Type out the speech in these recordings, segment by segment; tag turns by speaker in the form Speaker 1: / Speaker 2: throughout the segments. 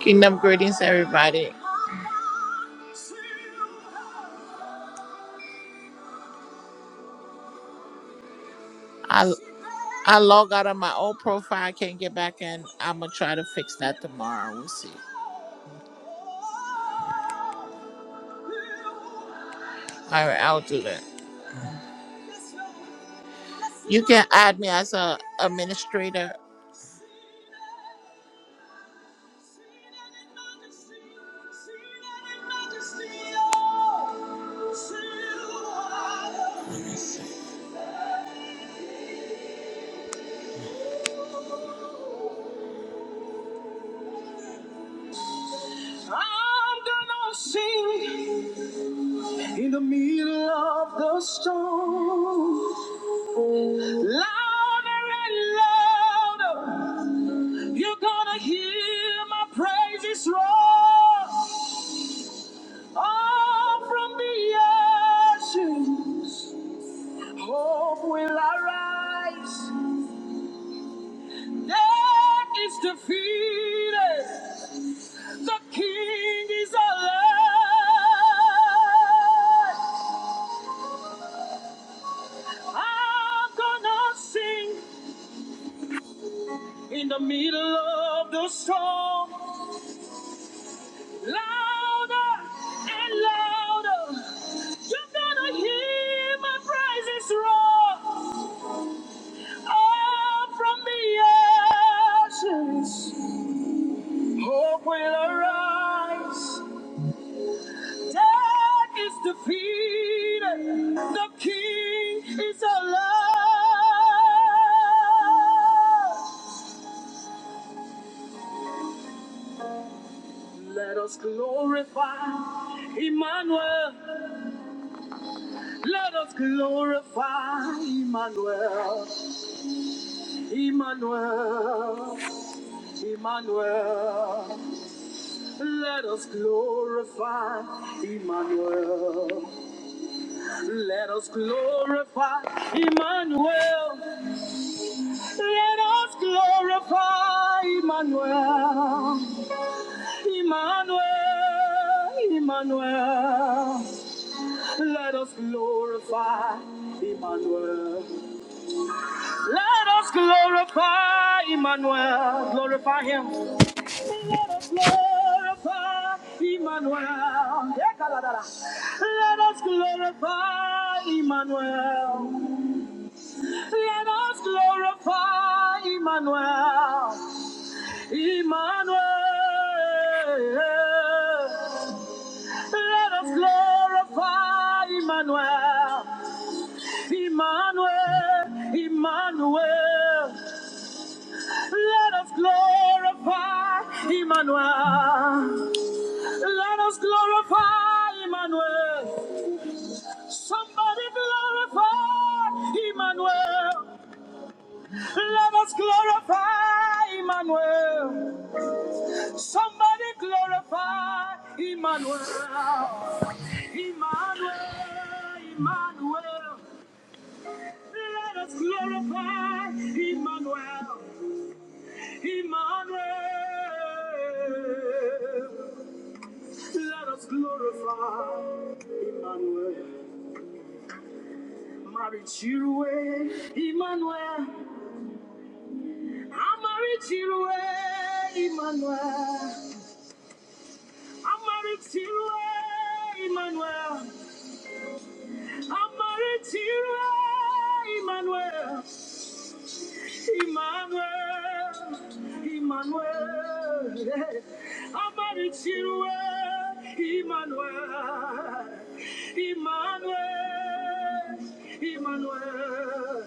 Speaker 1: Kingdom greetings, everybody. I I log out of my old profile. I can't get back in. I'm gonna try to fix that tomorrow. We'll see. All right, I'll do that. You can add me as a administrator. Let me see. I'm gonna sing in the middle of the storm. Louder and louder, you're gonna hear my praises roar. All from the ashes, hope will arise. Death is defeated, the King is alive. I'm gonna sing in the middle of the storm. Louder and louder. You're gonna hear my praises roar up from the ashes. Hope will arise. Death is defeated. The King is alive. Let us glorify Emmanuel. Let us glorify Emmanuel. Emmanuel, Emmanuel, let us glorify Emmanuel. Let us glorify Emmanuel. Let us glorify Emmanuel. Emmanuel, Emmanuel, let us glorify Emmanuel. Let us glorify Emmanuel. Glorify him. Let us glorify Emmanuel. Let us glorify Emmanuel. Let us glorify Emmanuel. Emmanuel. Let us glorify Emmanuel. Emmanuel. Emmanuel. Let us glorify Emmanuel. Let us glorify Emmanuel. Somebody glorify Emmanuel. Let us glorify Emmanuel. Somebody glorify Emmanuel. Emmanuel, Emmanuel. Let us glorify Emmanuel. Emmanuel. Let us glorify Emmanuel. Marichirue, Emmanuel. I'm Amarichirue, Emmanuel. I'm Amarichirue, Emmanuel. I'm Amarichirue, Emmanuel. Emmanuel, Emmanuel, Amarichiwe, Emmanuel, Emmanuel, Emmanuel,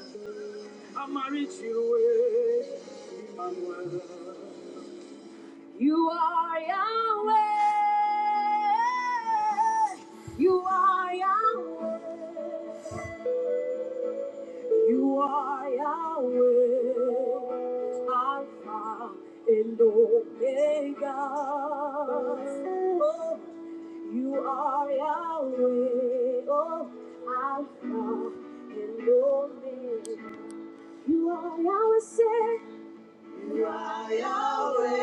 Speaker 1: Amarichiwe, Emmanuel. You are Yahweh, you are Yahweh. You are Yahweh, Alpha and Omega. Oh, you are Yahweh, oh, Alpha and Omega. You are Yahweh, you are Yahweh.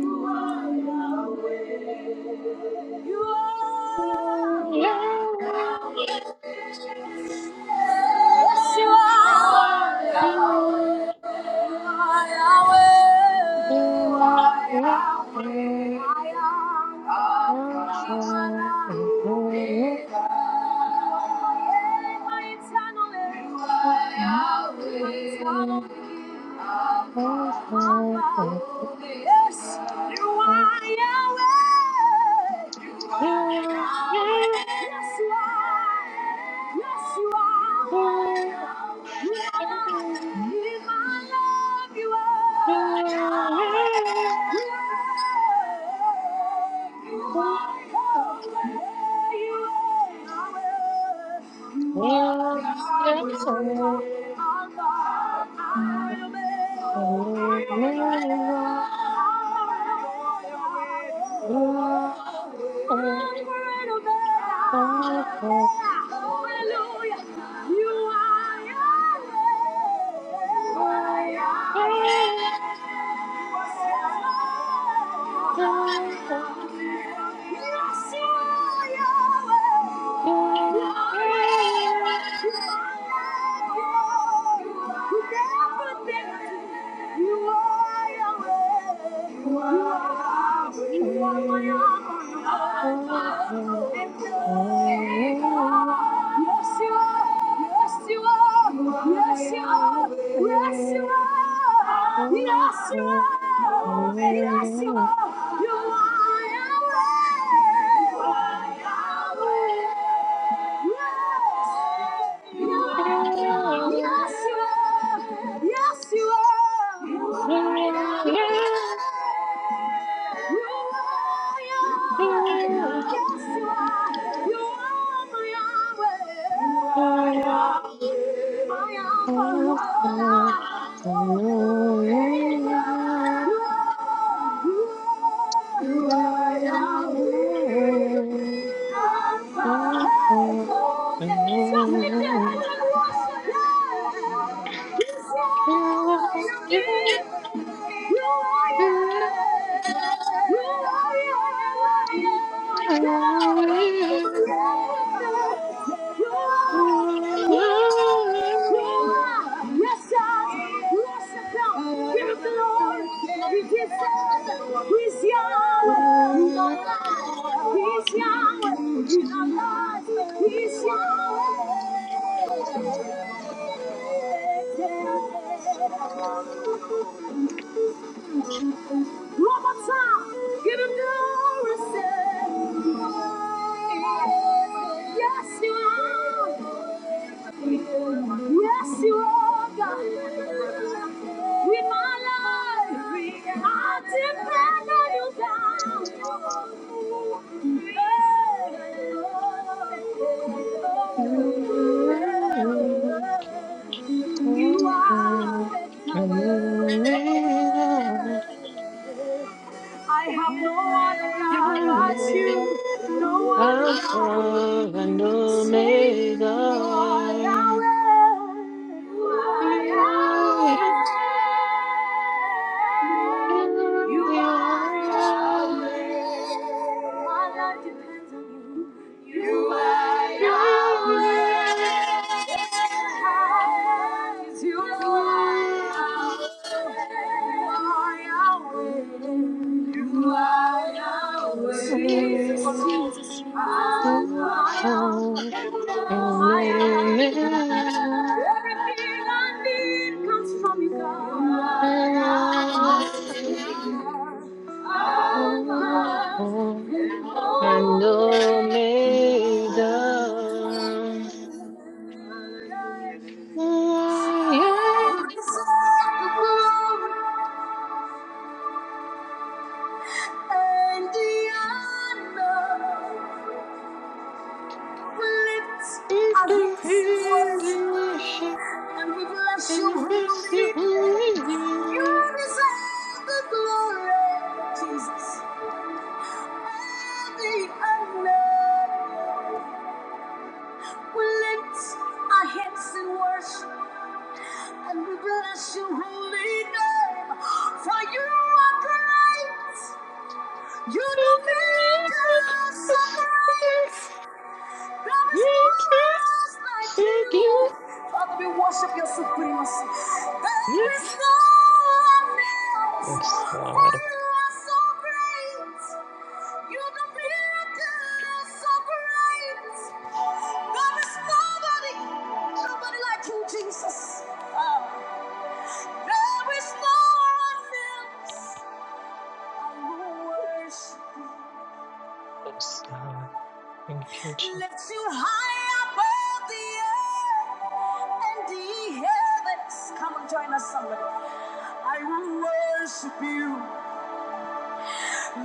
Speaker 1: You are Yahweh. You You are Yahweh. Yes, you are. Yahweh, Yes, you are Yahweh. You are Yahweh. Yes, you are. Yes, you are. You
Speaker 2: Yeah.
Speaker 1: are. In my love, you are. Yahweh. Yeah. You are Yahweh. You are Yahweh. You are Yahweh. Hallelujah. You are Yahweh. You are Yahweh. You are my armor, and Yes, you are. Yes, you are. Yes, you are. Yes, you are. Yes, you are. Yes, you are. You are Yahweh. Yes. You are Yahweh. Yes, you are. Yes, you are. You are Yahweh. Yes, sir.
Speaker 2: Alpha and
Speaker 1: Yes, sir. Give him the Lord. He is Yahweh. He's Yahweh. He's alive. He's Yahweh. He's alive. He's Yahweh. One more time. Give him glory. Say, Yes, you are. Yes, you are God. In my life, I depend on you, God. Hey, oh, oh, oh, oh. You are. the power. I have no other God but you, no other God. Say you are
Speaker 2: Omega.
Speaker 1: Yahweh, you are
Speaker 2: You are
Speaker 1: Yahweh,
Speaker 2: And
Speaker 1: you
Speaker 2: Omega,
Speaker 1: are Yahweh. My life depends on you. You are Yahweh. Everything I need comes from you, God.
Speaker 2: I am the worship
Speaker 1: And we bless
Speaker 2: and
Speaker 1: your
Speaker 2: the
Speaker 1: holy
Speaker 2: bless your
Speaker 1: name.
Speaker 2: holy name.
Speaker 1: You deserve the glory, Jesus. And the honor. We lift our hands in worship. And we bless your holy name, for you are great. You do miracles so great. There is no one else like you. Father, we worship your supremacy. There is no one else,
Speaker 2: Yes,
Speaker 1: for
Speaker 2: God.
Speaker 1: you are so great. You do miracles so great. There is nobody, nobody like you, Jesus. Ah. There is no I will worship.
Speaker 2: Yes, God. Thank you, Jesus.
Speaker 1: Lift you high above the earth and the heavens. Come and join us, somebody. I will worship you.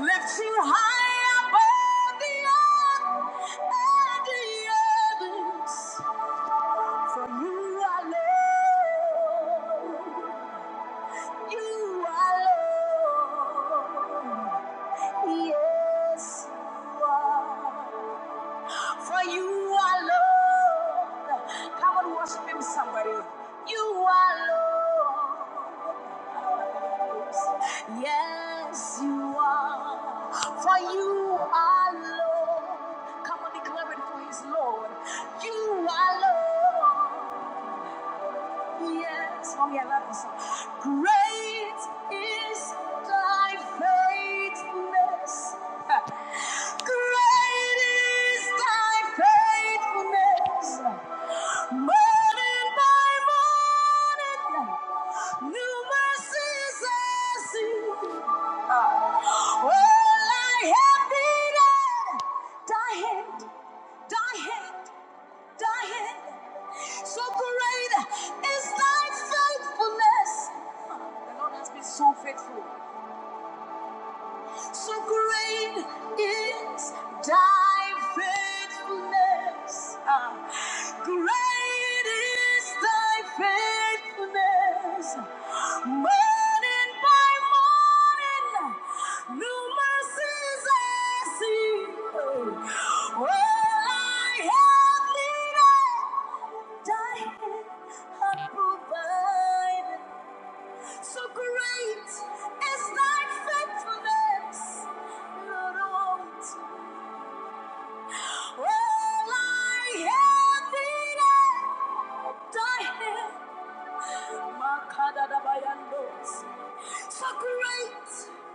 Speaker 1: Lift you high above the earth and the heavens. For you are Lord. You are Lord. Yeah. For you are Lord. Come and worship him, somebody. You are Lord. Yes, you are. For you are Lord. Come and declare it for his Lord. You are Lord. Yes, oh yeah, I love this song. Great is thy faithfulness. Great is thy faithfulness. Morning by morning, new mercies I see. Uh, All I have needed, thy hand, thy hand, thy hand. So great is thy faithfulness. The Lord has been so faithful. So great is thy faithfulness. Ah, great is thy faithfulness. Morning by morning, new mercies I see. All I have needed, thy hand hath provided. So great is thy faithfulness, Lord. All I have needed, thy hand. Makadadabayandos. So great,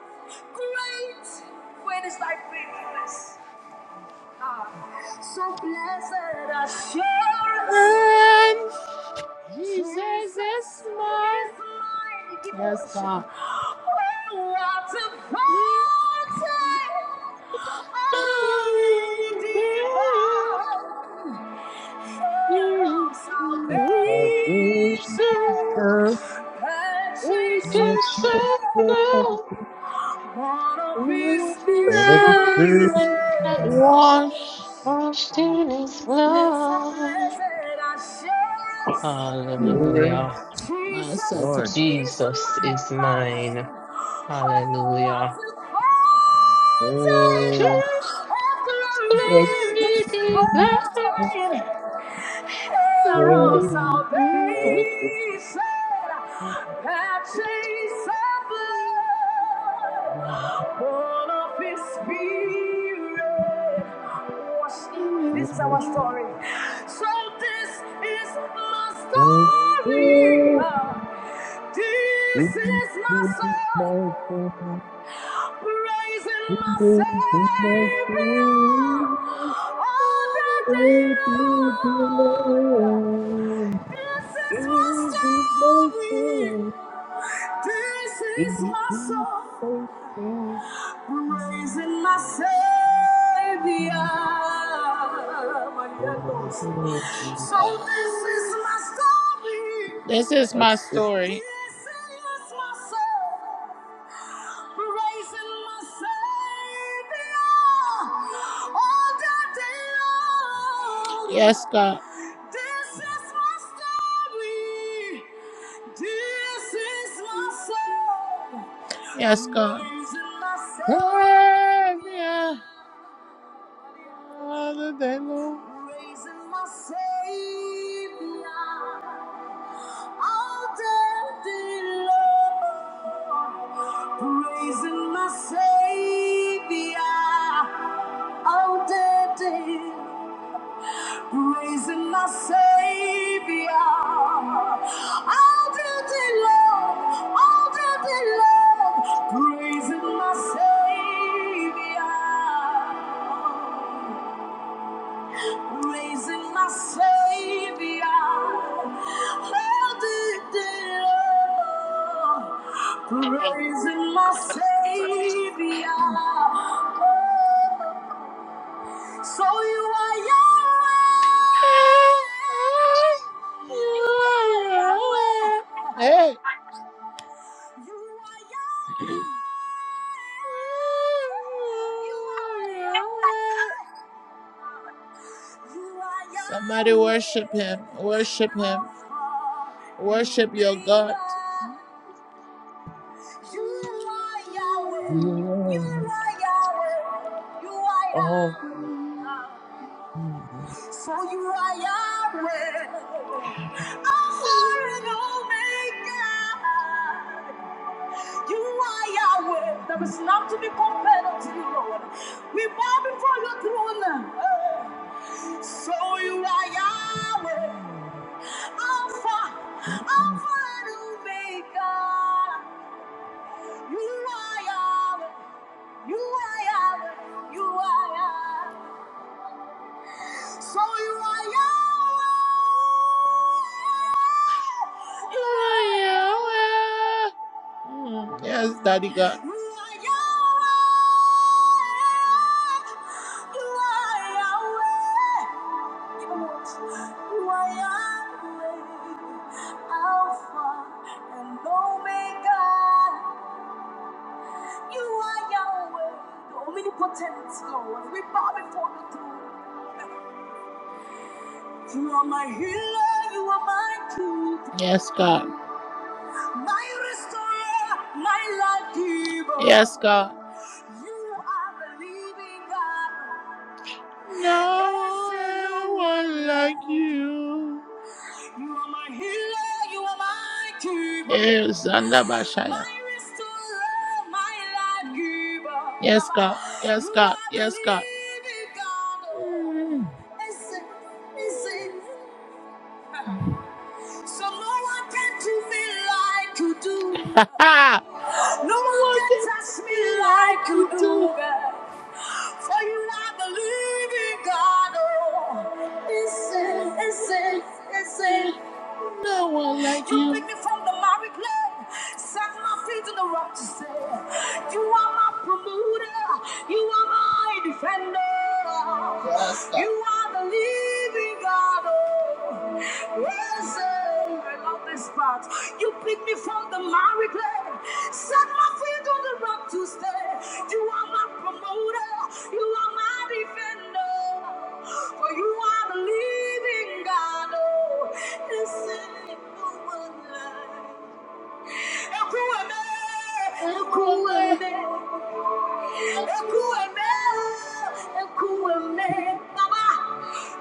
Speaker 1: great, when is thy faithfulness? Ah, so blessed assurance. Yes, God.
Speaker 3: I will
Speaker 2: All
Speaker 3: come what you said,
Speaker 2: of
Speaker 3: and
Speaker 2: his
Speaker 3: it's free
Speaker 2: goodness
Speaker 1: Wash.
Speaker 2: washed in his blood.
Speaker 1: blessed assurance.
Speaker 3: to raise
Speaker 2: Hallelujah.
Speaker 1: My Satan.
Speaker 3: mine.
Speaker 2: Jesus is mine. Hallelujah.
Speaker 3: And
Speaker 2: Just
Speaker 3: it's
Speaker 2: glory divine.
Speaker 1: Sorrow of
Speaker 3: there,
Speaker 1: salvation, patches of blood, born of His Spirit, washed in. This is our story. So this is my
Speaker 3: and it's
Speaker 1: story. This is my song, praising my Savior all the day long. This is my story. This is my song.
Speaker 3: Thank you.
Speaker 1: Praising my
Speaker 3: That's
Speaker 1: Savior.
Speaker 3: the feeling
Speaker 1: So this is my story. This is
Speaker 3: of
Speaker 1: my story. This is my song. Praising my Savior. All day long. Yes, God. This is my story. Yes, God. Raising my Savior, Father, they know. Raising my Savior. All day long. Raising my Savior. All day Praising my Savior, I'll do the love, I'll do the love. Praising my Savior, praising my Savior, I'll do the love. Praising my Savior. Oh. So you are Yahweh. You are Yahweh. Hey. You are Yahweh. You are Yahweh. You are Yahweh. Somebody worship him. Worship him. Worship your God. You are Yahweh.
Speaker 3: Jesus.
Speaker 1: You
Speaker 3: You
Speaker 1: are Yahweh. You are Yahweh. For you are Yahweh, Alpha and Omega. You are Yahweh. There is none to be compared unto you, Lord. We bow before your throne. eh. So you are Yahweh, Alpha, Alpha and Omega. You are Yahweh. You are Yahweh. You are Yahweh. So you are Yahweh. You are Yahweh. Yes, Daddy God. You are Yahweh. You are Yahweh. You are Yahweh. Alpha and Omega. You are Yahweh, the omnipotent Lord. We bow before the throne. You are my healer, you are my king. Yes, God. My restorer, my life giver. Yes, God. You are the living God. There is No no one like no you. You are my healer, you are my keeper. Eh, Zanda Yes, God. Yes, God. Yes, God. living So no one can do me like you do. No No one can touch me like like you do. For you are the living God. Oh, listen, listen, listen. No one like you. You picked me from the miry clay, set my feet on the rock to say, You are my promoter, you are my defender. Yes, God. You are the living God. Oh, listen, I love this waste spot. You picked me from the miry clay. Set my feet on the rock to stay. You are my promoter. You are my defender. For you are the living God. Oh, listen, no one lies. Ekuweme, Ekuweme, Ekuweme, Ekuweme. Baba,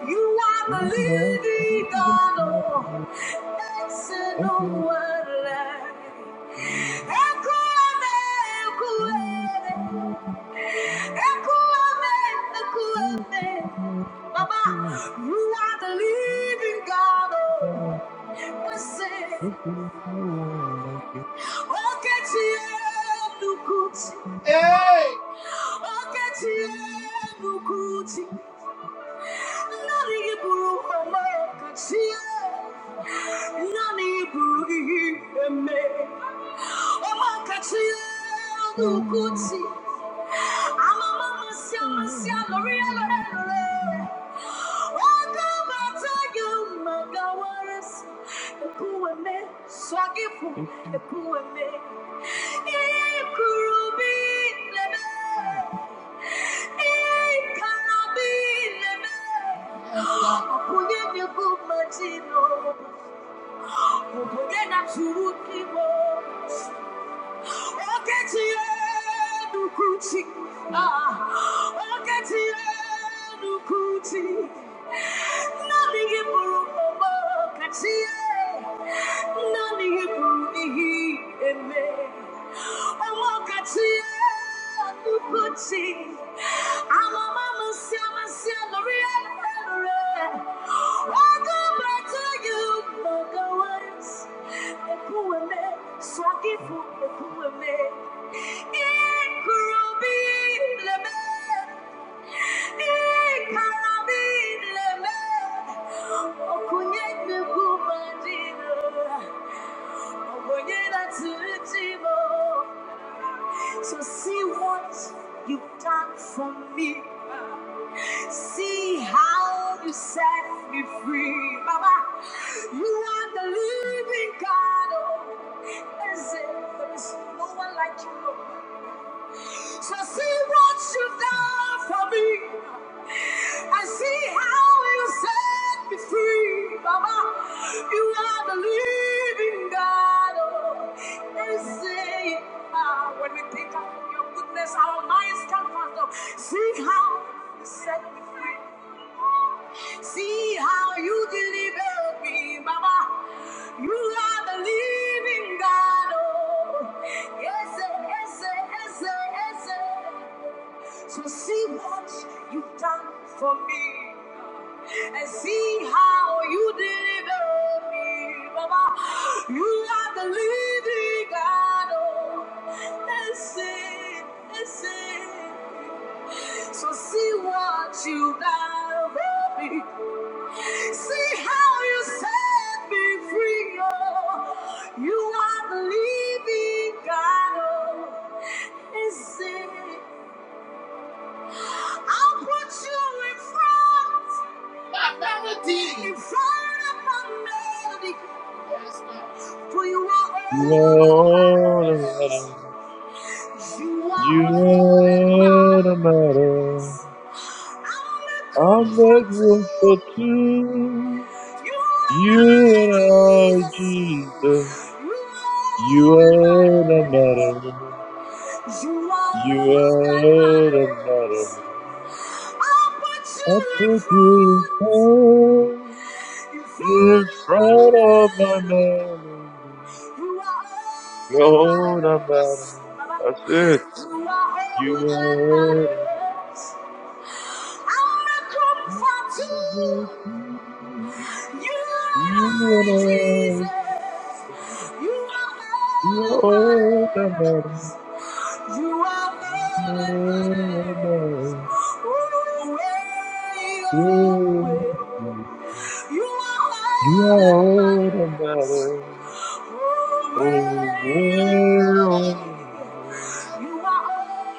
Speaker 1: you are the living God. oh, Exenuere. Ekuweme, Ekuweme, Ekuweme, Ekuweme. Baba, you are the living God. oh, Wakati yenu kuti. Hey! Wakati yenu kuti. Nani iburu mama wakati ye. Nani iburu ihime. Wakati yenu kuti. Okunye ni kumachino, okunye na churuki mo. I'll get you. I'll get you, I'll get you. Swaki for the poor man. It could be the man. So see what you've done for me. See how you set me free, Mama. You are the living God. Oh, is it? There is no one like you. Lord shall see what you've done for me. I see how you set me free, Mama, You are the living God. Oh, and say, ah, when we think of your goodness, our minds can not fathom. See how you set me free. See how you delivered me, Mama. You are the living God. Yes, sir, yes, sir, yes, sir, yes, sir. So see what you've done for me. and see how you deliver me, Mama. You are the living God. Oh, listen, listen. So see what you have done for me. See how you set me free. Oh, you are the living God. Oh, is it? I'll put you in front. My melody. In front of my melody. Yes, God. For you are
Speaker 3: are
Speaker 1: all that
Speaker 3: all around.
Speaker 1: matters. You
Speaker 3: You
Speaker 1: are all
Speaker 3: and a
Speaker 1: that
Speaker 3: matter.
Speaker 1: matters. I'm a
Speaker 3: I'm not
Speaker 1: comfort
Speaker 3: one for
Speaker 1: too.
Speaker 3: two.
Speaker 1: You
Speaker 3: You
Speaker 1: are my
Speaker 3: and I,
Speaker 1: Jesus.
Speaker 3: Jesus.
Speaker 1: You
Speaker 3: You
Speaker 1: are
Speaker 3: and a
Speaker 1: my
Speaker 3: matter.
Speaker 1: You are all that
Speaker 3: You and a
Speaker 1: matters.
Speaker 3: matter.
Speaker 1: I put you
Speaker 3: I
Speaker 1: in
Speaker 3: put you in
Speaker 1: front,
Speaker 3: prayer
Speaker 1: in
Speaker 3: in
Speaker 1: front of
Speaker 3: front
Speaker 1: my
Speaker 3: of my
Speaker 1: enemy.
Speaker 3: melody.
Speaker 1: You are all that
Speaker 3: you and the
Speaker 1: matters.
Speaker 3: matter.
Speaker 1: Baba.
Speaker 3: That's it.
Speaker 1: You are all that
Speaker 3: You
Speaker 1: matters. I'm not
Speaker 3: and a matter.
Speaker 1: coming for you. You and
Speaker 3: You
Speaker 1: I,
Speaker 3: and I,
Speaker 1: Jesus, you are
Speaker 3: You
Speaker 1: holding my
Speaker 3: are older
Speaker 1: hands. You are holding my hands. Oh, way
Speaker 3: yeah.
Speaker 1: You are
Speaker 3: You are
Speaker 1: holding my
Speaker 3: older brother.
Speaker 1: hands. Oh,
Speaker 3: Oh, well,
Speaker 1: You are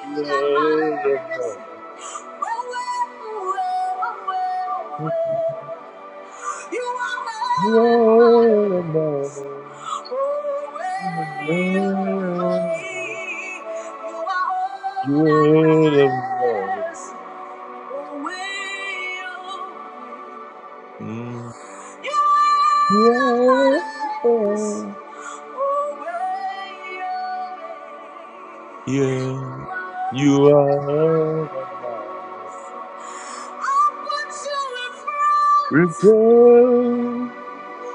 Speaker 3: you are
Speaker 1: my
Speaker 3: older
Speaker 1: hands.
Speaker 3: brother.
Speaker 1: Well, well, well, well, well. You are
Speaker 3: You
Speaker 1: not in
Speaker 3: are
Speaker 1: my
Speaker 3: older
Speaker 1: place.
Speaker 3: brother. Oh,
Speaker 1: Away,
Speaker 3: well,
Speaker 1: away. You are
Speaker 3: you
Speaker 1: all that
Speaker 3: are older
Speaker 1: matters. Away, oh. You
Speaker 3: yeah,
Speaker 1: are not my place. Away, away. You
Speaker 3: yeah,
Speaker 1: are
Speaker 3: you are
Speaker 1: all that
Speaker 3: all that
Speaker 1: matters. I put you in front.
Speaker 3: matters. Repent,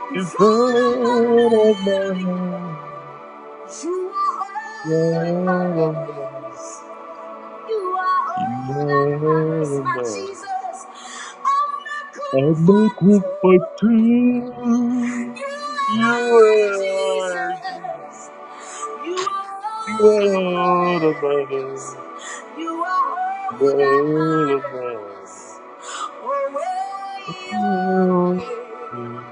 Speaker 1: In
Speaker 3: in front
Speaker 1: front of my
Speaker 3: of my
Speaker 1: melody,
Speaker 3: mind,
Speaker 1: you are all in my
Speaker 3: God of mine,
Speaker 1: matters. You are
Speaker 3: in
Speaker 1: all that
Speaker 3: front
Speaker 1: matters,
Speaker 3: of
Speaker 1: my
Speaker 3: mine.
Speaker 1: Jesus. I'm not
Speaker 3: I make room
Speaker 1: comforted.
Speaker 3: for two.
Speaker 1: You and
Speaker 3: You
Speaker 1: I,
Speaker 3: are
Speaker 1: Jesus. You are all
Speaker 3: God of
Speaker 1: that matters.
Speaker 3: mine,
Speaker 1: You are all that
Speaker 3: God of
Speaker 1: matters.
Speaker 3: mine. You
Speaker 1: Oh,
Speaker 3: are
Speaker 1: way, oh, way.
Speaker 3: Jesus.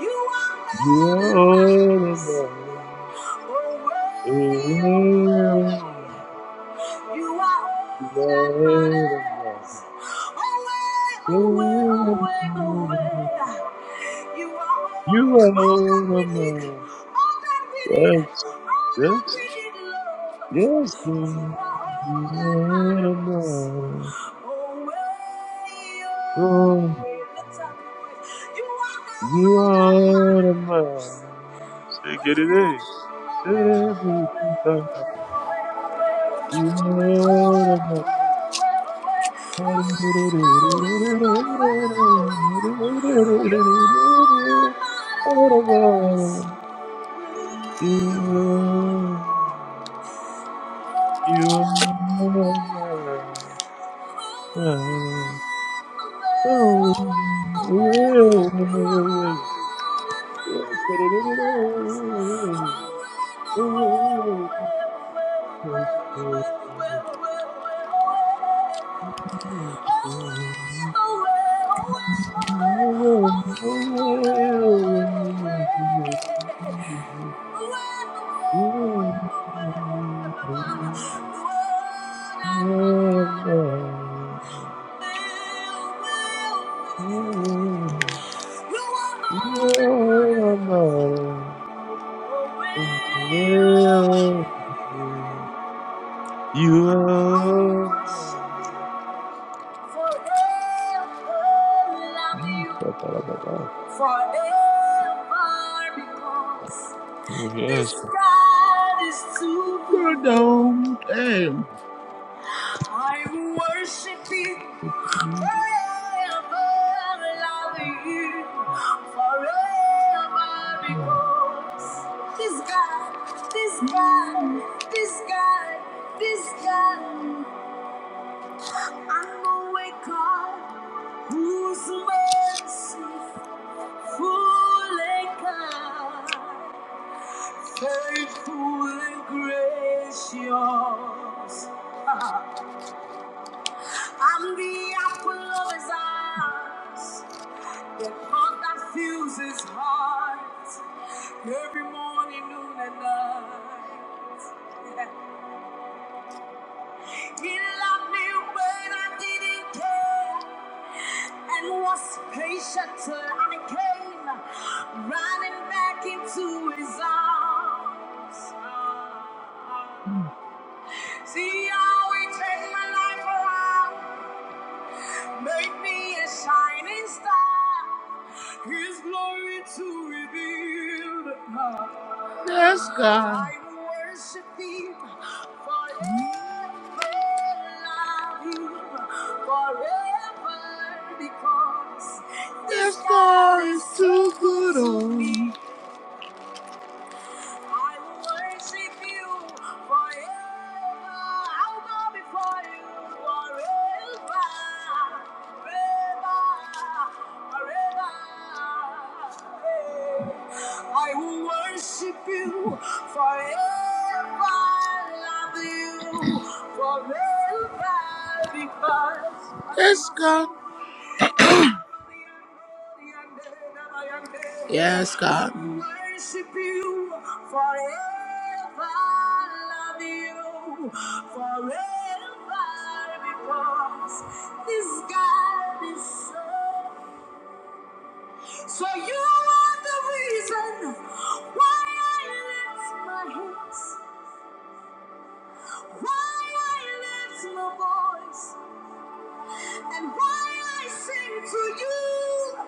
Speaker 1: You are
Speaker 3: you
Speaker 1: loving
Speaker 3: are Lord of
Speaker 1: us.
Speaker 3: mine.
Speaker 1: Away,
Speaker 3: Oh,
Speaker 1: away. You are
Speaker 3: You
Speaker 1: all that
Speaker 3: are Lord of
Speaker 1: matters. Away, away, away,
Speaker 3: mine.
Speaker 1: away.
Speaker 3: Oh,
Speaker 1: You are all,
Speaker 3: You
Speaker 1: all that
Speaker 3: are a
Speaker 1: we need.
Speaker 3: mug.
Speaker 1: All that we need.
Speaker 3: yes,
Speaker 1: All that
Speaker 3: that's,
Speaker 1: we need,
Speaker 3: yes,
Speaker 1: Lord. You
Speaker 3: Lord.
Speaker 1: are
Speaker 3: You
Speaker 1: all that
Speaker 3: are a
Speaker 1: matters.
Speaker 3: mug.
Speaker 1: Away,
Speaker 3: Oh,
Speaker 1: away. Let's have a voice. You are
Speaker 3: you
Speaker 1: all that
Speaker 3: are a
Speaker 1: matters.
Speaker 3: mug. Say, get
Speaker 1: Thank
Speaker 3: it in. Everything comes out. You are a mug. You are mine. Oh,
Speaker 1: you.
Speaker 3: You are.
Speaker 1: Forever love you.
Speaker 3: Oh,
Speaker 1: forever because this
Speaker 3: yes. Thank
Speaker 1: God is too good. No. Damn. I worship you forever, love you forever because this God, this God, this God, this God, I'm awake God whose mercy full and kind. faithful and gracious. I'm the apple of his eyes, the heart that fills his heart every morning, noon, and night. He loved me when I didn't care and was patient till I came running back into his arms. See how he turned my life around, made me a shining star. His glory to reveal. the power. Yes, God. I worship Him forever, love forever, because this Yes, God is too good. Oh. I will worship you forever. I'll bow before you forever. Forever. Forever. I will worship you forever. Love you forever because. Yes, God. Yes, God. Worship you forever. Love you forever because this God is so. So you are the reason why I lift my hands, why I lift my voice, and why I sing to you.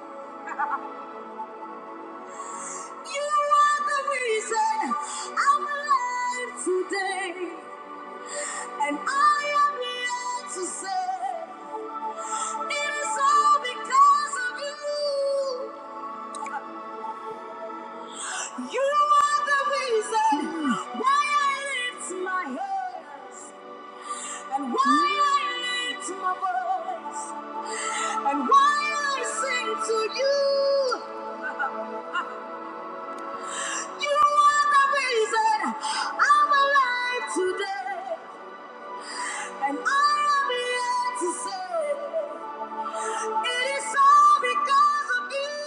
Speaker 1: You are the reason I'm alive today, and I am here to say it is all because of you. You are the reason why I lift my hands and why I lift my voice and why I sing to you. You are the reason I'm alive today. And I am here to say, it is all because of you.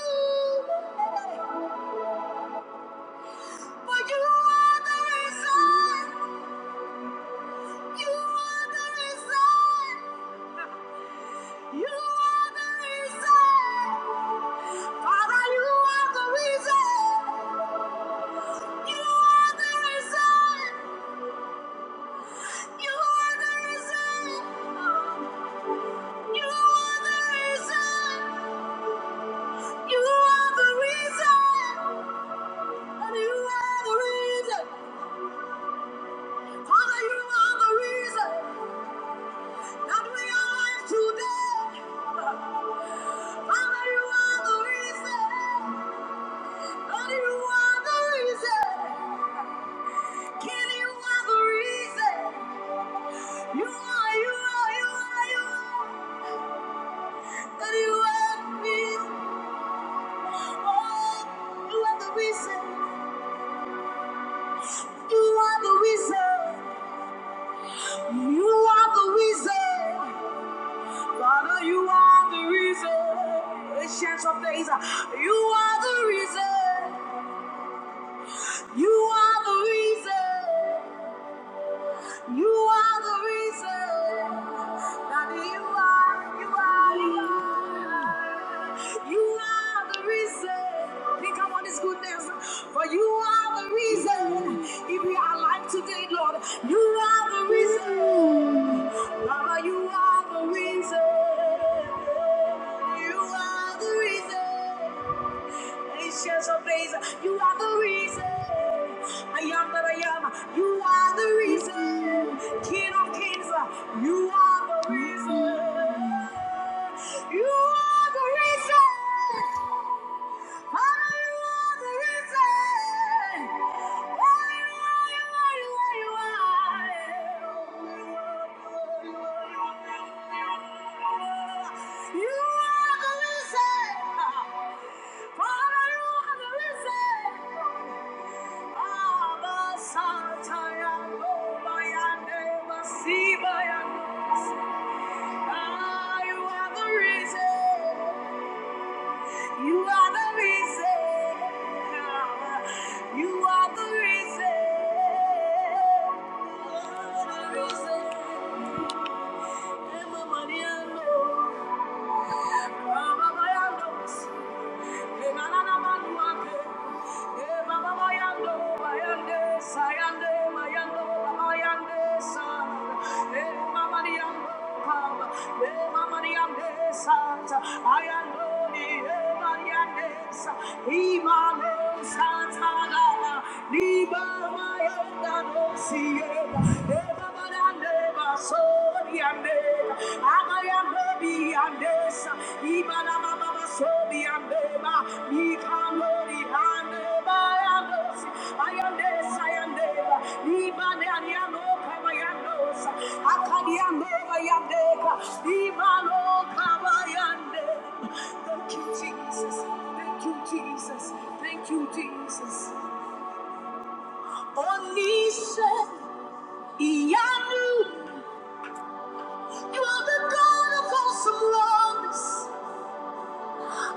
Speaker 1: For you are the reason. You are the reason. You are the reason. Father, you are the reason. You are the reason. You are the reason. You are the reason. You are the reason. And you are the reason. Father, you are the reason that we are alive today. Father, you are the reason. And you are the reason. Kid, you are the reason. You are, you are, you are, you are. And you are the You are the reason. You are the reason. You are the reason. Father, you are the reason. Ancient of days. You are the reason. You are the reason. You are the reason that you are, you are, you are. You are the reason. Think about His goodness. For you are the reason. If we are alive today, Lord, you are the reason. Baba, you are the reason. You are the reason. Nations of praise, you are the reason. I am that I am, you are the reason. King of kings, you are the reason. You are the reason. See by your Ah, you are the reason. You are the reason. You are the reason. You are The reason. Emma Maria knows. Mama Maria knows. Liba maya da dosi, eba eba ba da neba so. Thank you, Jesus. Thank you, Jesus. Thank you, Jesus. Only say, Iyanu. You are the God of awesome works.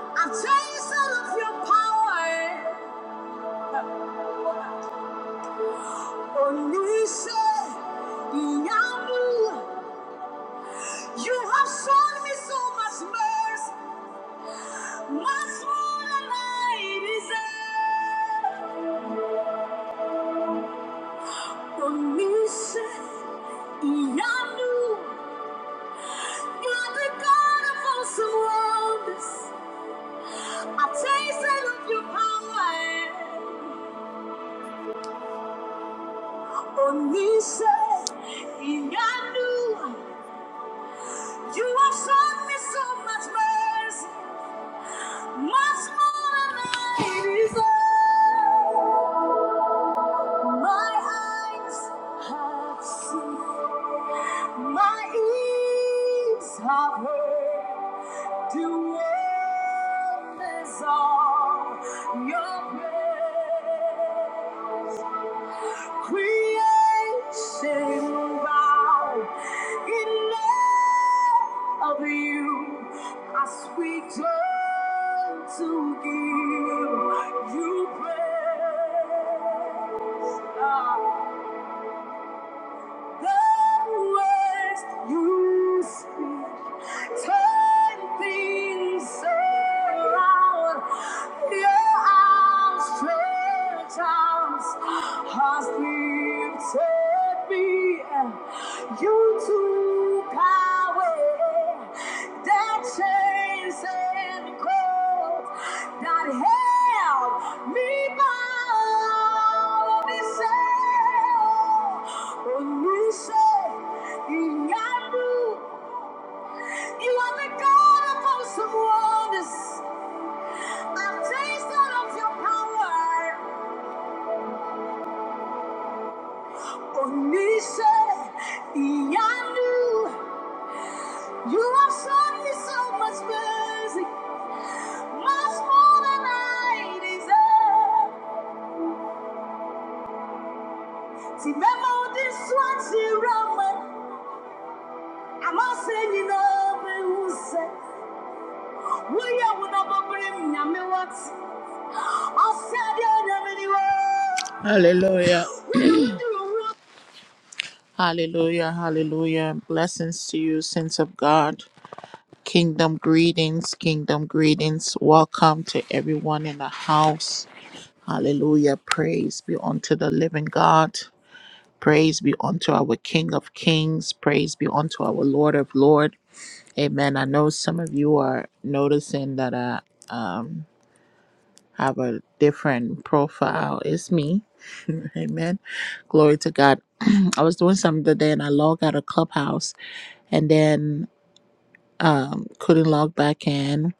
Speaker 1: I've tasted of your power. Onisha, Yamu. You have shown me so much mercy, much more than I deserve. Onisha, Yamu. You are the God of awesome works. I've tasted of your power. Onisha, Yamu. You have shown me so much mercy, much more than I deserve. My eyes have seen, my ears have heard the wonders of your praise. Creation bound in love of you. I sweet turn to give you praise. The words you speak turn things around. Your outstretched arms has lifted me. You to power that chains and cords that held me bound. He said, "When you say in Yahoo, you are the God of awesome wonders. I've tasted of your power. Onisha, Iyanu, you have shown me so much mercy. Much more than I deserve. See, memo this one, see, Roman. I must say, you know, who said, We are with a me what? I said, yeah, Hallelujah. Hallelujah, hallelujah. Blessings to you, saints of God. Kingdom greetings, kingdom greetings. Welcome to everyone in the house. Hallelujah. Praise be unto the living God. Praise be unto our King of Kings. Praise be unto our Lord of Lord. Amen. I know some of you are noticing that I um, have a different profile. It's me. Amen. Glory to God. I was doing something today and I logged out of Clubhouse and then um, couldn't log back in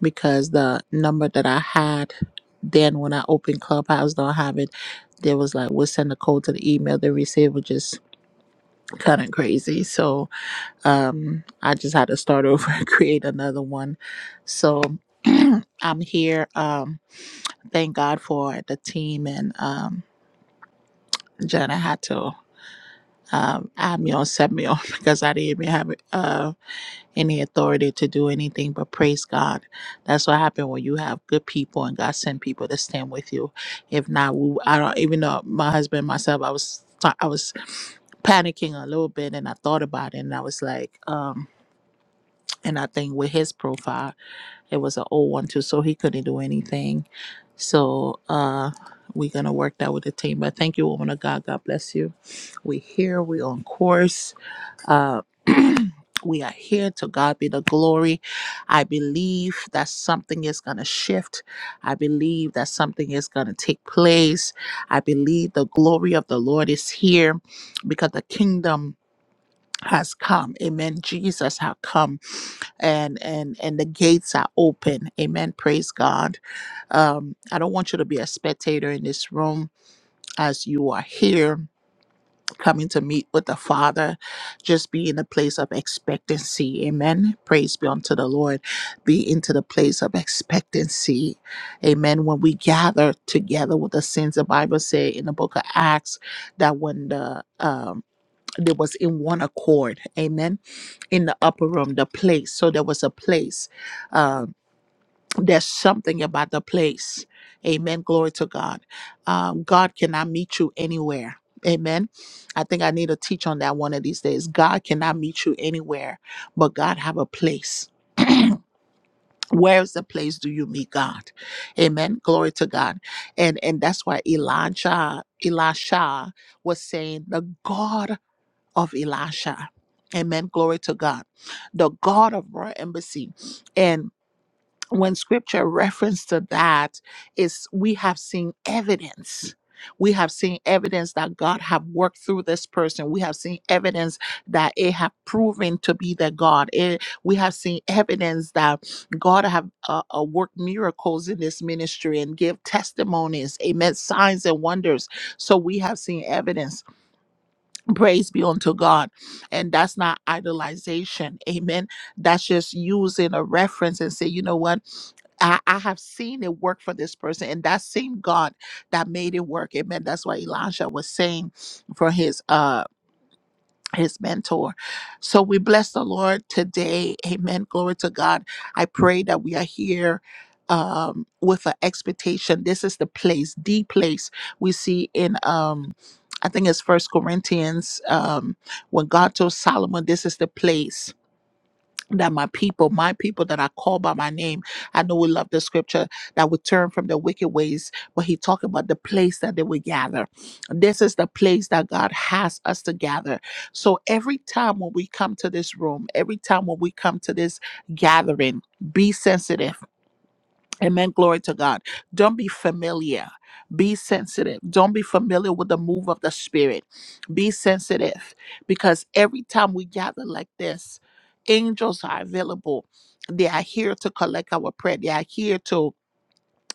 Speaker 1: because the number that I had then when I opened Clubhouse don't have it. They was like, we'll send the code to the email they just kind of crazy. So um, I just had to start over and create another one. So I'm here. Um, thank God for the team and um, Jenna had to um, add me on, set me on because I didn't even have uh, any authority to do anything. But praise God, that's what happened when you have good people and God send people to stand with you. If not, we, I don't even know my husband myself. I was I was panicking a little bit and I thought about it and I was like. um And I think with his profile, it was an old one too, so he couldn't do anything. So uh we're gonna work that with the team. But thank you, woman of God. God bless you. We here, we on course. Uh we are here to God be the glory. I believe that something is gonna shift. I believe that something is gonna take place. I believe the glory of the Lord is here because the kingdom has come amen jesus has come and and and the gates are open amen praise god um i don't want you to be a spectator in this room as you are here coming to meet with the father just be in a place of expectancy amen praise be unto the lord be into the place of expectancy amen when we gather together with the saints the bible say in the book of acts that when the um they was in one accord amen in the upper room the place so there was a place uh, there's something about the place amen glory to god um, god cannot meet you anywhere amen i think i need to teach on that one of these days god cannot meet you anywhere but god have a place where is the place do you meet god amen glory to god and and that's why elijah elisha was saying the god of Elisha. Amen. Glory to God. The God of our embassy. And when scripture reference to that is we have seen evidence. We have seen evidence that God have worked through this person. We have seen evidence that it have proven to be the God. It- we have seen evidence that God have uh, uh, worked miracles in this ministry and give testimonies. Amen. Signs and wonders. So we have seen evidence. Praise be unto God. And that's not idolization. Amen. That's just using a reference and say, you know what? I, I have seen it work for this person, and that same God that made it work. Amen. That's what Elijah was saying for his uh his mentor. So we bless the Lord today. Amen. Glory to God. I pray that we are here um with an expectation. This is the place, the place we see in um I think it's first Corinthians um when God told Solomon this is the place that my people, my people that I call by my name, I know we love the scripture that would turn from the wicked ways, but he talked about the place that they would gather. This is the place that God has us to gather. So every time when we come to this room, every time when we come to this gathering, be sensitive Amen. Glory to God. Don't be familiar. Be sensitive. Don't be familiar with the move of the Spirit. Be sensitive because every time we gather like this, angels are available. They are here to collect our prayer, they are here to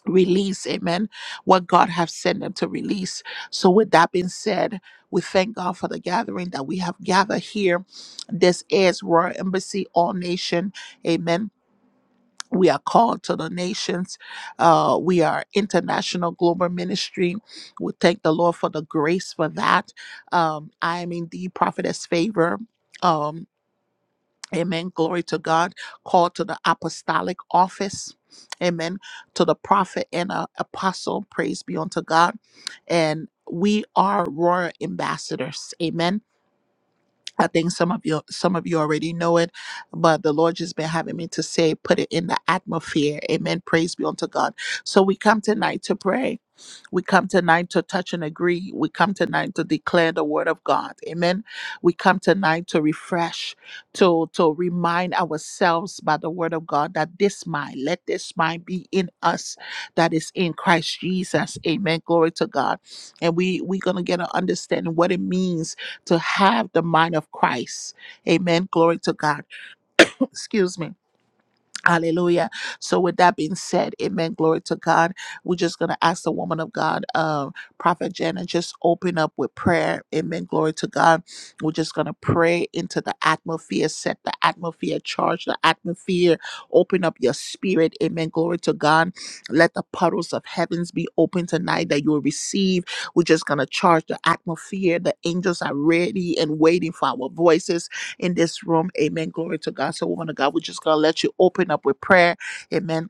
Speaker 1: release, amen, what God has sent them to release. So, with that being said, we thank God for the gathering that we have gathered here. This is Royal Embassy, All Nation, amen we are called to the nations. Uh, we are international global ministry. We thank the Lord for the grace for that. Um, I am indeed prophetess favor. Um, amen. Glory to God. Called to the apostolic office. Amen. To the prophet and uh, apostle. Praise be unto God. And we are royal ambassadors. Amen I think some of you some of you already know it, but the Lord just been having me to say, put it in the atmosphere. Amen. Praise be unto God. So we come tonight to pray. We come tonight to touch and agree. We come tonight to declare the word of God. Amen. We come tonight to refresh, to, to remind ourselves by the word of God that this mind, let this mind be in us that is in Christ Jesus. Amen. Glory to God. And we, we're going to get an understanding what it means to have the mind of Christ. Amen. Glory to God. Excuse me Hallelujah. So, with that being said, amen. Glory to God. We're just going to ask the woman of God, uh, Prophet Jenna, just open up with prayer. Amen. Glory to God. We're just going to pray into the atmosphere, set the atmosphere, charge the atmosphere, open up your spirit. Amen. Glory to God. Let the puddles of heavens be open tonight that you'll receive. We're just going to charge the atmosphere. The angels are ready and waiting for our voices in this room. Amen. Glory to God. So, woman of God, we're just going to let you open up with prayer. Amen.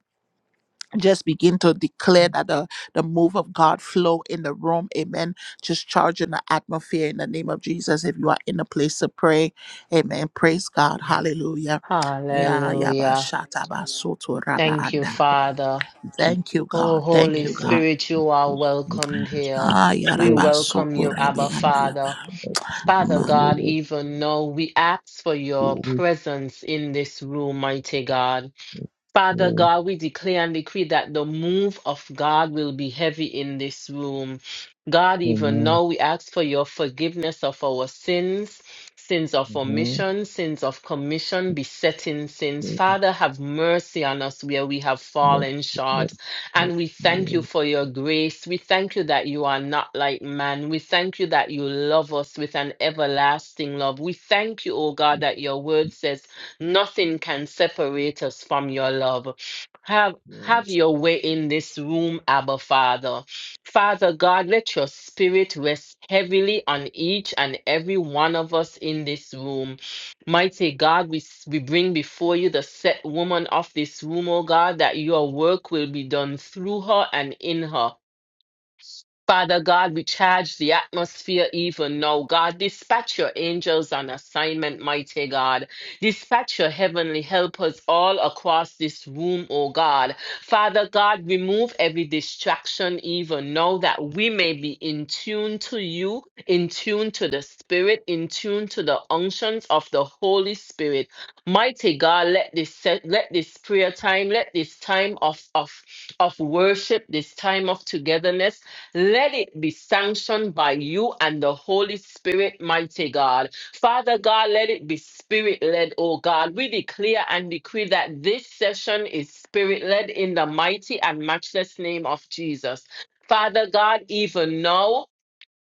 Speaker 1: Just begin to declare that the, the move of God flow in the room. Amen. Just charge in the atmosphere in the name of Jesus. If you are in a place to pray, amen. Praise God. Hallelujah. Yeah, yeah, ba
Speaker 2: Hallelujah.
Speaker 1: shata ba soto raba
Speaker 2: Thank you,
Speaker 1: anda.
Speaker 2: Father.
Speaker 1: Thank you,
Speaker 2: Oh,
Speaker 1: God.
Speaker 3: you,
Speaker 1: Thank
Speaker 2: Holy
Speaker 1: you, God.
Speaker 2: Spirit, you are welcomed here.
Speaker 1: Ah,
Speaker 2: We
Speaker 1: yaraba
Speaker 2: welcome
Speaker 1: soko
Speaker 2: you,
Speaker 1: rebe
Speaker 2: Abba Father.
Speaker 1: andalaba.
Speaker 2: Father
Speaker 3: for your
Speaker 2: God,
Speaker 3: work.
Speaker 2: even now we ask for
Speaker 3: Your
Speaker 2: your
Speaker 3: work,
Speaker 2: presence in this room, mighty God. Father
Speaker 3: man.
Speaker 2: God, we declare and decree that the move of God will be heavy in this room. God, even
Speaker 3: Amen.
Speaker 2: now, we ask for your forgiveness of our sins, sins of
Speaker 3: Amen.
Speaker 2: omission, sins of commission, besetting sins.
Speaker 3: Yes,
Speaker 2: Father, have mercy on us where we have
Speaker 3: Lord,
Speaker 2: fallen
Speaker 3: Lord,
Speaker 2: short.
Speaker 3: Lord,
Speaker 2: And we thank you
Speaker 3: yes.
Speaker 2: for your grace. We thank you that you are not like man. We thank you that you love us with an everlasting love. We thank you, O God, that your word says Nothing can separate us from your love. Have have your way in this room, Abba Father. Father God, let your spirit rest heavily on each and every one of us in this room. Mighty God, we, s- we bring before you the set woman of this room, oh God, that your work will be done through her and in her. Father God, we charge the atmosphere even now. God, dispatch your angels on assignment, mighty God. Dispatch your heavenly helpers all across this room, oh God. Father God, remove every distraction even now that we may be in tune to you, in tune to the Spirit, in tune to the unctions of the Holy Spirit. Mighty God, let this se- let this prayer time, let this time of of of worship, this time of togetherness let it be sanctioned by you and the Holy Spirit, mighty God. Father God, let it be spirit led, oh God. We declare and decree that this session is spirit led in the mighty and matchless name of Jesus. Father God, even now,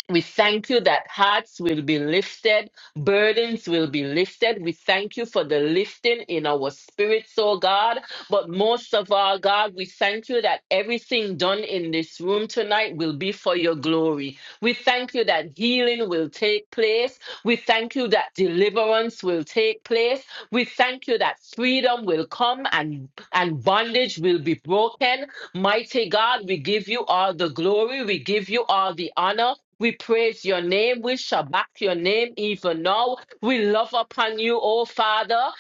Speaker 2: we thank you that hearts will be lifted, burdens will be lifted. We thank you for the lifting in our spirits, oh God. But most of all, God, we thank you that everything done in this room tonight will be for your glory. We thank you that healing will take place. We thank you that deliverance will take place. We thank you that freedom will come and, and bondage will be broken. Mighty God, we give you all the glory, we give you all the honor. We praise your name. We shall back your name even now. We love upon you, O Father.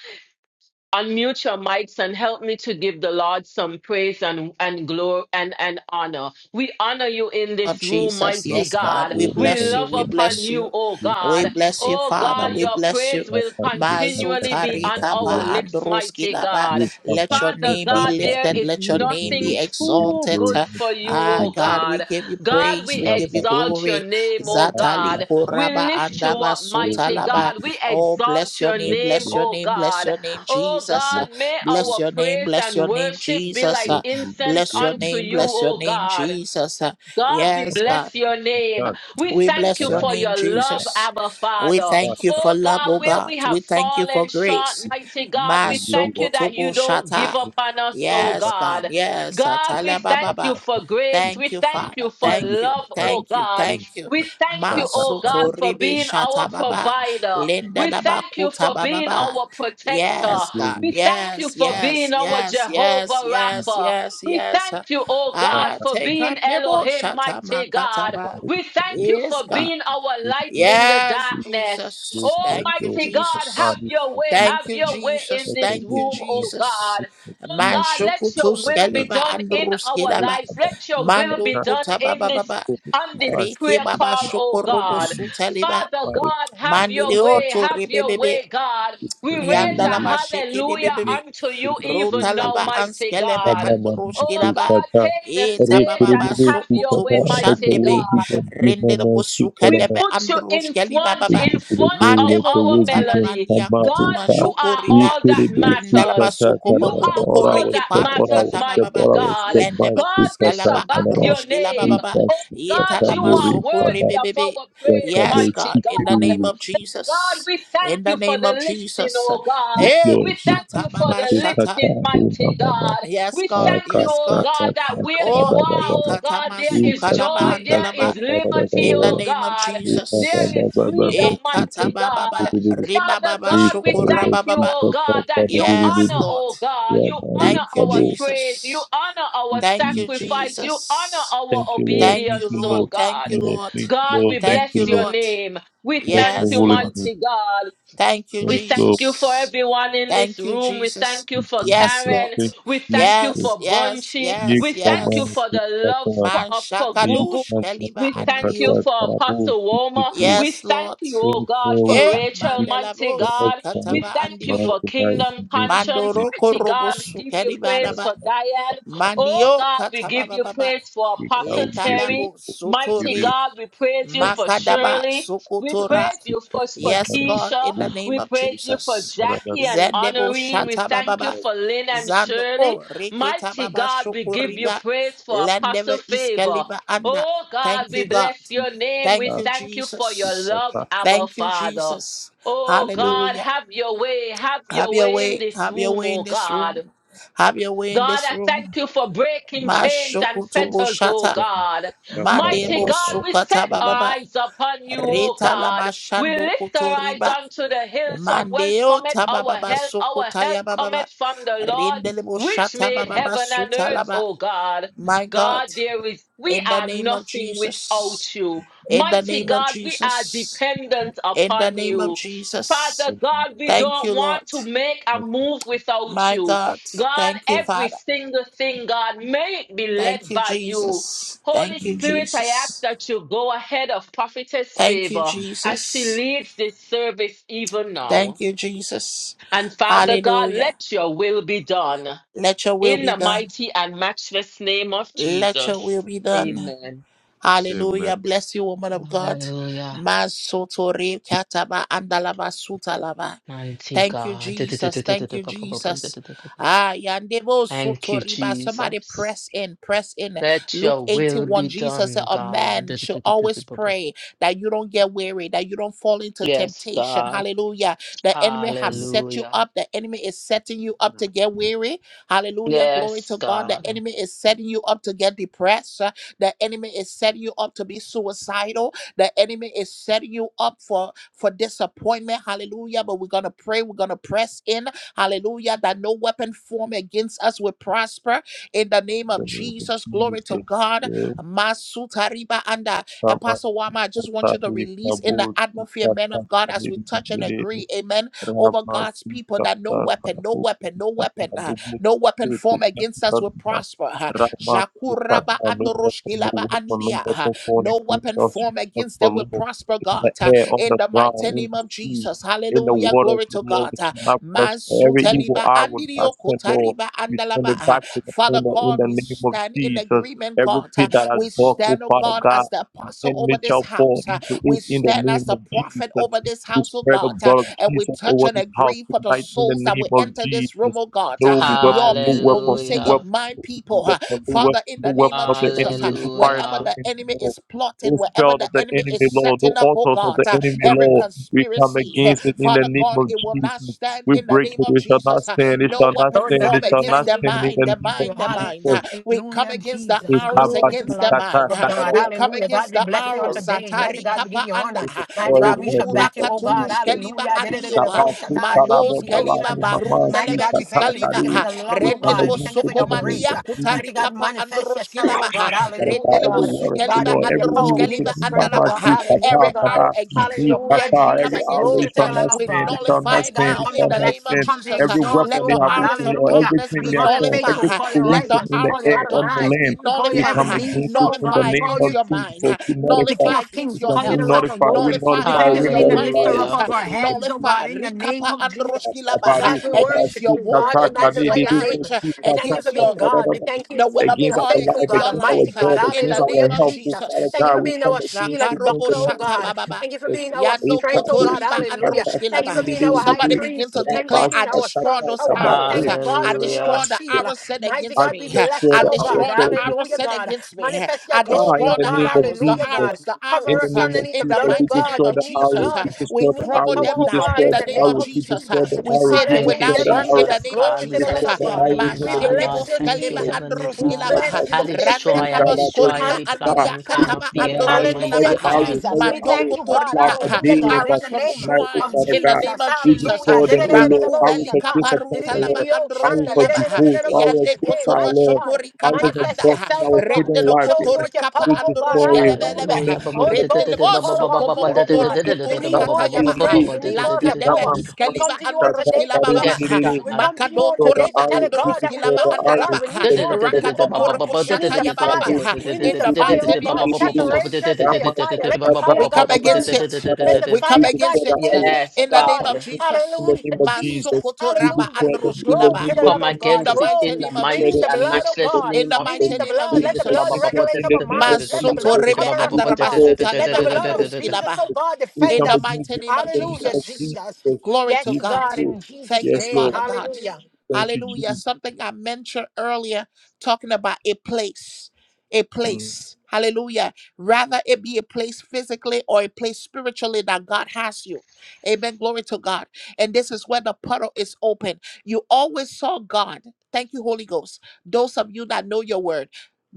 Speaker 2: Unmute your mics and help me to give the Lord some praise and, and glory and, and honor. We honor you in
Speaker 1: of
Speaker 2: this room,
Speaker 1: Jesus.
Speaker 3: Lord,
Speaker 2: mighty
Speaker 3: Lord,
Speaker 1: Yes, God.
Speaker 2: God.
Speaker 1: We
Speaker 3: Lord, Lord,
Speaker 2: We
Speaker 1: bless you.
Speaker 2: love
Speaker 1: We
Speaker 3: Lord, Lord, thank
Speaker 2: upon
Speaker 1: bless
Speaker 2: you,
Speaker 1: you.
Speaker 2: oh
Speaker 3: you
Speaker 1: We
Speaker 3: for
Speaker 2: God.
Speaker 3: your
Speaker 1: bless
Speaker 3: work.
Speaker 1: you,
Speaker 2: Oh
Speaker 1: Father.
Speaker 2: God,
Speaker 1: We
Speaker 3: Amen.
Speaker 2: your
Speaker 1: bless
Speaker 2: praise
Speaker 1: you.
Speaker 3: Not
Speaker 2: will
Speaker 3: by faith, not by power,
Speaker 2: continually be
Speaker 1: Mazutari
Speaker 3: but by
Speaker 2: on
Speaker 1: kapa
Speaker 3: your
Speaker 2: our
Speaker 3: word.
Speaker 1: pa
Speaker 2: lips,
Speaker 1: androski
Speaker 2: mighty
Speaker 1: laba.
Speaker 2: God.
Speaker 3: Yes, Lord, by
Speaker 1: Let your
Speaker 2: Father
Speaker 3: faith,
Speaker 1: name
Speaker 3: not
Speaker 1: be
Speaker 2: God,
Speaker 3: by
Speaker 2: there
Speaker 1: lifted.
Speaker 3: faith.
Speaker 2: is
Speaker 1: Let
Speaker 3: You
Speaker 1: your
Speaker 3: don't know
Speaker 1: name
Speaker 3: your
Speaker 2: nothing
Speaker 1: be
Speaker 3: work, you don't
Speaker 2: too
Speaker 3: know
Speaker 1: exalted.
Speaker 3: your work.
Speaker 2: good for
Speaker 3: You
Speaker 2: you,
Speaker 3: don't
Speaker 1: Ah,
Speaker 2: oh
Speaker 3: know your work.
Speaker 1: God, we
Speaker 2: God.
Speaker 1: give you
Speaker 2: God,
Speaker 1: praise.
Speaker 2: we
Speaker 1: We
Speaker 3: Not
Speaker 1: give
Speaker 3: by
Speaker 1: you
Speaker 3: faith,
Speaker 2: exalt your
Speaker 1: glory.
Speaker 2: name,
Speaker 3: not
Speaker 2: oh
Speaker 3: by power,
Speaker 1: Zatali
Speaker 2: God.
Speaker 3: but
Speaker 2: We
Speaker 1: koraba
Speaker 2: lift you
Speaker 3: by
Speaker 1: andaba
Speaker 2: up,
Speaker 3: your
Speaker 2: mighty
Speaker 1: sutalaba.
Speaker 2: God. We
Speaker 1: Oh, bless
Speaker 2: exalt
Speaker 1: your
Speaker 2: your
Speaker 1: name,
Speaker 2: name,
Speaker 1: bless your
Speaker 2: oh
Speaker 1: name, bless
Speaker 2: God.
Speaker 3: We
Speaker 1: your name,
Speaker 2: Oh
Speaker 1: Jesus.
Speaker 3: bless
Speaker 1: Ah,
Speaker 2: God, may
Speaker 3: you.
Speaker 1: Bless
Speaker 2: our
Speaker 1: your name,
Speaker 2: praise
Speaker 1: bless your
Speaker 2: and
Speaker 1: name,
Speaker 2: worship be
Speaker 1: Jesus.
Speaker 2: like
Speaker 1: Ah,
Speaker 3: Your way.
Speaker 2: incense
Speaker 1: Bless
Speaker 3: Your
Speaker 1: your
Speaker 3: will.
Speaker 2: unto
Speaker 1: name,
Speaker 2: you,
Speaker 3: Thank you,
Speaker 1: bless your
Speaker 2: oh
Speaker 1: name,
Speaker 2: God.
Speaker 1: Jesus. Ah,
Speaker 2: God, we
Speaker 1: Yes,
Speaker 3: Abba.
Speaker 1: God.
Speaker 2: bless your name.
Speaker 3: Katan.
Speaker 2: We
Speaker 1: We
Speaker 2: thank
Speaker 1: bless
Speaker 2: you
Speaker 1: your
Speaker 2: for
Speaker 3: Rabbi.
Speaker 1: name,
Speaker 2: your
Speaker 3: Ika.
Speaker 2: love,
Speaker 1: Jesus.
Speaker 2: Abba
Speaker 1: We
Speaker 2: Father.
Speaker 3: Abba.
Speaker 1: thank you for
Speaker 2: Oh
Speaker 1: love,
Speaker 2: God,
Speaker 1: O
Speaker 3: Katan.
Speaker 2: where
Speaker 1: God.
Speaker 2: we
Speaker 1: We
Speaker 2: have
Speaker 1: thank you for
Speaker 2: fallen short,
Speaker 1: grace.
Speaker 2: mighty God,
Speaker 3: We
Speaker 2: we
Speaker 3: give you
Speaker 2: thank
Speaker 3: the
Speaker 2: you that you
Speaker 1: Masokotobo
Speaker 2: don't
Speaker 3: the
Speaker 2: give
Speaker 1: shata.
Speaker 2: up
Speaker 3: glory.
Speaker 2: on us,
Speaker 3: We
Speaker 2: oh
Speaker 1: Yes,
Speaker 3: thank you
Speaker 1: God.
Speaker 2: God.
Speaker 1: Yes.
Speaker 3: for
Speaker 2: God, we
Speaker 3: that.
Speaker 2: thank you
Speaker 1: Atalababa.
Speaker 2: for
Speaker 3: Thank
Speaker 2: grace. We
Speaker 1: Thank you,
Speaker 3: you. We
Speaker 2: thank you
Speaker 1: Father.
Speaker 3: give
Speaker 2: for
Speaker 3: you the
Speaker 1: Thank you.
Speaker 2: love,
Speaker 3: thanks.
Speaker 2: oh
Speaker 1: Thank you.
Speaker 2: God.
Speaker 3: We
Speaker 1: Thank
Speaker 3: thank you.
Speaker 1: you.
Speaker 2: We thank you,
Speaker 3: Katan.
Speaker 2: oh
Speaker 3: Bahu.
Speaker 2: God, for
Speaker 1: Masotoribi
Speaker 3: We
Speaker 2: being
Speaker 3: give you the thanks. We give you
Speaker 2: our
Speaker 1: shata
Speaker 3: the thanks.
Speaker 1: baba.
Speaker 2: provider.
Speaker 1: Linda
Speaker 2: We thank you
Speaker 1: labakuta
Speaker 2: for being
Speaker 1: baba.
Speaker 2: our
Speaker 3: We thank you.
Speaker 2: protector.
Speaker 1: Yes, God.
Speaker 2: We thank you
Speaker 1: Yes,
Speaker 2: for
Speaker 3: Katan.
Speaker 1: yes,
Speaker 2: being our
Speaker 3: Bahu.
Speaker 1: yes, yes,
Speaker 2: Jehovah
Speaker 1: yes,
Speaker 2: Rapha.
Speaker 1: yes,
Speaker 2: We
Speaker 1: yes.
Speaker 2: thank you, oh God,
Speaker 1: Ah,
Speaker 2: for
Speaker 1: take
Speaker 2: being
Speaker 1: on the bo
Speaker 2: Elohim,
Speaker 1: shata
Speaker 2: mighty God.
Speaker 1: makataba.
Speaker 2: We thank you
Speaker 1: Yes,
Speaker 2: for
Speaker 3: We
Speaker 1: God.
Speaker 2: being our
Speaker 3: give you
Speaker 2: light
Speaker 3: the
Speaker 2: in the
Speaker 1: Yes,
Speaker 3: thanks.
Speaker 2: darkness.
Speaker 3: Lord,
Speaker 1: Jesus.
Speaker 3: yes,
Speaker 1: Thank you,
Speaker 3: Lord.
Speaker 2: Almighty God,
Speaker 1: Jesus.
Speaker 2: have
Speaker 3: Father,
Speaker 2: your
Speaker 3: I
Speaker 2: way,
Speaker 3: thank
Speaker 2: have
Speaker 1: Thank you,
Speaker 3: you.
Speaker 2: your way
Speaker 1: Jesus.
Speaker 2: in
Speaker 3: Let
Speaker 2: this
Speaker 3: your
Speaker 1: Thank
Speaker 3: will
Speaker 1: you,
Speaker 3: be
Speaker 2: room,
Speaker 3: done
Speaker 2: oh
Speaker 3: in
Speaker 1: Jesus.
Speaker 3: the name
Speaker 2: God.
Speaker 3: of
Speaker 2: Oh
Speaker 1: Man
Speaker 3: Jesus.
Speaker 2: God, let
Speaker 1: shukutu
Speaker 2: your
Speaker 3: Of
Speaker 2: will be
Speaker 3: that,
Speaker 2: done
Speaker 3: I
Speaker 2: in
Speaker 1: andrus
Speaker 2: our
Speaker 3: pray
Speaker 1: kilaba.
Speaker 2: lives.
Speaker 3: for that.
Speaker 2: Let your
Speaker 3: We
Speaker 2: will
Speaker 1: Mando
Speaker 2: be
Speaker 3: cannot
Speaker 2: done
Speaker 1: kutaba
Speaker 2: in this
Speaker 1: baba.
Speaker 3: hope it
Speaker 2: on
Speaker 3: to
Speaker 2: this
Speaker 3: us.
Speaker 1: Riki
Speaker 2: prayer
Speaker 3: We
Speaker 1: baba
Speaker 2: call,
Speaker 3: give
Speaker 2: oh
Speaker 3: you
Speaker 1: shukurubu
Speaker 3: the
Speaker 2: God.
Speaker 3: glory.
Speaker 1: suteliba.
Speaker 2: Father
Speaker 3: Father,
Speaker 2: God,
Speaker 3: we
Speaker 2: have
Speaker 3: give
Speaker 1: Mandi de
Speaker 3: you
Speaker 2: your way,
Speaker 1: oto
Speaker 2: have your
Speaker 1: rebebebe.
Speaker 2: way, God. We
Speaker 3: the
Speaker 2: raise a
Speaker 3: glory.
Speaker 1: Yandalaba shekidi
Speaker 3: We
Speaker 2: hallelujah
Speaker 3: give you the glory.
Speaker 1: bibibi.
Speaker 2: unto you
Speaker 3: We give you
Speaker 2: even
Speaker 3: the
Speaker 2: now,
Speaker 1: Rutalaba
Speaker 2: mighty
Speaker 1: anskelebe
Speaker 3: glory.
Speaker 2: God.
Speaker 3: Mama, mama,
Speaker 2: Oh
Speaker 3: so
Speaker 1: androshkilaba.
Speaker 2: God,
Speaker 3: kata.
Speaker 2: take the
Speaker 1: E
Speaker 3: Re
Speaker 2: stage
Speaker 3: kere
Speaker 1: tabababa
Speaker 2: and
Speaker 3: mebe
Speaker 2: have
Speaker 3: si
Speaker 2: your
Speaker 3: kata.
Speaker 2: way,
Speaker 1: sokutubu
Speaker 3: Let your
Speaker 2: mighty
Speaker 3: will
Speaker 1: shandebe.
Speaker 3: be
Speaker 2: God.
Speaker 3: done. You
Speaker 1: Rendelebo
Speaker 2: We
Speaker 3: mama,
Speaker 1: sukadebe
Speaker 2: put you in
Speaker 1: androshkeliba
Speaker 2: front,
Speaker 3: We
Speaker 1: baba.
Speaker 2: in
Speaker 3: give you the
Speaker 2: front
Speaker 3: glory
Speaker 2: of
Speaker 3: that
Speaker 1: Mandebo
Speaker 3: the
Speaker 2: our
Speaker 3: will become
Speaker 1: kutalaba
Speaker 2: melody.
Speaker 3: somebody,
Speaker 1: kutuma
Speaker 2: God,
Speaker 3: God.
Speaker 2: you are
Speaker 3: We
Speaker 1: shotoriba.
Speaker 2: all
Speaker 3: could
Speaker 2: that
Speaker 3: it be seek
Speaker 1: Rindalaba
Speaker 3: that
Speaker 2: matters.
Speaker 3: that, or
Speaker 2: You
Speaker 1: sokoma
Speaker 3: that, that.
Speaker 2: are
Speaker 3: All
Speaker 1: kudoko
Speaker 2: all
Speaker 3: our
Speaker 1: reke
Speaker 2: that
Speaker 3: step, all
Speaker 2: matters,
Speaker 3: our
Speaker 1: parikata
Speaker 3: step,
Speaker 1: baba.
Speaker 2: mighty
Speaker 3: all our
Speaker 2: God.
Speaker 3: step, man,
Speaker 1: Lendebe
Speaker 3: seek
Speaker 2: God, we
Speaker 3: that, that,
Speaker 2: shall
Speaker 1: kuskalaba
Speaker 3: that,
Speaker 2: back
Speaker 3: that, that.
Speaker 2: your
Speaker 1: androshkilaba
Speaker 2: name.
Speaker 3: We
Speaker 1: baba.
Speaker 3: can
Speaker 2: Oh
Speaker 3: seek
Speaker 1: E
Speaker 3: that,
Speaker 2: God,
Speaker 3: that,
Speaker 2: you
Speaker 1: talama
Speaker 2: are
Speaker 3: worry, that,
Speaker 2: worthy
Speaker 3: that,
Speaker 1: sokorebe
Speaker 2: of
Speaker 1: bebe.
Speaker 2: our
Speaker 3: that,
Speaker 2: praise,
Speaker 3: that,
Speaker 1: Yes,
Speaker 3: that,
Speaker 2: mighty
Speaker 1: God,
Speaker 2: God.
Speaker 3: seek
Speaker 1: in
Speaker 3: you
Speaker 1: the name
Speaker 3: with
Speaker 1: of
Speaker 2: God,
Speaker 1: Jesus
Speaker 2: we thank
Speaker 1: in the
Speaker 2: you for
Speaker 1: name
Speaker 2: the
Speaker 1: of
Speaker 2: lifting,
Speaker 1: Jesus.
Speaker 2: oh
Speaker 3: the
Speaker 2: God.
Speaker 1: Eh,
Speaker 3: Lord.
Speaker 2: We
Speaker 3: We
Speaker 2: thank you
Speaker 1: shata
Speaker 2: for
Speaker 3: can
Speaker 1: baba
Speaker 2: the
Speaker 3: seek that,
Speaker 1: shata.
Speaker 3: that,
Speaker 2: lifting,
Speaker 3: oh, that,
Speaker 2: mighty
Speaker 3: that, that.
Speaker 2: God.
Speaker 1: Yes,
Speaker 2: We
Speaker 1: God.
Speaker 3: Ah,
Speaker 2: thank
Speaker 3: ka,
Speaker 2: you,
Speaker 1: Yes,
Speaker 2: oh
Speaker 3: ka,
Speaker 1: God.
Speaker 3: ka,
Speaker 2: God, that
Speaker 3: ka, ka,
Speaker 2: where
Speaker 3: da,
Speaker 2: you
Speaker 1: Oh,
Speaker 3: da, da,
Speaker 2: are,
Speaker 3: da,
Speaker 2: oh
Speaker 3: da.
Speaker 2: God,
Speaker 1: rekatama
Speaker 2: there
Speaker 3: We
Speaker 2: is
Speaker 3: can
Speaker 1: sukalaba
Speaker 3: seek
Speaker 2: joy,
Speaker 3: that,
Speaker 2: there
Speaker 1: andalaba.
Speaker 3: that,
Speaker 2: is
Speaker 3: that, that, that, that,
Speaker 2: liberty,
Speaker 1: In
Speaker 3: that,
Speaker 1: the
Speaker 2: oh
Speaker 3: that.
Speaker 1: name of
Speaker 2: God.
Speaker 3: We can, da,
Speaker 2: There
Speaker 1: Jesus.
Speaker 2: is
Speaker 3: da, da, da, da,
Speaker 1: Eh,
Speaker 2: freedom,
Speaker 3: seek
Speaker 2: mighty
Speaker 1: kataba
Speaker 2: God.
Speaker 1: baba.
Speaker 3: it.
Speaker 1: Riba
Speaker 2: Father
Speaker 1: baba
Speaker 3: Hey,
Speaker 2: God, we
Speaker 3: Father, God,
Speaker 2: thank
Speaker 1: shukuraba
Speaker 2: you,
Speaker 1: baba.
Speaker 2: oh
Speaker 3: super, super,
Speaker 2: God, that
Speaker 3: do,
Speaker 2: you
Speaker 3: do, do,
Speaker 1: Yes,
Speaker 2: honor,
Speaker 1: Lord.
Speaker 2: oh God,
Speaker 3: Yeah,
Speaker 2: you
Speaker 3: Mary,
Speaker 2: honor
Speaker 1: Thank you,
Speaker 2: our
Speaker 3: Sabo.
Speaker 2: praise, you
Speaker 1: Jesus.
Speaker 2: honor our
Speaker 3: Thank
Speaker 1: Thank
Speaker 3: you,
Speaker 1: you,
Speaker 3: Jesus.
Speaker 2: sacrifice, you honor
Speaker 1: Jesus.
Speaker 2: our
Speaker 3: Thank you, Lord.
Speaker 1: Thank
Speaker 3: Thank
Speaker 1: you,
Speaker 2: obedience,
Speaker 3: you,
Speaker 1: Lord.
Speaker 2: oh
Speaker 3: Lord.
Speaker 1: Thank
Speaker 2: God.
Speaker 1: you,
Speaker 3: Lord,
Speaker 1: Lord.
Speaker 3: thank you,
Speaker 2: God,
Speaker 3: Lord.
Speaker 2: we
Speaker 3: Thank
Speaker 1: Thank you,
Speaker 3: you,
Speaker 2: bless your
Speaker 3: Lord.
Speaker 1: Lord.
Speaker 2: name. We
Speaker 3: Bless
Speaker 2: thank
Speaker 3: your
Speaker 1: Yes,
Speaker 2: you,
Speaker 3: holy
Speaker 1: Lord.
Speaker 3: name.
Speaker 2: mighty God.
Speaker 1: Thank you,
Speaker 2: We
Speaker 3: Thanks, Lord.
Speaker 2: thank you for
Speaker 1: Jesus.
Speaker 2: everyone in this
Speaker 1: Thank you,
Speaker 2: room. We
Speaker 1: Jesus.
Speaker 2: thank you
Speaker 3: Thank
Speaker 2: for
Speaker 3: you,
Speaker 1: Yes,
Speaker 3: Jesus.
Speaker 1: Lord.
Speaker 2: Karen.
Speaker 3: Thank
Speaker 2: We
Speaker 3: you,
Speaker 2: thank you
Speaker 3: Jesus.
Speaker 1: Yes,
Speaker 2: for
Speaker 1: yes,
Speaker 2: Bunchy.
Speaker 3: Ye
Speaker 2: We
Speaker 1: yes,
Speaker 2: thank you
Speaker 3: kama
Speaker 1: yes.
Speaker 2: for the love
Speaker 3: sikata.
Speaker 2: for,
Speaker 1: Man
Speaker 2: uh, for
Speaker 3: Ye
Speaker 2: Google.
Speaker 1: shakadosh
Speaker 3: kama
Speaker 1: keliba
Speaker 2: We thank you
Speaker 1: andirio.
Speaker 3: sikata.
Speaker 2: for
Speaker 3: Karabo
Speaker 2: Apostle Woma.
Speaker 3: sikete.
Speaker 2: We
Speaker 1: Yes,
Speaker 2: thank
Speaker 1: Lord.
Speaker 2: you, oh
Speaker 3: Thank you,
Speaker 2: God,
Speaker 3: Lord.
Speaker 2: for
Speaker 3: We
Speaker 1: E
Speaker 3: thank you
Speaker 2: Rachel,
Speaker 3: with
Speaker 2: mighty
Speaker 1: mandelabo
Speaker 3: the
Speaker 2: God. We
Speaker 3: excellent
Speaker 1: sikataba
Speaker 3: and
Speaker 2: thank you
Speaker 3: mighty
Speaker 2: for
Speaker 1: andirio.
Speaker 3: tonight in
Speaker 2: Kingdom
Speaker 3: the name of
Speaker 2: Conscience,
Speaker 3: Jesus.
Speaker 1: Mandoro
Speaker 2: mighty God. We
Speaker 1: korobosu
Speaker 2: give you
Speaker 1: keliba
Speaker 2: praise
Speaker 1: raba.
Speaker 2: for Diane. Oh
Speaker 1: Mandio
Speaker 2: God, we
Speaker 1: kataba
Speaker 2: give you
Speaker 1: baba.
Speaker 2: praise for
Speaker 3: We
Speaker 2: Apostle
Speaker 3: give you the
Speaker 2: Terry.
Speaker 1: Letalabo
Speaker 3: glory. give
Speaker 2: Mighty
Speaker 1: sotore.
Speaker 3: you the
Speaker 2: God, we praise you
Speaker 3: thanks.
Speaker 2: for
Speaker 1: Makadaba
Speaker 2: Shirley. We
Speaker 3: Amen.
Speaker 1: Sukutura.
Speaker 2: praise you for, for
Speaker 1: Yes, God,
Speaker 2: Keisha.
Speaker 1: in the name
Speaker 2: We
Speaker 1: of
Speaker 2: praise you for
Speaker 1: Jesus.
Speaker 2: Jackie and
Speaker 1: Zendebo
Speaker 2: Honorine. We thank you
Speaker 1: Shatababa.
Speaker 2: for Lynn and
Speaker 1: Zando
Speaker 2: Shirley.
Speaker 1: O
Speaker 2: Mighty
Speaker 1: Reketababa
Speaker 2: God, we give you
Speaker 1: Shukuriba.
Speaker 2: praise for
Speaker 1: Landeva
Speaker 2: Apostle Favor.
Speaker 1: Iskaliva Anda.
Speaker 2: Oh God,
Speaker 1: Thank you,
Speaker 2: we
Speaker 1: God.
Speaker 2: bless your name. We
Speaker 1: Thank you,
Speaker 2: thank you for your
Speaker 1: Jesus.
Speaker 2: love, Abba
Speaker 1: Thank you,
Speaker 2: Father.
Speaker 1: Jesus.
Speaker 2: Oh God,
Speaker 1: Hallelujah.
Speaker 2: have your way, have
Speaker 1: Have
Speaker 2: your
Speaker 1: your
Speaker 2: way in
Speaker 1: way.
Speaker 2: this
Speaker 1: Have your
Speaker 2: room,
Speaker 1: way
Speaker 2: oh
Speaker 1: in this
Speaker 2: God.
Speaker 1: room. Have your way in
Speaker 2: God,
Speaker 1: this
Speaker 2: I
Speaker 1: room.
Speaker 2: thank you for breaking chains and
Speaker 1: Mashokutubu
Speaker 2: fetters, oh
Speaker 1: Shata.
Speaker 2: God. Mighty
Speaker 1: Madebo
Speaker 2: God, we set
Speaker 1: Sukata
Speaker 2: our
Speaker 1: Baba.
Speaker 2: eyes upon you, oh
Speaker 1: Reta la
Speaker 2: God. We
Speaker 1: bashando
Speaker 2: lift our eyes
Speaker 1: kotoriba.
Speaker 2: unto the hills from whence
Speaker 1: Mandeo
Speaker 2: cometh our
Speaker 1: tabababa
Speaker 2: help. Our
Speaker 1: sokota
Speaker 2: help
Speaker 1: yabababa.
Speaker 2: cometh from the Lord,
Speaker 1: Rendelebo
Speaker 2: which
Speaker 1: shata
Speaker 2: made
Speaker 1: bababa
Speaker 2: heaven and earth,
Speaker 1: sutalaba.
Speaker 2: oh God.
Speaker 1: My God,
Speaker 2: God, there is, we
Speaker 1: in the
Speaker 2: are
Speaker 1: name of
Speaker 2: nothing
Speaker 1: Jesus.
Speaker 2: without you.
Speaker 1: In the
Speaker 2: Mighty
Speaker 1: name of
Speaker 2: God, we are
Speaker 1: Jesus.
Speaker 2: dependent
Speaker 1: In the
Speaker 2: upon
Speaker 1: name of
Speaker 2: you.
Speaker 1: Jesus.
Speaker 2: Father God, we
Speaker 1: Thank
Speaker 2: don't
Speaker 1: you, Lord.
Speaker 2: want to make a move without
Speaker 1: My
Speaker 2: you.
Speaker 1: God,
Speaker 2: God,
Speaker 1: thank you,
Speaker 2: every
Speaker 1: Father.
Speaker 2: single thing, God, may it be
Speaker 1: Thank
Speaker 2: led
Speaker 1: you,
Speaker 2: by you.
Speaker 1: Jesus.
Speaker 2: Holy
Speaker 1: Thank you,
Speaker 2: Spirit, I ask
Speaker 1: Jesus.
Speaker 2: that you go ahead of Prophetess
Speaker 1: Thank you,
Speaker 2: Favor as she
Speaker 1: Jesus.
Speaker 2: leads this service even
Speaker 1: Thank
Speaker 2: now.
Speaker 1: you, Jesus.
Speaker 2: And Father God,
Speaker 1: Hallelujah.
Speaker 2: let your will be done
Speaker 1: Let your will
Speaker 2: in
Speaker 1: be
Speaker 2: the
Speaker 1: done.
Speaker 2: mighty and matchless name of
Speaker 1: Let your will
Speaker 2: Jesus.
Speaker 1: be done.
Speaker 2: Amen.
Speaker 1: Hallelujah. Bless you, woman of God.
Speaker 2: Hallelujah.
Speaker 1: Masotore kataba andalaba sutalaba.
Speaker 2: Mighty
Speaker 1: Thank you,
Speaker 2: God.
Speaker 1: Jesus. Thank you, Jesus. Ah, yandebo
Speaker 2: Thank you,
Speaker 1: sotoriba. Somebody
Speaker 2: Jesus.
Speaker 1: press in, press in.
Speaker 2: Let
Speaker 1: Luke
Speaker 2: your will
Speaker 1: 81,
Speaker 2: be
Speaker 1: Jesus said,
Speaker 2: done,
Speaker 1: A
Speaker 2: God.
Speaker 1: man should always pray that you don't get weary, that you don't fall into
Speaker 2: Yes,
Speaker 1: temptation.
Speaker 2: God.
Speaker 1: Hallelujah. The enemy have
Speaker 3: In
Speaker 1: set you
Speaker 2: Hallelujah.
Speaker 1: up. The enemy is setting you up to get weary. Hallelujah. Glory
Speaker 2: Yes,
Speaker 1: to God. The
Speaker 2: God.
Speaker 1: enemy is setting you up to get depressed. The enemy is setting you up to be suicidal. The enemy is setting you up for, for disappointment. Hallelujah. But we're going to pray. We're going to press in. Hallelujah. That no weapon formed against us will prosper. In the name of
Speaker 3: the name of
Speaker 1: Jesus. Glory to
Speaker 3: Jesus,
Speaker 1: God.
Speaker 3: Lord,
Speaker 1: Masutariba anda.
Speaker 3: come up,
Speaker 1: Apostle Wama, I
Speaker 3: O
Speaker 1: just want you
Speaker 3: Father,
Speaker 1: to
Speaker 3: you
Speaker 1: release
Speaker 3: come,
Speaker 1: in the
Speaker 3: O
Speaker 1: atmosphere,
Speaker 3: Father,
Speaker 1: men
Speaker 3: come
Speaker 1: of God, as we
Speaker 3: in the
Speaker 1: touch and
Speaker 3: name of Jesus.
Speaker 1: agree. Amen.
Speaker 3: in
Speaker 1: Over
Speaker 3: the
Speaker 1: God's people
Speaker 3: air,
Speaker 1: that no weapon, no weapon, no weapon, uh, no weapon formed against us will prosper. uh, Jakuraba andoroshkilaba anidia. No weapon formed against them will prosper, God.
Speaker 3: on
Speaker 1: In
Speaker 3: the
Speaker 1: the
Speaker 3: ground,
Speaker 1: mighty
Speaker 3: in
Speaker 1: name
Speaker 3: the
Speaker 1: of
Speaker 3: sea,
Speaker 1: Jesus.
Speaker 3: in the
Speaker 1: Hallelujah.
Speaker 3: waters,
Speaker 1: Glory
Speaker 3: the
Speaker 1: to
Speaker 3: Lord
Speaker 1: God.
Speaker 3: we shall not prosper. Every evil
Speaker 1: Masuteliba
Speaker 3: arrow that I
Speaker 1: andidio
Speaker 3: sent, Lord,
Speaker 1: kotariba
Speaker 3: we send
Speaker 1: andalaba.
Speaker 3: it back to the
Speaker 1: Father
Speaker 3: owner in
Speaker 1: God,
Speaker 3: the
Speaker 1: we
Speaker 3: name of
Speaker 1: stand in
Speaker 3: Jesus.
Speaker 1: agreement,
Speaker 3: Every
Speaker 1: God.
Speaker 3: pit that has dug,
Speaker 1: We
Speaker 3: oh
Speaker 1: stand, oh
Speaker 3: Father
Speaker 1: God,
Speaker 3: God
Speaker 1: as the apostle
Speaker 3: and
Speaker 1: over
Speaker 3: many
Speaker 1: this
Speaker 3: shall fall
Speaker 1: house.
Speaker 3: into
Speaker 1: We
Speaker 3: it in the
Speaker 1: stand as
Speaker 3: name
Speaker 1: the
Speaker 3: of Jesus.
Speaker 1: prophet over this
Speaker 3: The
Speaker 1: house, oh
Speaker 3: spread
Speaker 1: God.
Speaker 3: of blood of
Speaker 1: and we
Speaker 3: Jesus
Speaker 1: touch
Speaker 3: over
Speaker 1: and
Speaker 3: this house
Speaker 1: agree for the
Speaker 3: tonight in the
Speaker 1: souls that will
Speaker 3: name of
Speaker 1: enter this room,
Speaker 3: Jesus.
Speaker 1: oh God
Speaker 3: No
Speaker 1: your
Speaker 3: weapon, no
Speaker 1: people.
Speaker 3: weapon,
Speaker 1: You
Speaker 3: no
Speaker 1: say, if
Speaker 2: Hallelujah.
Speaker 3: weapon,
Speaker 1: my
Speaker 3: no
Speaker 1: people, uh,
Speaker 3: weapon, no
Speaker 1: Father,
Speaker 3: weapon,
Speaker 1: in
Speaker 3: no
Speaker 1: the name
Speaker 3: weapon
Speaker 1: of
Speaker 3: of the
Speaker 1: Jesus, uh,
Speaker 3: enemy, no fire of
Speaker 1: wherever
Speaker 3: the
Speaker 2: Hallelujah.
Speaker 1: the
Speaker 3: enemy,
Speaker 1: enemy
Speaker 3: Lord.
Speaker 1: is plotting,
Speaker 3: No
Speaker 1: wherever
Speaker 3: spell
Speaker 1: the
Speaker 3: of the
Speaker 1: enemy
Speaker 3: enemy,
Speaker 1: is
Speaker 3: Lord.
Speaker 1: setting
Speaker 3: No
Speaker 1: up, oh
Speaker 3: altars of the
Speaker 1: God, uh,
Speaker 3: enemy,
Speaker 1: every
Speaker 3: Lord. We come
Speaker 1: conspiracy, uh,
Speaker 3: against it in the
Speaker 1: Father
Speaker 3: name
Speaker 1: God,
Speaker 3: of
Speaker 1: it will
Speaker 3: Jesus.
Speaker 1: not stand
Speaker 3: We
Speaker 1: in the
Speaker 3: break
Speaker 1: name
Speaker 3: it.
Speaker 1: of
Speaker 3: It shall not
Speaker 1: Jesus. uh,
Speaker 3: stand. It
Speaker 1: no
Speaker 3: shall not
Speaker 1: weapon
Speaker 4: Lord
Speaker 3: stand.
Speaker 1: formed
Speaker 4: God,
Speaker 3: It
Speaker 4: we
Speaker 3: shall
Speaker 1: against
Speaker 3: not
Speaker 4: thank
Speaker 1: their
Speaker 3: stand in
Speaker 1: mind,
Speaker 3: the
Speaker 1: their
Speaker 3: name of
Speaker 4: you.
Speaker 1: mind, their mind. Uh,
Speaker 3: Jesus
Speaker 1: We come
Speaker 4: Hallelujah,
Speaker 1: against the
Speaker 4: Jesus.
Speaker 1: arrows
Speaker 4: Glory to the
Speaker 1: against their
Speaker 4: Lamb
Speaker 1: mind.
Speaker 4: of
Speaker 1: Uh,
Speaker 4: God.
Speaker 1: We come
Speaker 4: Hallelujah. God,
Speaker 1: against
Speaker 4: we
Speaker 1: the
Speaker 4: bless you on
Speaker 1: arrows.
Speaker 4: today. Mighty
Speaker 1: Satari
Speaker 4: God, we give
Speaker 1: kapa
Speaker 4: you
Speaker 1: anda.
Speaker 4: honor.
Speaker 3: be
Speaker 1: uh,
Speaker 4: Mighty
Speaker 3: destroyed
Speaker 4: God, we
Speaker 3: in the
Speaker 4: shall
Speaker 1: Ravuda
Speaker 3: name
Speaker 4: back you,
Speaker 3: of
Speaker 4: oh God.
Speaker 1: katurush
Speaker 3: Jesus.
Speaker 1: kaliba
Speaker 4: Hallelujah.
Speaker 1: andio. uh,
Speaker 4: Da-da-da-da-da-bo-shata,
Speaker 3: Tabasi,
Speaker 1: Mandos
Speaker 3: Tarabo,
Speaker 1: kaliba
Speaker 3: Dabari,
Speaker 4: da-da-da-da-da-ocean. Mighty
Speaker 3: Mamasi,
Speaker 1: varundelebe
Speaker 4: God, we thank you. We
Speaker 1: iskaliba.
Speaker 4: thank you for
Speaker 3: Tatatari.
Speaker 1: uh,
Speaker 4: your love,
Speaker 3: We
Speaker 4: oh
Speaker 3: come
Speaker 4: God.
Speaker 1: Rendelebo
Speaker 4: We thank
Speaker 3: against
Speaker 4: you for
Speaker 3: it
Speaker 1: soko
Speaker 3: in
Speaker 4: your
Speaker 3: the name
Speaker 4: grace.
Speaker 1: mandia
Speaker 3: of Jesus.
Speaker 4: Mighty
Speaker 1: kutari
Speaker 4: God,
Speaker 1: kapa
Speaker 4: manifest
Speaker 1: androsh
Speaker 4: yourself,
Speaker 1: kilaba.
Speaker 4: oh
Speaker 1: uh,
Speaker 4: God.
Speaker 3: Father
Speaker 4: Hallelujah,
Speaker 3: every
Speaker 1: Rendelebo
Speaker 4: God.
Speaker 3: word of the
Speaker 4: God,
Speaker 1: sukeliba
Speaker 4: we
Speaker 3: Lord,
Speaker 4: need your
Speaker 3: every
Speaker 1: androsh
Speaker 4: power.
Speaker 3: evil
Speaker 4: We need
Speaker 1: kaliba
Speaker 4: your
Speaker 3: signal by
Speaker 4: strength, oh
Speaker 3: my
Speaker 1: andaraba.
Speaker 4: God.
Speaker 3: seat,
Speaker 1: uh,
Speaker 3: kata,
Speaker 1: Every
Speaker 4: Hallelujah, God.
Speaker 1: hour
Speaker 3: kata,
Speaker 1: against
Speaker 3: he,
Speaker 1: your
Speaker 4: Hallelujah,
Speaker 1: mind,
Speaker 3: kata,
Speaker 1: we come
Speaker 3: every
Speaker 4: Jesus.
Speaker 3: hour
Speaker 1: against it.
Speaker 4: Glory
Speaker 3: it
Speaker 4: to
Speaker 1: uh,
Speaker 3: shall
Speaker 4: the Lamb
Speaker 3: not
Speaker 4: of
Speaker 1: We
Speaker 3: stand,
Speaker 4: God.
Speaker 3: it shall not
Speaker 1: nullify
Speaker 4: Mighty
Speaker 1: it
Speaker 4: God,
Speaker 3: stand,
Speaker 4: we
Speaker 1: now
Speaker 3: it
Speaker 4: come to
Speaker 1: in
Speaker 3: shall
Speaker 1: the
Speaker 3: not
Speaker 1: name
Speaker 4: bless you.
Speaker 1: of
Speaker 4: We
Speaker 3: stand.
Speaker 4: come to
Speaker 1: Jesus. uh,
Speaker 3: Every
Speaker 4: exalt you,
Speaker 3: weapon
Speaker 1: Let
Speaker 4: oh
Speaker 3: they
Speaker 1: the
Speaker 3: have
Speaker 4: God.
Speaker 1: hours
Speaker 3: opened,
Speaker 1: of
Speaker 3: Lord,
Speaker 4: Hallelujah.
Speaker 1: darkness
Speaker 3: everything
Speaker 4: We
Speaker 1: be
Speaker 3: they
Speaker 4: call
Speaker 3: have
Speaker 4: you
Speaker 3: done,
Speaker 4: faithful.
Speaker 3: every
Speaker 1: nullified.
Speaker 4: We
Speaker 1: uh,
Speaker 4: call you
Speaker 1: Let
Speaker 3: pollution
Speaker 1: the
Speaker 4: righteous. We
Speaker 3: in the
Speaker 4: call
Speaker 1: hours
Speaker 4: you
Speaker 3: air,
Speaker 1: of
Speaker 3: on the
Speaker 4: Adonai.
Speaker 1: darkness be
Speaker 3: land,
Speaker 4: We call you
Speaker 3: we
Speaker 1: nullified.
Speaker 3: come
Speaker 1: uh,
Speaker 3: against
Speaker 4: Ebenezer,
Speaker 3: it
Speaker 4: oh
Speaker 3: in the
Speaker 4: God.
Speaker 1: Nullify
Speaker 4: We
Speaker 3: name
Speaker 4: call you
Speaker 1: against
Speaker 3: of
Speaker 1: your mind. uh,
Speaker 3: Jesus. We
Speaker 4: the King
Speaker 3: notify,
Speaker 1: Nullify
Speaker 4: of
Speaker 3: we
Speaker 1: against
Speaker 4: Kings. We
Speaker 1: your
Speaker 3: can-
Speaker 4: call you
Speaker 3: we
Speaker 4: the
Speaker 1: health. uh,
Speaker 4: Lord of
Speaker 3: notify, we
Speaker 4: Lord.
Speaker 1: Nullify
Speaker 4: We
Speaker 3: notify,
Speaker 4: thank you
Speaker 1: against
Speaker 3: we
Speaker 4: for
Speaker 1: your
Speaker 4: being the
Speaker 3: notify
Speaker 4: lifter up
Speaker 3: in
Speaker 1: finances.
Speaker 2: Hallelujah.
Speaker 1: uh,
Speaker 4: of
Speaker 3: the
Speaker 4: our
Speaker 3: name of
Speaker 4: heads, oh
Speaker 3: Jesus.
Speaker 4: God,
Speaker 1: Nullify
Speaker 4: in the name
Speaker 1: rikapa
Speaker 4: of Jesus.
Speaker 1: androskilaba uh,
Speaker 4: God, we
Speaker 3: Barika
Speaker 1: against
Speaker 4: worship
Speaker 3: basi
Speaker 1: your
Speaker 4: you.
Speaker 1: womb,
Speaker 4: God, we
Speaker 3: kataka
Speaker 1: against
Speaker 4: magnify
Speaker 1: your
Speaker 3: didi
Speaker 4: your
Speaker 3: didi
Speaker 4: name.
Speaker 1: marriage, uh,
Speaker 3: si
Speaker 4: We thank you
Speaker 3: kataka
Speaker 4: for
Speaker 1: against
Speaker 3: da
Speaker 4: being
Speaker 1: your
Speaker 3: da
Speaker 4: God.
Speaker 3: da
Speaker 4: We
Speaker 3: da.
Speaker 4: thank you
Speaker 1: the
Speaker 4: for
Speaker 1: will of
Speaker 4: being a
Speaker 3: Against
Speaker 1: God
Speaker 3: our
Speaker 4: faithful
Speaker 3: life,
Speaker 1: in
Speaker 4: God, a
Speaker 1: your
Speaker 3: against our
Speaker 4: mighty
Speaker 1: life uh,
Speaker 4: God.
Speaker 3: job,
Speaker 1: in
Speaker 3: against
Speaker 1: the
Speaker 4: Hallelujah,
Speaker 3: our
Speaker 1: name of
Speaker 3: health, oh
Speaker 4: Jesus.
Speaker 3: Father
Speaker 4: Thank
Speaker 1: Jesus.
Speaker 4: you
Speaker 3: God,
Speaker 4: for
Speaker 3: we
Speaker 4: being
Speaker 3: come
Speaker 4: our shield
Speaker 3: against it
Speaker 4: and
Speaker 3: in
Speaker 1: Shakarobo
Speaker 3: the
Speaker 4: buckler, oh
Speaker 3: name
Speaker 1: shata
Speaker 3: of
Speaker 4: God.
Speaker 1: bababa.
Speaker 4: Thank you for
Speaker 3: Jesus.
Speaker 4: being our
Speaker 1: Yando
Speaker 3: Eka
Speaker 4: strength, oh
Speaker 3: bo
Speaker 4: God.
Speaker 1: kotoriba
Speaker 3: si
Speaker 4: Hallelujah.
Speaker 3: kataka
Speaker 4: Thank you for
Speaker 1: androskilaba.
Speaker 3: didi
Speaker 4: being our
Speaker 3: didi
Speaker 4: high
Speaker 3: didi.
Speaker 1: Somebody begin to
Speaker 4: priest. Thank you
Speaker 1: declare,
Speaker 4: for being
Speaker 1: I
Speaker 3: Rabasa
Speaker 4: our
Speaker 1: destroy
Speaker 4: strong
Speaker 1: those
Speaker 3: kataka
Speaker 4: tower.
Speaker 3: ba.
Speaker 1: arrows.
Speaker 4: Thank you,
Speaker 1: uh,
Speaker 3: Eka
Speaker 4: God,
Speaker 3: bo
Speaker 1: I
Speaker 4: for being our
Speaker 1: destroy
Speaker 2: Hallelujah.
Speaker 1: the
Speaker 3: si.
Speaker 4: shield.
Speaker 1: arrows set
Speaker 4: Mighty
Speaker 3: I
Speaker 1: against
Speaker 4: God, we
Speaker 1: me. uh,
Speaker 4: bless
Speaker 3: destroy
Speaker 4: you,
Speaker 1: I
Speaker 4: oh God.
Speaker 1: destroy the
Speaker 3: ourselves
Speaker 1: arrows
Speaker 4: Hallelujah,
Speaker 1: set
Speaker 4: God.
Speaker 1: against me. uh,
Speaker 4: Manifest your
Speaker 1: I
Speaker 3: Ah,
Speaker 4: glory,
Speaker 3: in
Speaker 1: destroy
Speaker 4: oh
Speaker 3: the
Speaker 1: the
Speaker 4: God.
Speaker 3: name of
Speaker 1: arrows, the
Speaker 4: Hallelujah, God.
Speaker 1: arrows,
Speaker 3: Jesus.
Speaker 1: the
Speaker 3: In
Speaker 4: Cover
Speaker 3: the
Speaker 1: arrows.
Speaker 4: us
Speaker 1: uh,
Speaker 3: name of
Speaker 4: underneath the
Speaker 1: In the
Speaker 3: Jesus,
Speaker 4: blood, oh
Speaker 3: we
Speaker 1: mighty
Speaker 4: God.
Speaker 1: name
Speaker 3: destroy
Speaker 4: We
Speaker 1: of
Speaker 3: the
Speaker 4: need the
Speaker 3: arrows,
Speaker 1: Jesus, uh,
Speaker 3: we
Speaker 4: blood.
Speaker 1: we
Speaker 4: We
Speaker 3: destroy the
Speaker 4: need your
Speaker 1: crumble
Speaker 4: power,
Speaker 3: arrows,
Speaker 1: them
Speaker 3: we
Speaker 4: oh
Speaker 1: now.
Speaker 4: God,
Speaker 1: In
Speaker 3: destroy
Speaker 4: in
Speaker 1: the
Speaker 4: the
Speaker 3: the
Speaker 1: name
Speaker 4: name
Speaker 1: of
Speaker 3: arrows,
Speaker 4: of
Speaker 3: we
Speaker 1: Jesus, uh, uh,
Speaker 3: destroy
Speaker 4: Jesus.
Speaker 3: the
Speaker 1: we
Speaker 3: arrows,
Speaker 1: say
Speaker 3: we
Speaker 1: they will
Speaker 2: Thank you,
Speaker 3: destroy
Speaker 1: now
Speaker 4: Hallelujah,
Speaker 3: the
Speaker 1: work in
Speaker 3: arrows,
Speaker 1: the
Speaker 4: Jesus.
Speaker 2: Jesus,
Speaker 1: name of
Speaker 4: Glory
Speaker 2: God. We
Speaker 4: to
Speaker 3: we
Speaker 4: the
Speaker 1: Jesus.
Speaker 4: Lamb
Speaker 3: destroy
Speaker 1: uh,
Speaker 2: bless
Speaker 4: of
Speaker 3: the
Speaker 2: your
Speaker 4: God.
Speaker 3: arrows
Speaker 2: name,
Speaker 3: in
Speaker 4: We
Speaker 3: the
Speaker 2: God.
Speaker 3: name of
Speaker 4: bless
Speaker 2: Lord,
Speaker 4: you,
Speaker 2: thank you,
Speaker 1: Mashekeboskaleba
Speaker 4: Jesus.
Speaker 3: Jesus.
Speaker 2: Heavenly
Speaker 4: We
Speaker 3: We
Speaker 2: Father.
Speaker 3: shall
Speaker 1: androskilaba, uh,
Speaker 4: bless you
Speaker 3: pass
Speaker 2: I
Speaker 4: because
Speaker 3: through
Speaker 4: you're
Speaker 3: the gate,
Speaker 2: destroy, I
Speaker 3: God,
Speaker 4: faithful.
Speaker 3: I bless
Speaker 2: destroy
Speaker 1: Rantatabaskoreba
Speaker 4: And
Speaker 2: every
Speaker 3: you,
Speaker 2: plot
Speaker 3: God.
Speaker 4: we,
Speaker 2: and
Speaker 3: We
Speaker 2: plan of
Speaker 1: andiriakataba
Speaker 3: destroy
Speaker 2: the
Speaker 3: the
Speaker 2: enemy,
Speaker 3: arrows,
Speaker 1: andoroshkilaba,
Speaker 4: Hallelujah,
Speaker 2: mighty
Speaker 3: every
Speaker 1: uh,
Speaker 3: arrows,
Speaker 2: God.
Speaker 4: Jesus.
Speaker 3: every
Speaker 4: We thank
Speaker 3: arrows
Speaker 4: you,
Speaker 3: that
Speaker 4: God.
Speaker 3: fly
Speaker 1: Mandokotorika,
Speaker 3: by
Speaker 1: uh,
Speaker 4: Hallelujah,
Speaker 3: day and
Speaker 4: God. In
Speaker 3: by
Speaker 1: arrows
Speaker 4: the
Speaker 1: from
Speaker 3: by
Speaker 4: name
Speaker 3: night, oh
Speaker 4: of
Speaker 1: swines
Speaker 3: Father
Speaker 1: in the
Speaker 3: God.
Speaker 1: name
Speaker 4: Jesus.
Speaker 1: of
Speaker 3: We
Speaker 1: Jesus. uh,
Speaker 4: Hallelujah.
Speaker 3: destroy them, oh Lord. Arrows
Speaker 1: Rankuveli
Speaker 3: of
Speaker 4: Da-da-da-da-da-da-bo-shaka.
Speaker 3: disappointment,
Speaker 1: kaparuta lava
Speaker 3: Lord. Arrows
Speaker 1: androski
Speaker 4: Di-di-di-di-di-o-shanda.
Speaker 3: of
Speaker 1: lava ha.
Speaker 3: divorce, arrows of
Speaker 1: Yande
Speaker 4: Da-da-da-da-da-da-da-bo-shaka. Hey,
Speaker 1: kotoma
Speaker 3: suicide,
Speaker 4: Mighty
Speaker 3: Lord.
Speaker 4: God,
Speaker 1: shotori
Speaker 3: I was
Speaker 1: kapa
Speaker 3: a
Speaker 1: anda
Speaker 4: manifest
Speaker 3: box
Speaker 1: ha.
Speaker 3: in
Speaker 4: yourself,
Speaker 3: our
Speaker 4: oh God.
Speaker 3: children's
Speaker 1: Rendelo
Speaker 3: life.
Speaker 4: Show
Speaker 3: in.
Speaker 1: kotori
Speaker 4: forth your power,
Speaker 1: kapa
Speaker 3: We
Speaker 4: oh God.
Speaker 3: destroy
Speaker 1: androske
Speaker 3: it
Speaker 1: leve leve
Speaker 4: Hallelujah.
Speaker 3: in
Speaker 1: ha.
Speaker 3: the
Speaker 2: Hallelujah.
Speaker 3: name
Speaker 4: Holy
Speaker 3: of
Speaker 1: Rendele
Speaker 4: Ghost, we call
Speaker 3: Jesus.
Speaker 1: boso
Speaker 4: upon
Speaker 1: komo
Speaker 4: you, oh
Speaker 3: Babu
Speaker 1: kotoro
Speaker 4: God. We
Speaker 1: kotori
Speaker 4: need
Speaker 3: Sikata
Speaker 4: more
Speaker 1: kata
Speaker 4: of your
Speaker 1: yaba
Speaker 3: Kiriri.
Speaker 4: strength. We need more of
Speaker 1: Lanka
Speaker 4: your
Speaker 1: deve
Speaker 4: power.
Speaker 3: Sikama
Speaker 4: We
Speaker 1: iskeliva
Speaker 4: come to you on
Speaker 3: Masikata
Speaker 4: today
Speaker 1: androskila
Speaker 4: to
Speaker 1: baba ba.
Speaker 4: bless
Speaker 2: Yes,
Speaker 4: you.
Speaker 1: ha.
Speaker 3: Kariri.
Speaker 4: We
Speaker 2: God.
Speaker 4: come
Speaker 3: We
Speaker 4: to you
Speaker 1: Makado
Speaker 4: on
Speaker 3: destroy the
Speaker 4: today to
Speaker 1: koriba
Speaker 4: tell you,
Speaker 3: idols. We
Speaker 4: God, that
Speaker 1: androskila
Speaker 4: we
Speaker 3: destroy
Speaker 1: ba
Speaker 3: the
Speaker 4: love you, God.
Speaker 3: eyes
Speaker 4: God.
Speaker 1: andalaba.
Speaker 3: in
Speaker 4: We
Speaker 1: ha.
Speaker 4: need
Speaker 3: the
Speaker 4: more of
Speaker 3: name.
Speaker 4: you,
Speaker 1: Rakado
Speaker 4: oh God.
Speaker 1: korobo
Speaker 4: We need
Speaker 1: shata
Speaker 4: the
Speaker 3: We
Speaker 1: ya baba ba.
Speaker 4: fire.
Speaker 3: destroy
Speaker 1: ha.
Speaker 4: We need
Speaker 1: In
Speaker 4: the
Speaker 1: the
Speaker 4: fire,
Speaker 1: mighty
Speaker 4: oh
Speaker 1: name
Speaker 4: God.
Speaker 1: of
Speaker 4: Saturate
Speaker 1: Jesus.
Speaker 4: us by your fire. Let the fire,
Speaker 1: We come
Speaker 4: God,
Speaker 1: against
Speaker 4: purge us.
Speaker 1: it.
Speaker 4: Let the
Speaker 1: We come
Speaker 4: fire, God,
Speaker 1: against
Speaker 3: the
Speaker 1: it
Speaker 4: cleanse
Speaker 3: arrows.
Speaker 4: us, oh
Speaker 2: Yes,
Speaker 1: in the
Speaker 3: We
Speaker 1: name
Speaker 4: God.
Speaker 3: come
Speaker 1: of
Speaker 2: God.
Speaker 3: against them
Speaker 1: Jesus.
Speaker 3: In the
Speaker 4: Hallelujah,
Speaker 3: name of Jesus,
Speaker 4: Jesus.
Speaker 1: Masokoto
Speaker 3: we
Speaker 1: raba
Speaker 4: Hallelujah.
Speaker 3: destroy them
Speaker 1: androski
Speaker 3: in the
Speaker 4: Glory
Speaker 1: laba.
Speaker 4: to
Speaker 3: name
Speaker 4: the
Speaker 3: of
Speaker 4: Lamb
Speaker 2: Come
Speaker 4: of
Speaker 1: In
Speaker 4: God.
Speaker 1: the
Speaker 3: Jesus.
Speaker 2: against it
Speaker 1: mighty
Speaker 2: in
Speaker 4: Glory.
Speaker 3: We
Speaker 2: the
Speaker 1: name of
Speaker 4: We
Speaker 3: destroy
Speaker 4: need
Speaker 3: them
Speaker 2: mighty
Speaker 4: the
Speaker 3: in
Speaker 2: and
Speaker 3: the
Speaker 4: blood
Speaker 1: Jesus.
Speaker 4: of
Speaker 3: name of
Speaker 2: matchless
Speaker 4: God.
Speaker 1: In
Speaker 2: name
Speaker 1: the
Speaker 2: of
Speaker 4: We
Speaker 3: Jesus.
Speaker 4: need
Speaker 1: mighty
Speaker 4: the
Speaker 1: name
Speaker 2: Jesus.
Speaker 1: of
Speaker 4: blood.
Speaker 3: We
Speaker 4: Let the
Speaker 3: come
Speaker 4: blood
Speaker 3: against
Speaker 1: Jesus.
Speaker 3: them
Speaker 4: regulate
Speaker 3: in the
Speaker 4: our
Speaker 3: name of
Speaker 4: minds. Let the
Speaker 1: Masoto
Speaker 4: blood
Speaker 3: Jesus.
Speaker 1: rebe
Speaker 4: cover us,
Speaker 3: We
Speaker 4: oh God.
Speaker 3: destroy them
Speaker 1: andarabasuta
Speaker 4: Let
Speaker 3: in
Speaker 1: liba
Speaker 4: the
Speaker 3: the name
Speaker 4: blood
Speaker 3: of
Speaker 4: of
Speaker 1: androski
Speaker 4: Jesus,
Speaker 1: laba.
Speaker 4: oh
Speaker 3: Jesus.
Speaker 4: God,
Speaker 3: We
Speaker 1: In
Speaker 4: defend
Speaker 3: come
Speaker 1: the
Speaker 4: us.
Speaker 3: against
Speaker 1: mighty
Speaker 3: them
Speaker 1: name of
Speaker 3: in the name
Speaker 4: Hallelujah,
Speaker 3: of
Speaker 1: Jesus.
Speaker 4: Jesus.
Speaker 3: Jesus.
Speaker 1: Glory to
Speaker 4: Yes,
Speaker 3: We
Speaker 1: God.
Speaker 4: God,
Speaker 3: destroy-
Speaker 4: in
Speaker 1: Thank
Speaker 4: Jesus'
Speaker 1: you,
Speaker 3: Yes,
Speaker 4: name.
Speaker 3: Lord.
Speaker 1: Father God.
Speaker 4: Hallelujah.
Speaker 3: Thank you,
Speaker 1: Hallelujah.
Speaker 3: Jesus.
Speaker 1: Something I mentioned earlier talking about a place. A
Speaker 3: Mm.
Speaker 1: place. Hallelujah Rather, it be a place physically or a place spiritually that God has you. Amen. Glory to God. And this is where the puddle is open. You always saw God. Thank you, Holy Ghost. Those of you that know your word,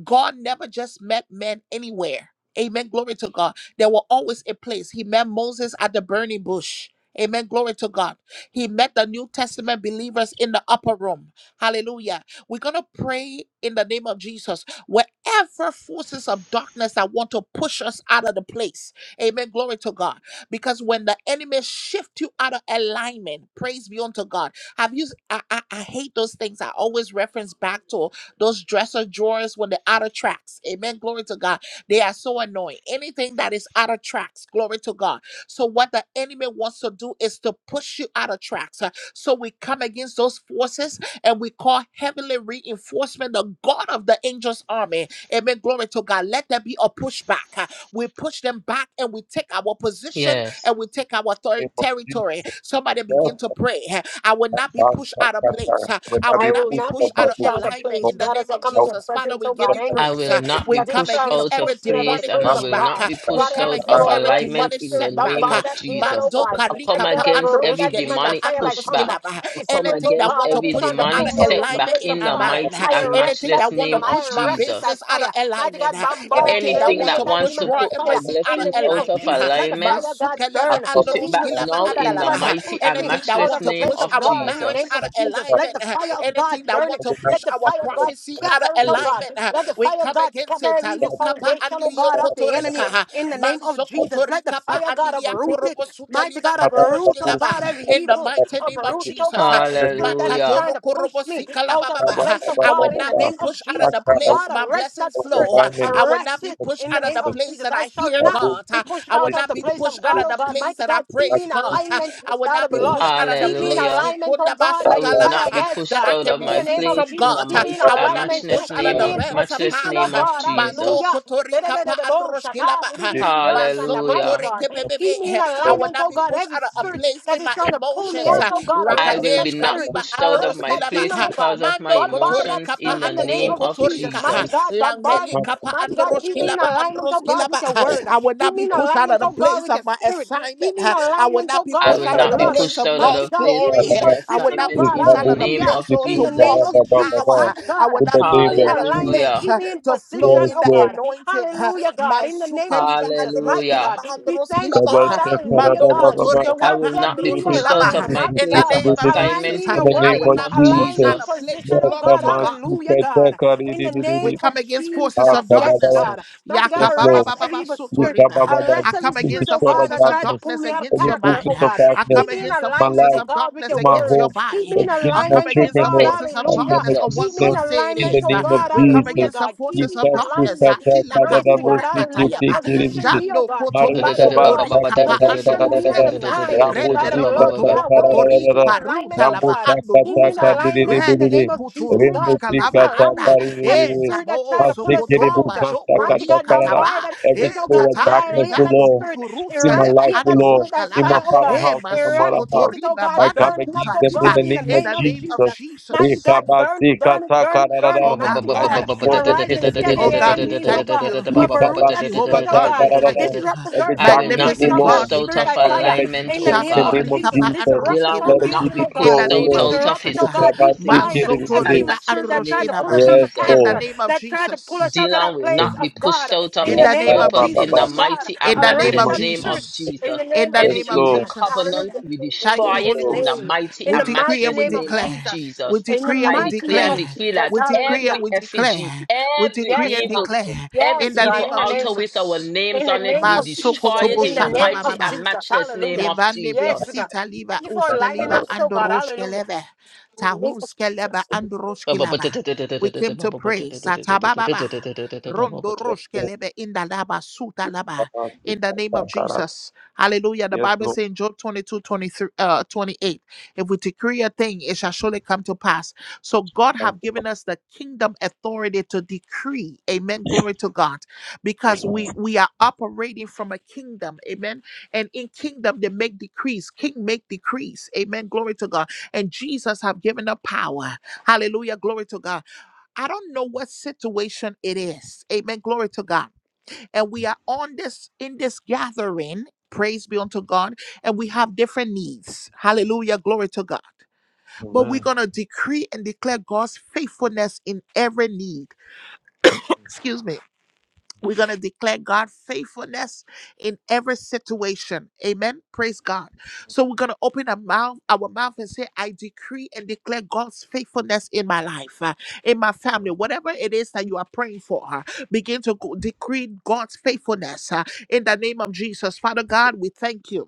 Speaker 1: God never just met men anywhere. Amen. Glory to God. There were always a place. He met Moses at the burning bush. Amen. Glory to God. He met the New Testament believers in the upper room. Hallelujah. We're going to pray in the name of Jesus. Wherever forces of darkness that want to push us out of the place. Amen. Glory to God. Because when the enemy shift you out of alignment, praise be unto God. Have you, I, I, I hate those things. I always reference back to those dresser drawers when they're out of tracks. Amen. Glory to God. They are so annoying. Anything that is out of tracks. Glory to God. So what the enemy wants to do is to push you out of tracks. Uh, So we come against those forces and we call heavenly reinforcement the God of the angels army. Amen. Glory to God. Let there be a pushback. Uh, We push them back and we take our position
Speaker 2: Yes.
Speaker 1: and we take our thor-
Speaker 3: Name of
Speaker 1: territory.
Speaker 3: Jesus.
Speaker 1: Somebody begin to pray. Uh, I will not be pushed out of place. Uh,
Speaker 3: When
Speaker 1: I
Speaker 3: I be
Speaker 1: will
Speaker 4: I
Speaker 1: not
Speaker 4: will
Speaker 1: be
Speaker 3: put
Speaker 4: not be
Speaker 1: pushed
Speaker 3: on my
Speaker 1: out of
Speaker 4: pushed out
Speaker 3: position,
Speaker 4: of
Speaker 1: alignment
Speaker 4: place.
Speaker 3: Lord,
Speaker 1: in the
Speaker 4: God, as
Speaker 1: name
Speaker 4: I
Speaker 1: of
Speaker 4: come
Speaker 3: I
Speaker 4: in
Speaker 3: will
Speaker 4: your
Speaker 1: Jesus. Father,
Speaker 4: presence,
Speaker 1: we
Speaker 4: oh
Speaker 1: give
Speaker 4: God,
Speaker 3: not
Speaker 1: you
Speaker 4: any
Speaker 2: I
Speaker 1: praise.
Speaker 2: will
Speaker 1: Uh,
Speaker 4: spirit
Speaker 3: forget
Speaker 2: not
Speaker 1: We
Speaker 2: be
Speaker 4: that is
Speaker 1: come
Speaker 2: pushed
Speaker 4: trying to
Speaker 1: against
Speaker 2: out
Speaker 1: every
Speaker 2: of
Speaker 4: push me out of the
Speaker 2: place
Speaker 1: demonic
Speaker 2: and
Speaker 4: place
Speaker 3: my
Speaker 2: I
Speaker 4: of
Speaker 2: will
Speaker 3: master.
Speaker 1: pushback.
Speaker 2: not
Speaker 4: God,
Speaker 1: Uh,
Speaker 2: be
Speaker 1: We
Speaker 4: God,
Speaker 2: pushed
Speaker 4: I
Speaker 1: come
Speaker 2: out
Speaker 4: ask you to
Speaker 1: against
Speaker 2: of
Speaker 1: every
Speaker 4: arrest that
Speaker 2: alignment
Speaker 1: demonic
Speaker 2: in the
Speaker 4: spirit,
Speaker 1: setback.
Speaker 2: name
Speaker 1: Uh,
Speaker 4: bombard
Speaker 2: of
Speaker 4: that demon,
Speaker 2: Jesus.
Speaker 4: oh
Speaker 1: Mandoka
Speaker 4: God.
Speaker 2: I
Speaker 4: I
Speaker 2: come
Speaker 1: rika
Speaker 4: God,
Speaker 1: pa
Speaker 2: against
Speaker 4: uproot
Speaker 2: every
Speaker 4: that
Speaker 1: androshke
Speaker 4: demon
Speaker 1: liba
Speaker 4: by
Speaker 2: demonic
Speaker 4: fire, by
Speaker 1: androshke
Speaker 2: pushback.
Speaker 4: thunder.
Speaker 1: laba.
Speaker 2: I
Speaker 4: Every
Speaker 2: come
Speaker 4: spirit,
Speaker 1: Anything
Speaker 4: oh
Speaker 1: that
Speaker 2: against
Speaker 4: God,
Speaker 1: want to
Speaker 4: that is
Speaker 2: every
Speaker 1: push
Speaker 4: trying
Speaker 1: me
Speaker 4: to
Speaker 1: out
Speaker 2: demonic
Speaker 1: of
Speaker 4: pull me out of the
Speaker 1: alignment
Speaker 2: setback
Speaker 4: place
Speaker 1: in
Speaker 2: in
Speaker 4: of
Speaker 1: my
Speaker 2: the
Speaker 4: God,
Speaker 1: mind, ah,
Speaker 2: mighty
Speaker 4: I
Speaker 2: and
Speaker 4: arrest
Speaker 1: anything
Speaker 4: that
Speaker 2: matchless
Speaker 1: that want to
Speaker 4: demon.
Speaker 2: name
Speaker 4: I
Speaker 2: of
Speaker 1: push my
Speaker 4: arrest it by
Speaker 2: Jesus.
Speaker 1: business out of
Speaker 4: fire. Mighty
Speaker 1: alignment,
Speaker 4: God,
Speaker 1: ah,
Speaker 4: bombard
Speaker 1: anything
Speaker 4: and
Speaker 1: that
Speaker 2: Anything
Speaker 1: want
Speaker 4: eliminate
Speaker 1: to
Speaker 2: that
Speaker 4: that
Speaker 2: wants
Speaker 1: push
Speaker 4: demon
Speaker 2: to
Speaker 4: by
Speaker 1: Royal
Speaker 2: put
Speaker 4: fire.
Speaker 2: my
Speaker 1: Embassy out
Speaker 4: In
Speaker 1: of
Speaker 4: the
Speaker 2: blessings
Speaker 4: name
Speaker 2: out
Speaker 4: of
Speaker 2: of
Speaker 1: alignment, ah,
Speaker 4: Jesus, let the fire,
Speaker 2: alignment,
Speaker 4: God,
Speaker 1: Masuka lebe
Speaker 2: I
Speaker 4: burn.
Speaker 2: push
Speaker 4: Every
Speaker 2: it
Speaker 4: evil
Speaker 1: androshke
Speaker 2: back
Speaker 1: laba
Speaker 2: now
Speaker 4: spirit that is
Speaker 2: in the
Speaker 1: andalaba,
Speaker 4: trying to
Speaker 1: ah,
Speaker 2: mighty
Speaker 4: push
Speaker 2: and
Speaker 4: me
Speaker 1: anything that
Speaker 4: out
Speaker 2: matchless
Speaker 1: want
Speaker 4: of the
Speaker 1: to
Speaker 2: name
Speaker 4: place
Speaker 1: push
Speaker 4: of
Speaker 2: of
Speaker 1: our
Speaker 4: God in the
Speaker 1: marriage
Speaker 4: name
Speaker 2: Jesus.
Speaker 1: out
Speaker 4: of
Speaker 1: of
Speaker 4: Jesus. Let
Speaker 1: alignment,
Speaker 4: the
Speaker 1: ah,
Speaker 4: fire of
Speaker 1: anything
Speaker 4: God
Speaker 1: that
Speaker 4: burn
Speaker 1: want
Speaker 4: it.
Speaker 1: to push
Speaker 4: Let the
Speaker 1: our
Speaker 4: fire of God
Speaker 1: prophecy out of
Speaker 4: scatter it,
Speaker 1: alignment
Speaker 4: oh God.
Speaker 1: alignment. ah.
Speaker 4: Let the
Speaker 1: We
Speaker 4: fire of
Speaker 1: come
Speaker 4: God
Speaker 1: against
Speaker 4: scatter
Speaker 1: it.
Speaker 4: every
Speaker 1: ah.
Speaker 4: evil
Speaker 1: Lukapa
Speaker 4: foundation, oh
Speaker 1: andirio
Speaker 4: God, of the
Speaker 1: kotorika.
Speaker 4: enemy
Speaker 1: ah.
Speaker 4: in the name of
Speaker 1: Manzo
Speaker 4: Jesus. Let the
Speaker 1: kotorika pa
Speaker 4: fire, God,
Speaker 1: andiria
Speaker 4: uproot it.
Speaker 1: korobo
Speaker 4: Mighty
Speaker 1: sutaliba
Speaker 4: God, uproot, oh
Speaker 1: androshkilaba.
Speaker 4: God, every
Speaker 1: In the
Speaker 4: evil.
Speaker 1: mighty name of
Speaker 4: Uproot it, oh
Speaker 1: Jesus.
Speaker 4: God,
Speaker 1: ah.
Speaker 4: every spirit that is
Speaker 2: Hallelujah.
Speaker 4: trying
Speaker 1: Makatoro
Speaker 4: to push
Speaker 1: korobo
Speaker 4: me out
Speaker 1: sikalaba
Speaker 4: of
Speaker 1: baba,
Speaker 4: the
Speaker 1: ah.
Speaker 4: place of
Speaker 1: I will
Speaker 4: God in the
Speaker 1: not be
Speaker 4: name of
Speaker 1: pushed out of
Speaker 4: Jesus.
Speaker 1: the
Speaker 4: Uh,
Speaker 1: place.
Speaker 4: God,
Speaker 1: My
Speaker 4: arrest that
Speaker 1: blessings
Speaker 4: spirit.
Speaker 1: flow. ah. I will not
Speaker 4: Arrest
Speaker 1: be
Speaker 4: it
Speaker 1: pushed
Speaker 4: in the
Speaker 1: out of
Speaker 4: name
Speaker 1: the
Speaker 4: of
Speaker 1: place
Speaker 4: Jesus.
Speaker 1: that
Speaker 4: I
Speaker 1: I
Speaker 4: shall
Speaker 1: hear
Speaker 4: not
Speaker 1: God.
Speaker 4: be
Speaker 1: ah.
Speaker 4: pushed
Speaker 1: I will
Speaker 4: out of
Speaker 1: not
Speaker 4: the
Speaker 1: be
Speaker 4: place
Speaker 1: pushed
Speaker 4: of
Speaker 3: Thank
Speaker 1: out
Speaker 3: you.
Speaker 4: God,
Speaker 1: of
Speaker 4: oh
Speaker 1: the
Speaker 4: God.
Speaker 1: place
Speaker 4: Mighty
Speaker 1: that I
Speaker 4: God,
Speaker 3: In
Speaker 4: see me
Speaker 3: the
Speaker 1: praise
Speaker 4: in
Speaker 1: God. uh,
Speaker 4: alignment
Speaker 1: I will
Speaker 4: by the
Speaker 1: not be
Speaker 4: blood.
Speaker 1: pushed out of the
Speaker 4: Keep me in
Speaker 2: Hallelujah.
Speaker 1: place
Speaker 4: alignment, oh God,
Speaker 2: I
Speaker 4: by your
Speaker 2: will not
Speaker 4: fire.
Speaker 2: be
Speaker 1: Ikundabasutalabaha,
Speaker 4: Yes,
Speaker 2: pushed
Speaker 1: that I
Speaker 4: God.
Speaker 2: out
Speaker 1: can
Speaker 2: of
Speaker 4: In the
Speaker 2: my
Speaker 4: name
Speaker 1: receive
Speaker 4: of
Speaker 2: place
Speaker 1: from
Speaker 2: in
Speaker 4: Jesus,
Speaker 2: the
Speaker 1: God.
Speaker 4: keep me in
Speaker 2: mighty
Speaker 1: I will
Speaker 2: and
Speaker 1: not be
Speaker 4: alignment.
Speaker 2: matchless
Speaker 1: pushed out of
Speaker 4: Keep
Speaker 2: name
Speaker 1: the
Speaker 4: me
Speaker 2: of
Speaker 4: in
Speaker 1: realms of
Speaker 2: matchless
Speaker 4: position, oh
Speaker 2: name
Speaker 1: power.
Speaker 2: of
Speaker 4: God.
Speaker 1: Mando
Speaker 4: Hallelujah.
Speaker 2: Jesus.
Speaker 1: kotorika pa androshkilaba.
Speaker 4: The mighty
Speaker 2: Hallelujah.
Speaker 4: God.
Speaker 1: Mazokotoreke
Speaker 4: Keep me in
Speaker 1: bebebe. I will
Speaker 4: alignment,
Speaker 1: not
Speaker 4: oh
Speaker 1: be
Speaker 4: God.
Speaker 1: pushed
Speaker 4: Every
Speaker 1: out of a
Speaker 4: spirit
Speaker 1: place
Speaker 4: that
Speaker 1: in
Speaker 4: is
Speaker 1: my
Speaker 4: trying to pull me
Speaker 1: emotions.
Speaker 4: out, oh God,
Speaker 2: I
Speaker 4: arrest
Speaker 2: will be
Speaker 4: that
Speaker 1: Rakadesh
Speaker 2: not
Speaker 4: spirit.
Speaker 1: Kaliba
Speaker 2: pushed out of
Speaker 4: Arrest
Speaker 2: my
Speaker 4: that
Speaker 1: Androskilaba
Speaker 4: demon,
Speaker 2: place
Speaker 4: oh
Speaker 2: because
Speaker 4: God.
Speaker 2: of my
Speaker 1: Mando
Speaker 4: Bombard that
Speaker 2: emotions
Speaker 1: Kotorika Pa
Speaker 2: in
Speaker 4: spirit
Speaker 2: the
Speaker 4: in the name
Speaker 1: Andirio
Speaker 2: name
Speaker 4: of
Speaker 2: of
Speaker 4: Jesus.
Speaker 1: Kotorika
Speaker 4: Mighty
Speaker 2: Jesus.
Speaker 4: God, bombard
Speaker 1: Meli
Speaker 4: it.
Speaker 1: Kappa
Speaker 4: Mighty God,
Speaker 1: Andros
Speaker 4: keep me in
Speaker 1: Kilaba
Speaker 4: alignment, oh
Speaker 1: Andros
Speaker 4: God, with
Speaker 1: Kilaba.
Speaker 4: your word.
Speaker 1: I will
Speaker 4: Keep
Speaker 1: not
Speaker 4: me
Speaker 1: be
Speaker 4: in
Speaker 1: pushed out
Speaker 4: alignment,
Speaker 1: of the
Speaker 4: oh God,
Speaker 1: place
Speaker 4: with your
Speaker 1: of my
Speaker 4: spirit.
Speaker 1: assignment.
Speaker 4: Keep me in
Speaker 1: I will
Speaker 4: alignment,
Speaker 1: not
Speaker 4: oh
Speaker 1: be
Speaker 2: I
Speaker 4: God,
Speaker 1: pushed
Speaker 4: with
Speaker 2: will
Speaker 4: the
Speaker 1: out of
Speaker 2: not
Speaker 1: the
Speaker 2: be
Speaker 4: blood.
Speaker 1: place
Speaker 2: pushed
Speaker 1: of
Speaker 2: out of
Speaker 4: Mighty
Speaker 2: the
Speaker 1: God's
Speaker 4: God,
Speaker 2: place
Speaker 4: keep
Speaker 2: of
Speaker 4: me
Speaker 1: glory.
Speaker 4: in
Speaker 2: my
Speaker 1: I will
Speaker 4: position, oh
Speaker 1: not be
Speaker 2: assignment
Speaker 4: God.
Speaker 2: in
Speaker 1: pushed
Speaker 2: the
Speaker 1: out of the
Speaker 2: name
Speaker 4: Hallelujah.
Speaker 1: place
Speaker 2: of
Speaker 1: oh,
Speaker 4: In
Speaker 1: to
Speaker 4: the name
Speaker 1: walk
Speaker 2: Jesus.
Speaker 4: of
Speaker 1: in
Speaker 4: Jesus,
Speaker 1: power.
Speaker 4: mighty
Speaker 1: I
Speaker 4: God,
Speaker 1: will not be
Speaker 4: keep
Speaker 3: name
Speaker 4: me
Speaker 1: pushed
Speaker 4: in
Speaker 3: of
Speaker 1: out of
Speaker 3: Jesus,
Speaker 4: alignment.
Speaker 1: place
Speaker 2: Hallelujah.
Speaker 4: Keep
Speaker 1: uh,
Speaker 4: me in
Speaker 1: to flow
Speaker 4: position,
Speaker 1: in
Speaker 4: oh
Speaker 1: the
Speaker 4: God.
Speaker 1: anointing. uh,
Speaker 4: Hallelujah, God. In the name of
Speaker 1: Mansukeliba
Speaker 4: Jesus, mighty
Speaker 2: Hallelujah.
Speaker 1: androskilaba
Speaker 4: God. We thank you,
Speaker 1: androskilaba,
Speaker 4: God.
Speaker 1: uh,
Speaker 3: Kabasa
Speaker 4: Hallelujah,
Speaker 1: Mando
Speaker 4: God.
Speaker 3: Karababa
Speaker 4: Your
Speaker 1: kotorika
Speaker 2: I
Speaker 4: word
Speaker 1: pa
Speaker 2: will
Speaker 4: shall
Speaker 2: not be
Speaker 3: We
Speaker 4: be
Speaker 2: pushed
Speaker 3: beseech you
Speaker 2: out
Speaker 1: androskilaba,
Speaker 4: aligned.
Speaker 1: uh,
Speaker 2: of my
Speaker 3: to
Speaker 4: Mighty
Speaker 1: In the
Speaker 3: put
Speaker 2: place
Speaker 3: it
Speaker 4: God,
Speaker 3: In
Speaker 2: of
Speaker 1: name
Speaker 3: the
Speaker 1: of
Speaker 3: name
Speaker 4: align
Speaker 1: Jesus,
Speaker 4: me
Speaker 2: assignment
Speaker 4: in
Speaker 1: uh,
Speaker 3: in
Speaker 4: your
Speaker 2: in
Speaker 3: the
Speaker 2: the
Speaker 1: I
Speaker 4: word.
Speaker 3: name
Speaker 1: will
Speaker 3: of
Speaker 2: name
Speaker 1: not
Speaker 2: of
Speaker 1: be pushed
Speaker 4: Align me
Speaker 1: out
Speaker 4: in
Speaker 3: Jesus.
Speaker 1: of
Speaker 2: Jesus.
Speaker 1: place.
Speaker 4: position, oh
Speaker 1: Glory
Speaker 4: God.
Speaker 1: to God.
Speaker 4: Hallelujah,
Speaker 3: Yes,
Speaker 4: God. In the
Speaker 1: We
Speaker 4: name
Speaker 1: come
Speaker 4: of
Speaker 1: against forces of
Speaker 4: Jesus. Yes,
Speaker 1: darkness.
Speaker 3: Lord.
Speaker 4: God. Mighty God,
Speaker 3: Yes, Lord.
Speaker 4: arrest every evil
Speaker 3: We
Speaker 4: spirit.
Speaker 3: come, ba,
Speaker 1: Yakabababababasotoriba. I
Speaker 4: Arrest every
Speaker 1: come
Speaker 3: We
Speaker 1: against
Speaker 4: spirit,
Speaker 1: the
Speaker 4: oh
Speaker 3: destroy
Speaker 4: God,
Speaker 3: that
Speaker 1: forces
Speaker 4: that
Speaker 1: of
Speaker 4: tried to
Speaker 3: darkness,
Speaker 4: pull
Speaker 1: darkness
Speaker 4: me out of
Speaker 1: against
Speaker 3: every
Speaker 1: your
Speaker 4: character,
Speaker 1: mind.
Speaker 4: oh
Speaker 3: forces of
Speaker 4: God.
Speaker 1: I come
Speaker 4: Keep
Speaker 3: darkness,
Speaker 4: me in
Speaker 1: against the
Speaker 3: my
Speaker 4: alignment,
Speaker 1: forces
Speaker 4: oh
Speaker 3: life,
Speaker 1: of
Speaker 4: God, with
Speaker 1: darkness
Speaker 4: your
Speaker 3: my
Speaker 1: against
Speaker 4: word.
Speaker 1: your
Speaker 3: home,
Speaker 4: Keep
Speaker 1: body.
Speaker 4: me in
Speaker 1: I
Speaker 3: against my
Speaker 1: come
Speaker 4: alignment, oh
Speaker 1: against
Speaker 3: children,
Speaker 1: the
Speaker 4: God,
Speaker 2: Hey,
Speaker 3: Lord.
Speaker 1: forces of
Speaker 3: I
Speaker 4: hallelujah.
Speaker 3: come
Speaker 1: darkness of
Speaker 4: Keep
Speaker 3: against
Speaker 1: what
Speaker 4: me
Speaker 2: Jesus.
Speaker 4: in
Speaker 1: God
Speaker 3: them
Speaker 1: said it
Speaker 3: in
Speaker 4: alignment,
Speaker 3: the
Speaker 1: is.
Speaker 4: oh
Speaker 3: name of
Speaker 4: God,
Speaker 1: We come
Speaker 4: hallelujah,
Speaker 1: against
Speaker 3: Jesus.
Speaker 1: the
Speaker 4: God. Keep
Speaker 3: Ye
Speaker 1: forces
Speaker 4: me
Speaker 1: of
Speaker 4: in
Speaker 3: kasi
Speaker 1: darkness.
Speaker 4: alignment,
Speaker 3: kata kada da
Speaker 4: mighty
Speaker 3: bo
Speaker 4: God,
Speaker 3: si ki
Speaker 4: hallelujah.
Speaker 3: te
Speaker 1: Atilakapurakatayaba.
Speaker 3: kiri bi
Speaker 4: Position
Speaker 3: ki.
Speaker 4: me, oh
Speaker 1: Jando
Speaker 4: God,
Speaker 2: I
Speaker 3: Mari
Speaker 2: will
Speaker 4: by
Speaker 2: not
Speaker 4: the
Speaker 3: kaba
Speaker 4: blood.
Speaker 3: sa
Speaker 1: kotomochokorikapa
Speaker 3: kata kada
Speaker 4: Position
Speaker 3: da
Speaker 4: me,
Speaker 3: da da.
Speaker 1: andruskeliba.
Speaker 4: Adonai,
Speaker 3: Rambo
Speaker 4: by the
Speaker 3: si
Speaker 1: Rendelo
Speaker 4: blood,
Speaker 3: kata kada
Speaker 4: Yahweh.
Speaker 3: da da
Speaker 4: Keep
Speaker 3: da
Speaker 1: kotomokotori
Speaker 4: me
Speaker 3: da.
Speaker 4: in alignment, oh
Speaker 3: Rambo
Speaker 1: parutalaba
Speaker 4: God.
Speaker 3: sa
Speaker 4: Keep
Speaker 3: kata
Speaker 4: me in
Speaker 1: andrusa.
Speaker 3: kada di di
Speaker 4: alignment
Speaker 3: di
Speaker 4: in the
Speaker 3: di di.
Speaker 1: Rendi
Speaker 4: name of Jesus,
Speaker 3: Rembo
Speaker 4: God. Keep
Speaker 3: si
Speaker 4: us in
Speaker 1: kuturushkalaba
Speaker 3: kata
Speaker 1: anda.
Speaker 4: alignment.
Speaker 3: kada di di di
Speaker 4: Every
Speaker 1: E
Speaker 3: di.
Speaker 4: spirit that
Speaker 1: tabo
Speaker 4: tried to
Speaker 3: Masi
Speaker 4: pull us
Speaker 3: kiri
Speaker 1: sokoto
Speaker 3: bu
Speaker 4: out,
Speaker 1: majo
Speaker 3: kasa
Speaker 4: mighty
Speaker 1: kori
Speaker 3: kata
Speaker 4: God,
Speaker 3: kada da.
Speaker 1: kataba.
Speaker 4: bombard that
Speaker 1: E
Speaker 3: Every
Speaker 4: spirit, oh God,
Speaker 3: spirit of
Speaker 1: tata
Speaker 3: darkness,
Speaker 4: annihilate
Speaker 3: O
Speaker 4: that
Speaker 1: ribando
Speaker 3: Lord,
Speaker 4: spirit,
Speaker 3: that's in
Speaker 1: kuturuska
Speaker 3: my
Speaker 1: lebe
Speaker 3: life,
Speaker 4: eradicate
Speaker 3: O
Speaker 4: that
Speaker 3: Lord,
Speaker 4: spirit,
Speaker 1: anduruska
Speaker 4: I
Speaker 3: in
Speaker 1: lava.
Speaker 3: my
Speaker 4: fire, oh
Speaker 3: father
Speaker 4: God.
Speaker 1: E
Speaker 3: house, in my mother
Speaker 1: masokoto
Speaker 4: Eradicate
Speaker 3: house,
Speaker 4: it, oh
Speaker 1: riba
Speaker 4: God.
Speaker 3: I come
Speaker 1: bandi
Speaker 4: Burn it up,
Speaker 1: kuta
Speaker 3: against
Speaker 4: oh
Speaker 3: them in
Speaker 4: God,
Speaker 3: the
Speaker 4: in the
Speaker 3: name
Speaker 1: In
Speaker 3: of
Speaker 4: name
Speaker 1: the
Speaker 4: of
Speaker 1: name
Speaker 4: Jesus.
Speaker 1: of
Speaker 3: Jesus.
Speaker 4: Mighty
Speaker 1: Jesus.
Speaker 4: God, burn, burn it, burn it, burn
Speaker 1: Oh
Speaker 4: it.
Speaker 3: Rekabasikatakarara.
Speaker 1: God,
Speaker 4: Mighty
Speaker 1: we
Speaker 3: I
Speaker 4: God,
Speaker 1: thank
Speaker 3: destroy
Speaker 1: you.
Speaker 3: them
Speaker 4: arise
Speaker 3: in
Speaker 4: and
Speaker 3: the
Speaker 4: scatter
Speaker 3: name
Speaker 1: Oh
Speaker 3: of
Speaker 4: your
Speaker 1: God, we
Speaker 4: enemies, oh
Speaker 3: Jesus.
Speaker 1: thank
Speaker 4: God.
Speaker 1: you.
Speaker 4: Uproot that
Speaker 1: Jehovah
Speaker 4: spirit, oh
Speaker 1: God, we
Speaker 4: God.
Speaker 1: thank
Speaker 3: Rekabasikatakarara.
Speaker 1: you.
Speaker 4: Disrupt the
Speaker 3: Every
Speaker 4: very
Speaker 3: darkness, O
Speaker 2: be
Speaker 4: foundation
Speaker 1: Magnificent
Speaker 4: of that
Speaker 1: God,
Speaker 3: Lord,
Speaker 2: pushed
Speaker 1: we
Speaker 2: out
Speaker 4: spirit
Speaker 2: of
Speaker 4: by
Speaker 1: thank
Speaker 3: I
Speaker 1: you.
Speaker 3: come
Speaker 4: fire.
Speaker 2: alignment,
Speaker 3: against
Speaker 4: In the
Speaker 3: it
Speaker 2: oh
Speaker 4: name
Speaker 3: in the
Speaker 4: of
Speaker 3: name
Speaker 1: Jaturi
Speaker 2: God.
Speaker 3: of
Speaker 4: Jesus,
Speaker 1: kapa
Speaker 3: Jesus.
Speaker 4: disrupt the
Speaker 2: Dylan
Speaker 3: Let
Speaker 2: will
Speaker 3: it
Speaker 1: andruskidaba.
Speaker 3: be
Speaker 2: not
Speaker 4: foundation,
Speaker 2: be
Speaker 3: destroyed,
Speaker 4: oh
Speaker 1: In
Speaker 4: God.
Speaker 1: the
Speaker 2: pushed
Speaker 3: O
Speaker 2: out,
Speaker 1: name of
Speaker 3: Lord.
Speaker 2: out of
Speaker 4: Disrupt it,
Speaker 1: Jesus.
Speaker 2: his
Speaker 4: oh God. We
Speaker 2: purpose in the
Speaker 4: bind
Speaker 2: mighty
Speaker 1: Masoto
Speaker 4: every
Speaker 3: Rekabasikiriri.
Speaker 2: and
Speaker 4: evil
Speaker 1: riba
Speaker 4: spirit
Speaker 2: matchless
Speaker 4: that tried
Speaker 2: name
Speaker 4: to
Speaker 2: of
Speaker 4: pull us
Speaker 1: andruskidaba.
Speaker 4: out of
Speaker 3: Yes,
Speaker 1: In
Speaker 2: Jesus.
Speaker 1: the
Speaker 4: character,
Speaker 3: Lord.
Speaker 1: name of
Speaker 4: that tried to pull us
Speaker 1: Jesus.
Speaker 4: out of
Speaker 2: Dylan
Speaker 4: that
Speaker 2: will not
Speaker 4: place of
Speaker 2: be
Speaker 4: God.
Speaker 2: pushed out of
Speaker 4: In
Speaker 1: In
Speaker 4: the
Speaker 1: the
Speaker 2: his
Speaker 4: name
Speaker 1: name of
Speaker 4: of
Speaker 2: purpose
Speaker 4: Jesus,
Speaker 2: in the
Speaker 4: oh
Speaker 3: Yakarababa.
Speaker 1: Jesus.
Speaker 4: God,
Speaker 2: mighty
Speaker 1: In
Speaker 3: In
Speaker 2: and
Speaker 1: the
Speaker 3: the
Speaker 1: name
Speaker 4: arrest
Speaker 3: name
Speaker 1: of
Speaker 2: matchless
Speaker 3: of
Speaker 4: that
Speaker 2: name
Speaker 3: Jesus.
Speaker 4: spirit
Speaker 2: of
Speaker 1: Jesus.
Speaker 4: in
Speaker 2: Jesus.
Speaker 4: the
Speaker 1: In
Speaker 4: name
Speaker 1: the
Speaker 4: of
Speaker 3: Yes,
Speaker 2: Every
Speaker 1: name of
Speaker 2: evil
Speaker 3: Lord.
Speaker 4: Jesus.
Speaker 1: Jesus.
Speaker 2: covenant,
Speaker 4: Hallelujah.
Speaker 2: we
Speaker 4: In
Speaker 1: Thank
Speaker 3: Yes,
Speaker 2: destroy
Speaker 1: you,
Speaker 4: Jesus'
Speaker 2: it
Speaker 1: Holy
Speaker 2: in
Speaker 3: Lord.
Speaker 2: the
Speaker 1: Ghost.
Speaker 4: name.
Speaker 2: mighty
Speaker 4: In
Speaker 1: We
Speaker 4: the
Speaker 2: and
Speaker 1: decree
Speaker 4: mighty
Speaker 1: and we
Speaker 2: matchless
Speaker 4: name of
Speaker 2: name of
Speaker 1: declare.
Speaker 4: Jesus.
Speaker 1: We
Speaker 2: Jesus.
Speaker 4: In the
Speaker 1: decree and
Speaker 2: I
Speaker 1: we
Speaker 4: mighty
Speaker 2: declare
Speaker 4: name
Speaker 2: and
Speaker 4: of
Speaker 1: declare.
Speaker 2: decree
Speaker 4: Jesus.
Speaker 2: that
Speaker 1: We decree and
Speaker 4: Hallelujah.
Speaker 2: every
Speaker 1: we
Speaker 2: effigy,
Speaker 1: declare. We
Speaker 2: every
Speaker 1: decree
Speaker 4: Yes,
Speaker 1: and
Speaker 4: God.
Speaker 2: evil,
Speaker 1: declare
Speaker 2: every
Speaker 1: in
Speaker 4: Yes,
Speaker 1: the
Speaker 4: God.
Speaker 1: name
Speaker 2: evil
Speaker 4: In
Speaker 1: of
Speaker 4: the
Speaker 2: altar
Speaker 4: name.
Speaker 2: with our
Speaker 1: Jesus.
Speaker 2: names
Speaker 4: In the
Speaker 2: on it,
Speaker 4: name
Speaker 2: we
Speaker 4: of
Speaker 2: destroy
Speaker 4: Jesus.
Speaker 2: it
Speaker 1: Masokotobo
Speaker 4: In
Speaker 2: in
Speaker 4: the
Speaker 3: Yes,
Speaker 2: the
Speaker 3: Lord.
Speaker 1: shata
Speaker 4: name
Speaker 2: mighty
Speaker 4: of
Speaker 2: and
Speaker 1: baba.
Speaker 4: Jesus.
Speaker 2: matchless name
Speaker 4: Hallelujah.
Speaker 2: of
Speaker 1: Levande
Speaker 4: Yes,
Speaker 2: Jesus.
Speaker 4: God.
Speaker 1: besita liba
Speaker 4: Thank you for
Speaker 3: Yes,
Speaker 1: uska
Speaker 4: lining
Speaker 1: liba
Speaker 3: Lord.
Speaker 4: up so, God.
Speaker 1: androshke
Speaker 4: Hallelujah.
Speaker 1: leve.
Speaker 4: In the name of
Speaker 1: Tahunske leba
Speaker 4: Jesus.
Speaker 1: androshke laba. We came to praise. Atabababa. Rondo roshke lebe indalaba suta laba. In the name of Jesus. Hallelujah. The
Speaker 3: Yes,
Speaker 1: Bible
Speaker 3: Lord.
Speaker 1: says in Job 22, twenty-three, uh, 28, if we decree a thing, it shall surely come to pass. So God
Speaker 3: Come
Speaker 1: have
Speaker 3: to
Speaker 1: given us the kingdom authority to decree. Amen. Glory to God. Because we we are operating from a kingdom. Amen and in kingdom they make decrees king make decrees amen glory to god and jesus have given up power hallelujah glory to god I don't know what situation it is. Amen. Glory to God. And we are on this in this gathering. Praise be unto God. And we have different needs. Hallelujah. Glory to God. But we're going to decree and declare God's faithfulness in every need. Excuse me we're going to declare God's faithfulness in every situation. Amen. Praise God. So we're going to open our mouth, our mouth and say, I decree and declare God's faithfulness in my life, uh, in my family, whatever it is that you are praying for. uh, begin to go- decree God's faithfulness uh, in the name of Jesus. Father God, we thank you.